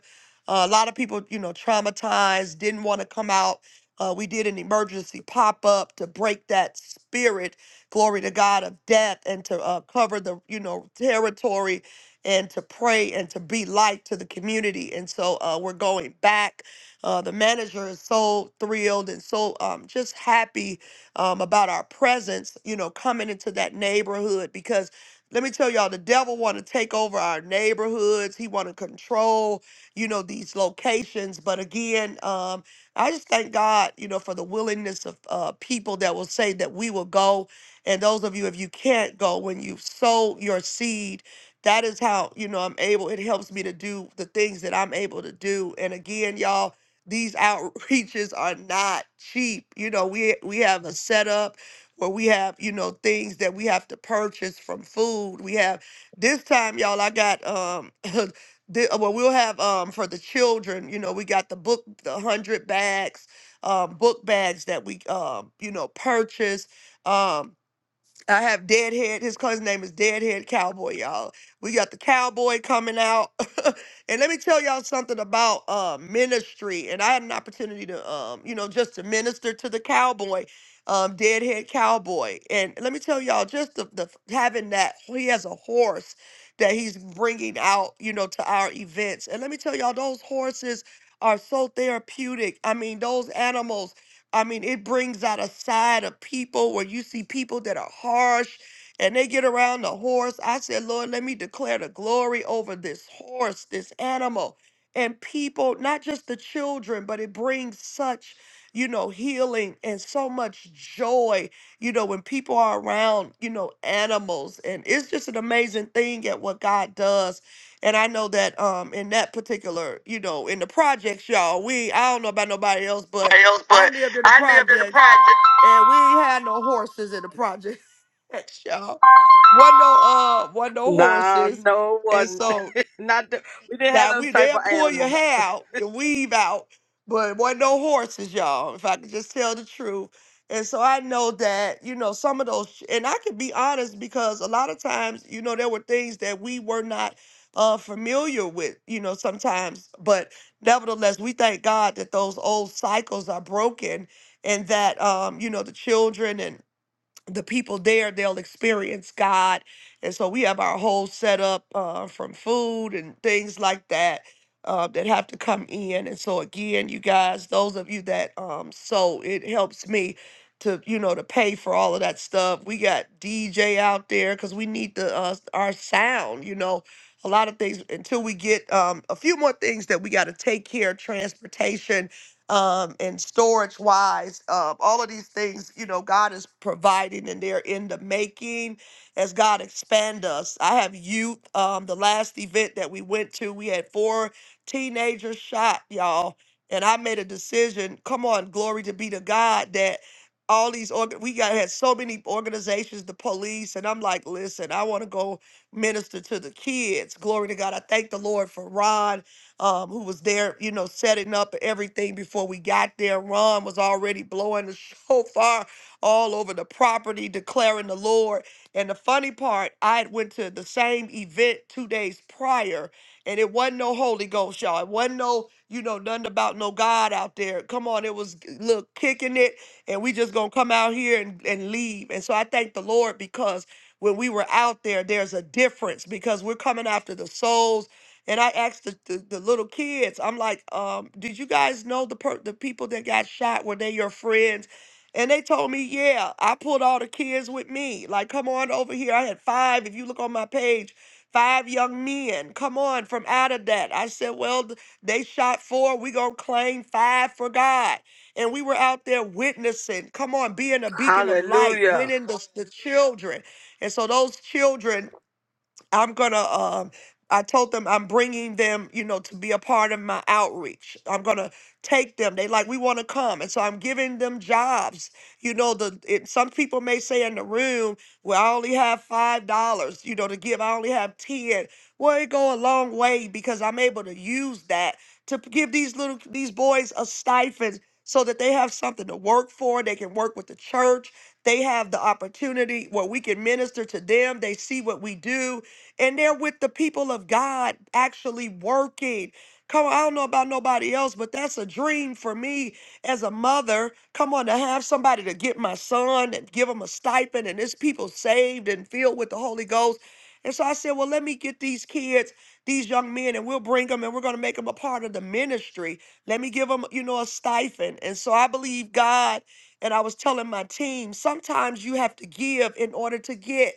Speaker 6: uh, a lot of people, you know, traumatized, didn't want to come out. Uh, we did an emergency pop up to break that spirit, glory to God, of death and to uh, cover the, you know, territory and to pray and to be light to the community. And so uh, we're going back. Uh, the manager is so thrilled and so um, just happy um, about our presence, you know, coming into that neighborhood because let me tell y'all, the devil want to take over our neighborhoods. He want to control you know, these locations. But again, um, I just thank God, you know, for the willingness of uh, people that will say that we will go. And those of you, if you can't go, when you sow your seed, that is how, you know, I'm able, it helps me to do the things that I'm able to do. And again, y'all, these outreaches are not cheap. You know, we we have a setup where we have, you know, things that we have to purchase from food. We have this time, y'all, I got um [LAUGHS] the, uh, well, we'll have um for the children. You know, we got the book, the hundred bags, um, book bags that we um, you know, purchase. Um, I have Deadhead. His cousin's name is Deadhead Cowboy, y'all. We got the cowboy coming out. [LAUGHS] and let me tell y'all something about uh, ministry. And I had an opportunity to, um, you know, just to minister to the cowboy, um, Deadhead Cowboy. And let me tell y'all, just the, the having that, he has a horse that he's bringing out, you know, to our events. And let me tell y'all, those horses are so therapeutic. I mean, those animals. I mean, it brings out a side of people where you see people that are harsh and they get around the horse. I said, Lord, let me declare the glory over this horse, this animal, and people, not just the children, but it brings such, you know, healing and so much joy, you know, when people are around, you know, animals. And it's just an amazing thing at what God does. And I know that um in that particular, you know, in the projects, y'all, we I don't know about nobody else, but
Speaker 8: Anybody else,
Speaker 6: I
Speaker 8: but
Speaker 6: lived in the
Speaker 8: I lived in the
Speaker 6: projects, and we
Speaker 8: project.
Speaker 6: ain't had no horses in the projects. [LAUGHS] y'all. Wasn't no uh, wasn't no
Speaker 15: Nah,
Speaker 6: horses,
Speaker 15: no
Speaker 6: and
Speaker 15: one.
Speaker 6: so
Speaker 15: [LAUGHS] Not the, we didn't have
Speaker 6: now
Speaker 15: them
Speaker 6: we
Speaker 15: type
Speaker 6: they'll
Speaker 15: of
Speaker 6: pull your
Speaker 15: animals.
Speaker 6: hair out, your weave out, but wasn't no horses, y'all. If I could just tell the truth. And so I know that, you know, some of those, and I can be honest because a lot of times, you know, there were things that we were not uh, familiar with, you know, sometimes. But nevertheless, we thank God that those old cycles are broken and that, um, you know, the children and the people there they'll experience god and so we have our whole setup uh, from food and things like that uh, that have to come in and so again you guys those of you that um so it helps me to you know to pay for all of that stuff we got dj out there because we need the uh, our sound you know a lot of things until we get um, a few more things that we got to take care of transportation um, and storage wise, uh, all of these things, you know, God is providing and they're in the making as God expand us. I have youth. Um, the last event that we went to, we had four teenagers shot, y'all. And I made a decision. Come on, glory to be to God that all these org- we got had so many organizations, the police, and I'm like, listen, I want to go minister to the kids. Glory to God. I thank the Lord for Ron um, who was there, you know, setting up everything before we got there. Ron was already blowing the [LAUGHS] shofar all over the property, declaring the Lord. And the funny part, I had went to the same event two days prior, and it wasn't no Holy Ghost, y'all. It wasn't no, you know, nothing about no God out there. Come on, it was look kicking it, and we just gonna come out here and, and leave. And so I thank the Lord because when we were out there, there's a difference because we're coming after the souls and I asked the, the, the little kids, I'm like, um, did you guys know the per- the people that got shot? Were they your friends? And they told me, yeah, I pulled all the kids with me. Like, come on over here. I had five, if you look on my page, five young men. Come on from out of that. I said, well, th- they shot four. We going to claim five for God. And we were out there witnessing, come on, being a beacon of light,
Speaker 15: Hallelujah.
Speaker 6: winning the, the children. And so those children I'm gonna. Um, I told them I'm bringing them, you know, to be a part of my outreach. I'm gonna take them. They like we want to come, and so I'm giving them jobs. You know, the it, some people may say in the room, "Well, I only have five dollars, you know, to give. I only have ten. Well, it go a long way because I'm able to use that to p- give these little these boys a stipend so that they have something to work for. They can work with the church. They have the opportunity where we can minister to them. They see what we do and they're with the people of God actually working. Come on, I don't know about nobody else, but that's a dream for me as a mother. Come on, to have somebody to get my son and give him a stipend, and this people saved and filled with the Holy Ghost. And so I said, well, let me get these kids, these young men, and we'll bring them and we're going to make them a part of the ministry. Let me give them, you know, a stipend. And so I believe God, and I was telling my team, sometimes you have to give in order to get.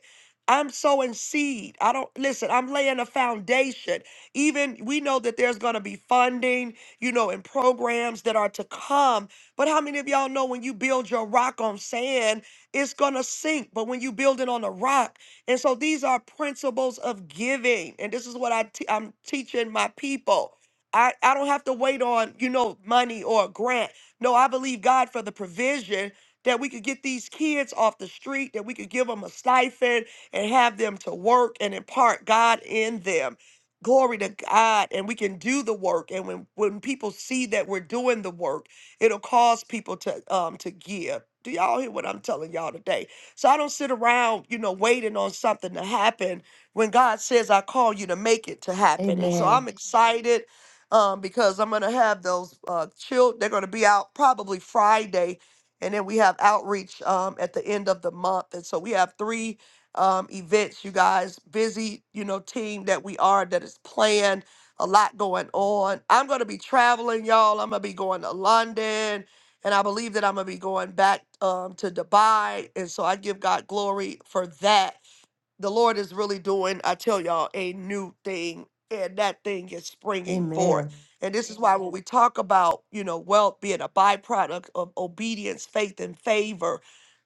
Speaker 6: I'm sowing seed. I don't listen, I'm laying a foundation. Even we know that there's going to be funding, you know, and programs that are to come. But how many of y'all know when you build your rock on sand, it's going to sink, but when you build it on a rock. And so these are principles of giving. And this is what I te- I'm teaching my people. I, I don't have to wait on, you know, money or a grant. No, I believe God for the provision that we could get these kids off the street, that we could give them a stipend, and have them to work and impart God in them. Glory to God, and we can do the work. And when, when people see that we're doing the work, it'll cause people to um to give. Do y'all hear what I'm telling y'all today? So I don't sit around, you know, waiting on something to happen when God says I call you to make it to happen. And so I'm
Speaker 16: Amen.
Speaker 6: Amen. excited um, because I'm gonna have those uh, children. They're gonna be out probably Friday, and then we have outreach um, at the end of the month. And so we have three um, events, you guys. Busy, you know, team that we are that is planned. A lot going on. I'm going to be traveling, y'all. I'm going to be going to London, and I believe that I'm going to be going back um, to Dubai. And so I give God glory for that. The Lord is really doing, I tell y'all, a new thing, and that thing is springing forth.
Speaker 16: Amen.
Speaker 6: And this is why when Amen. we talk about, you know, wealth being a byproduct of obedience, faith, and favor,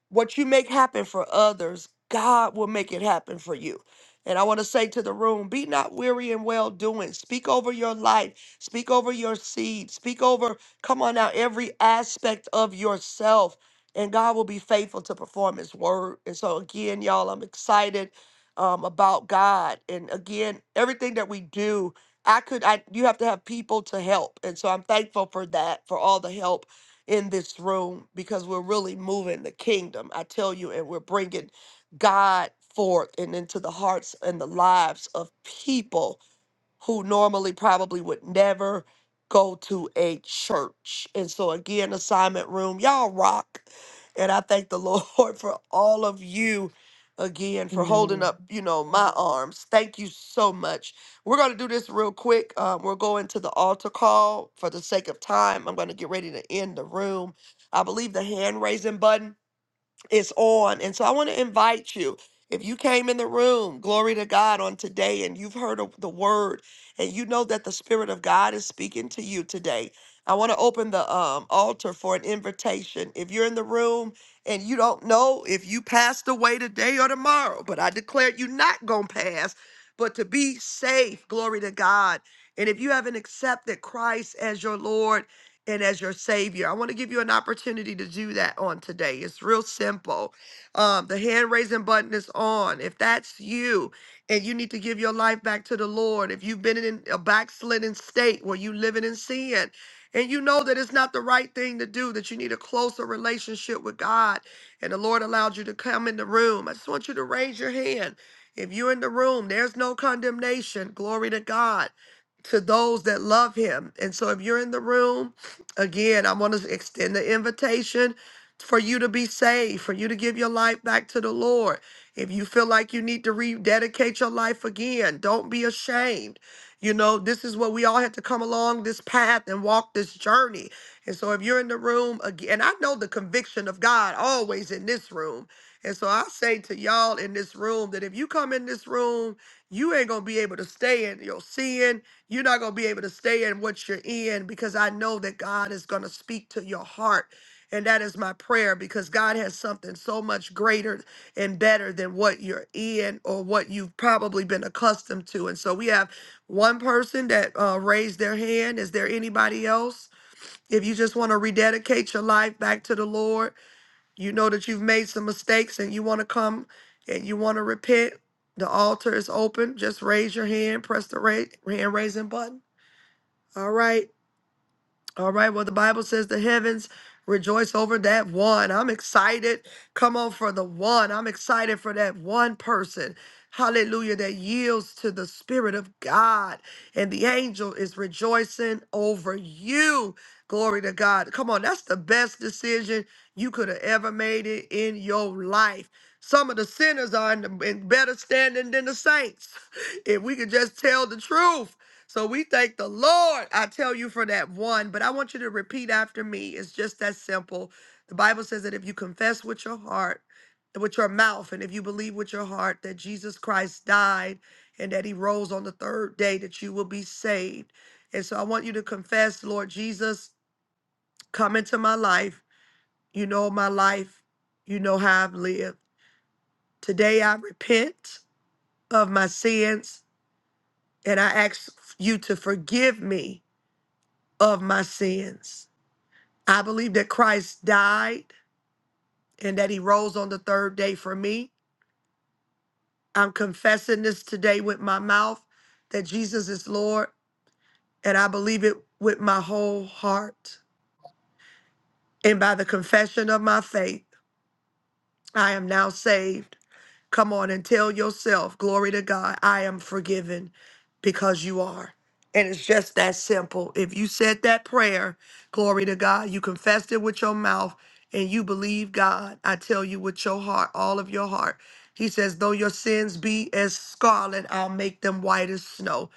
Speaker 6: what you make happen for others, God will make it happen for you. And I want to say to the room, be not weary in well doing. Speak over your life, speak over your seed, speak over, come on now, every aspect of yourself. And God will be faithful to perform His word. And so, again, y'all, I'm excited um, about God. And again, everything that we do, I could, I you have to have people to help. And so, I'm thankful for that, for all the help in this room because we're really moving the kingdom. I tell you, and we're bringing God forth and into the hearts and the lives of people who normally probably would never go to a church. And so, again, assignment room, y'all rock. And I thank the [LAUGHS] Lord for all of you again for holding up,
Speaker 16: Amen.
Speaker 6: you know, my arms. Thank you so much. We're going to do this real quick. Um, we're going to the altar call for the sake of time. I'm going to get ready to end the room. I believe the hand raising button is on. And so I want to invite you. If you came in the room, glory to God, on today, and you've heard of the word, and you know that the Spirit of God is speaking to you today, I want to open the um, altar for an invitation. If you're in the room and you don't know if you passed away today or tomorrow, but I declare you not going to pass, but to be safe, glory to God. And if you haven't accepted Christ as your Lord, and as your savior. I want to give you an opportunity to do that on today. It's real simple. Um, the hand raising button is on. If that's you and you need to give your life back to the Lord, if you've been in a backslidden state where you living in sin and you know that it's not the right thing to do, that you need a closer relationship with God, and the Lord allowed you to come in the room, I just want you to raise your hand. If you're in the room, there's no condemnation. Glory to God to those that love him. And so if you're in the room Again, I want to extend the invitation for you to be saved, for you to give your life back to the Lord. If you feel like you need to rededicate your life again, don't be ashamed. You know, this is what we all have to come along this path and walk this journey. And so if you're in the room again, and I know the conviction of God always in this room. And so I say to y'all in this room that if you come in this room, you ain't going to be able to stay in your sin you're not going to be able to stay in what you're in because I know that God is going to speak to your heart. And that is my prayer because God has something so much greater and better than what you're in or what you've probably been accustomed to. And so we have one person that uh, raised their hand. Is there anybody else? If you just want to rededicate your life back to the Lord, you know that you've made some mistakes and you want to come and you want to repent, the altar is open. Just raise your hand, press the ra- hand raising button. All right. All right. Well, the Bible says the heavens rejoice over that one. I'm excited. Come on for the one. I'm excited for that one person. Hallelujah. That yields to the Spirit of God. And the angel is rejoicing over you. Glory to God. Come on. That's the best decision you could have ever made it in your life. Some of the sinners are in, the, in better standing than the saints. [LAUGHS] If we could just tell the truth. So we thank the Lord, I tell you, for that one. But I want you to repeat after me. It's just that simple. The Bible says that if you confess with your heart, with your mouth, and if you believe with your heart that Jesus Christ died and that he rose on the third day, that you will be saved. And so I want you to confess, Lord Jesus, come into my life. You know my life. You know how I've lived. Today I repent of my sins and I ask you to forgive me of my sins. I believe that Christ died and that he rose on the third day for me. I'm confessing this today with my mouth that Jesus is Lord, and I believe it with my whole heart. And by the confession of my faith, I am now saved. Come on and tell yourself, glory to God, I am forgiven because you are. And it's just that simple. If you said that prayer, glory to God, you confessed it with your mouth and you believe God, I tell you with your heart, all of your heart. He says, though your sins be as scarlet, I'll make them white as snow.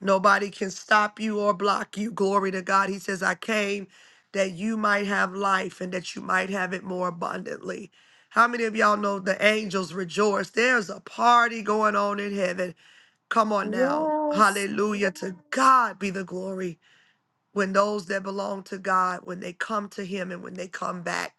Speaker 6: Nobody can stop you or block you. Glory to God. He says, I came that you might have life and that you might have it more abundantly. How many of y'all know the angels rejoice? There's a party going on in heaven. Come on now.
Speaker 16: Yes.
Speaker 6: Hallelujah. To God be the glory when those that belong to God, when they come to Him and when they come back.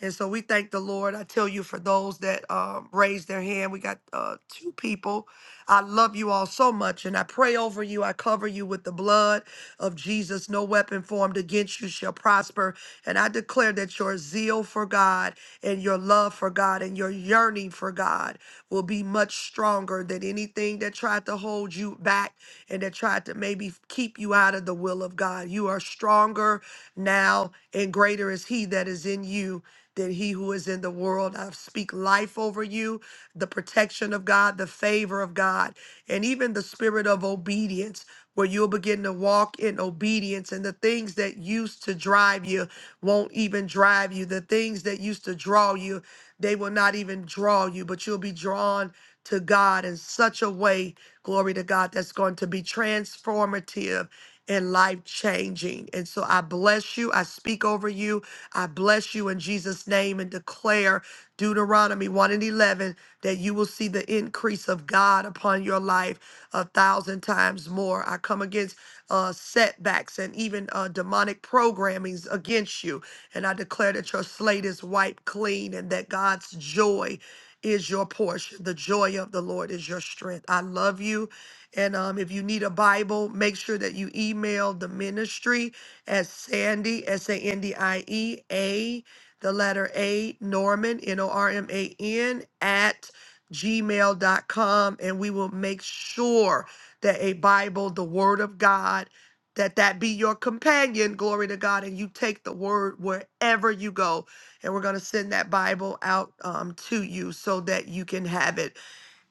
Speaker 6: And so we thank the Lord. I tell you, for those that um, raised their hand, we got uh, two people. I love you all so much, and I pray over you. I cover you with the blood of Jesus. No weapon formed against you shall prosper. And I declare that your zeal for God and your love for God and your yearning for God will be much stronger than anything that tried to hold you back and that tried to maybe keep you out of the will of God. You are stronger now, and greater is He that is in you than He who is in the world. I speak life over you, the protection of God, the favor of God, and even the spirit of obedience. Where you'll begin to walk in obedience, and the things that used to drive you won't even drive you. The things that used to draw you, they will not even draw you, but you'll be drawn to God in such a way glory to God, that's going to be transformative and life changing. And so I bless you. I speak over you. I bless you in Jesus' name and declare Deuteronomy 1 and 11 that you will see the increase of God upon your life a thousand times more. I come against uh, setbacks and even uh, demonic programmings against you. And I declare that your slate is wiped clean and that God's joy is your portion. The joy of the Lord is your strength. I love you. And um, if you need a Bible, make sure that you email the ministry at Sandy, S A N D I E A, the letter A, Norman, N O R M A N, at Gmail dot com, And we will make sure that a Bible, the Word of God, that that be your companion glory to god and you take the word wherever you go and we're going to send that Bible out um, to you so that you can have it.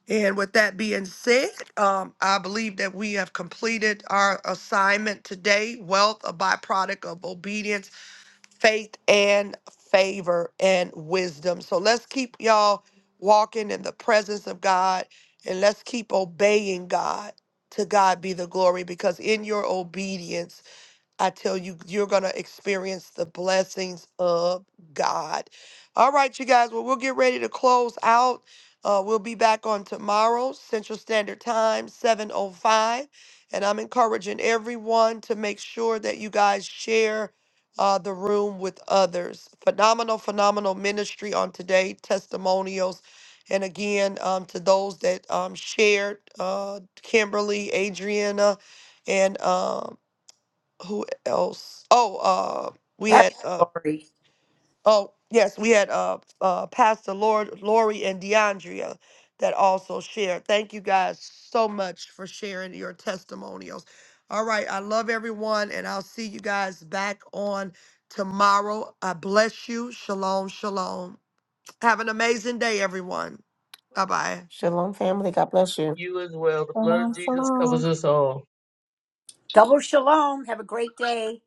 Speaker 6: And with that being said, um, I believe that we have completed our assignment today wealth, a byproduct of obedience, faith, and favor and wisdom. So let's keep y'all walking in the presence of God and let's keep obeying God. To God be the glory because in your obedience, I tell you, you're going to experience the blessings of God. All right, you guys. Well, we'll get ready to close out. Uh, we'll be back on tomorrow, Central Standard Time, 7.05. And I'm encouraging everyone to make sure that you guys share uh, the room with others. Phenomenal, phenomenal ministry on today, testimonials. And again, um, to those that um, shared, uh, Kimberly, Adriana, and um, who else? Oh, uh, we
Speaker 2: Pass
Speaker 6: had uh,
Speaker 2: Lori.
Speaker 6: oh yes, we had uh, uh, Pastor Lord Lori and DeAndrea that also shared. Thank you guys so much for sharing your testimonials. All right, I love everyone, and I'll see you guys back on tomorrow. I bless you. Shalom, shalom. Have an amazing day, everyone. Bye bye.
Speaker 16: Shalom, family. God bless you.
Speaker 2: Double shalom. Have a great day.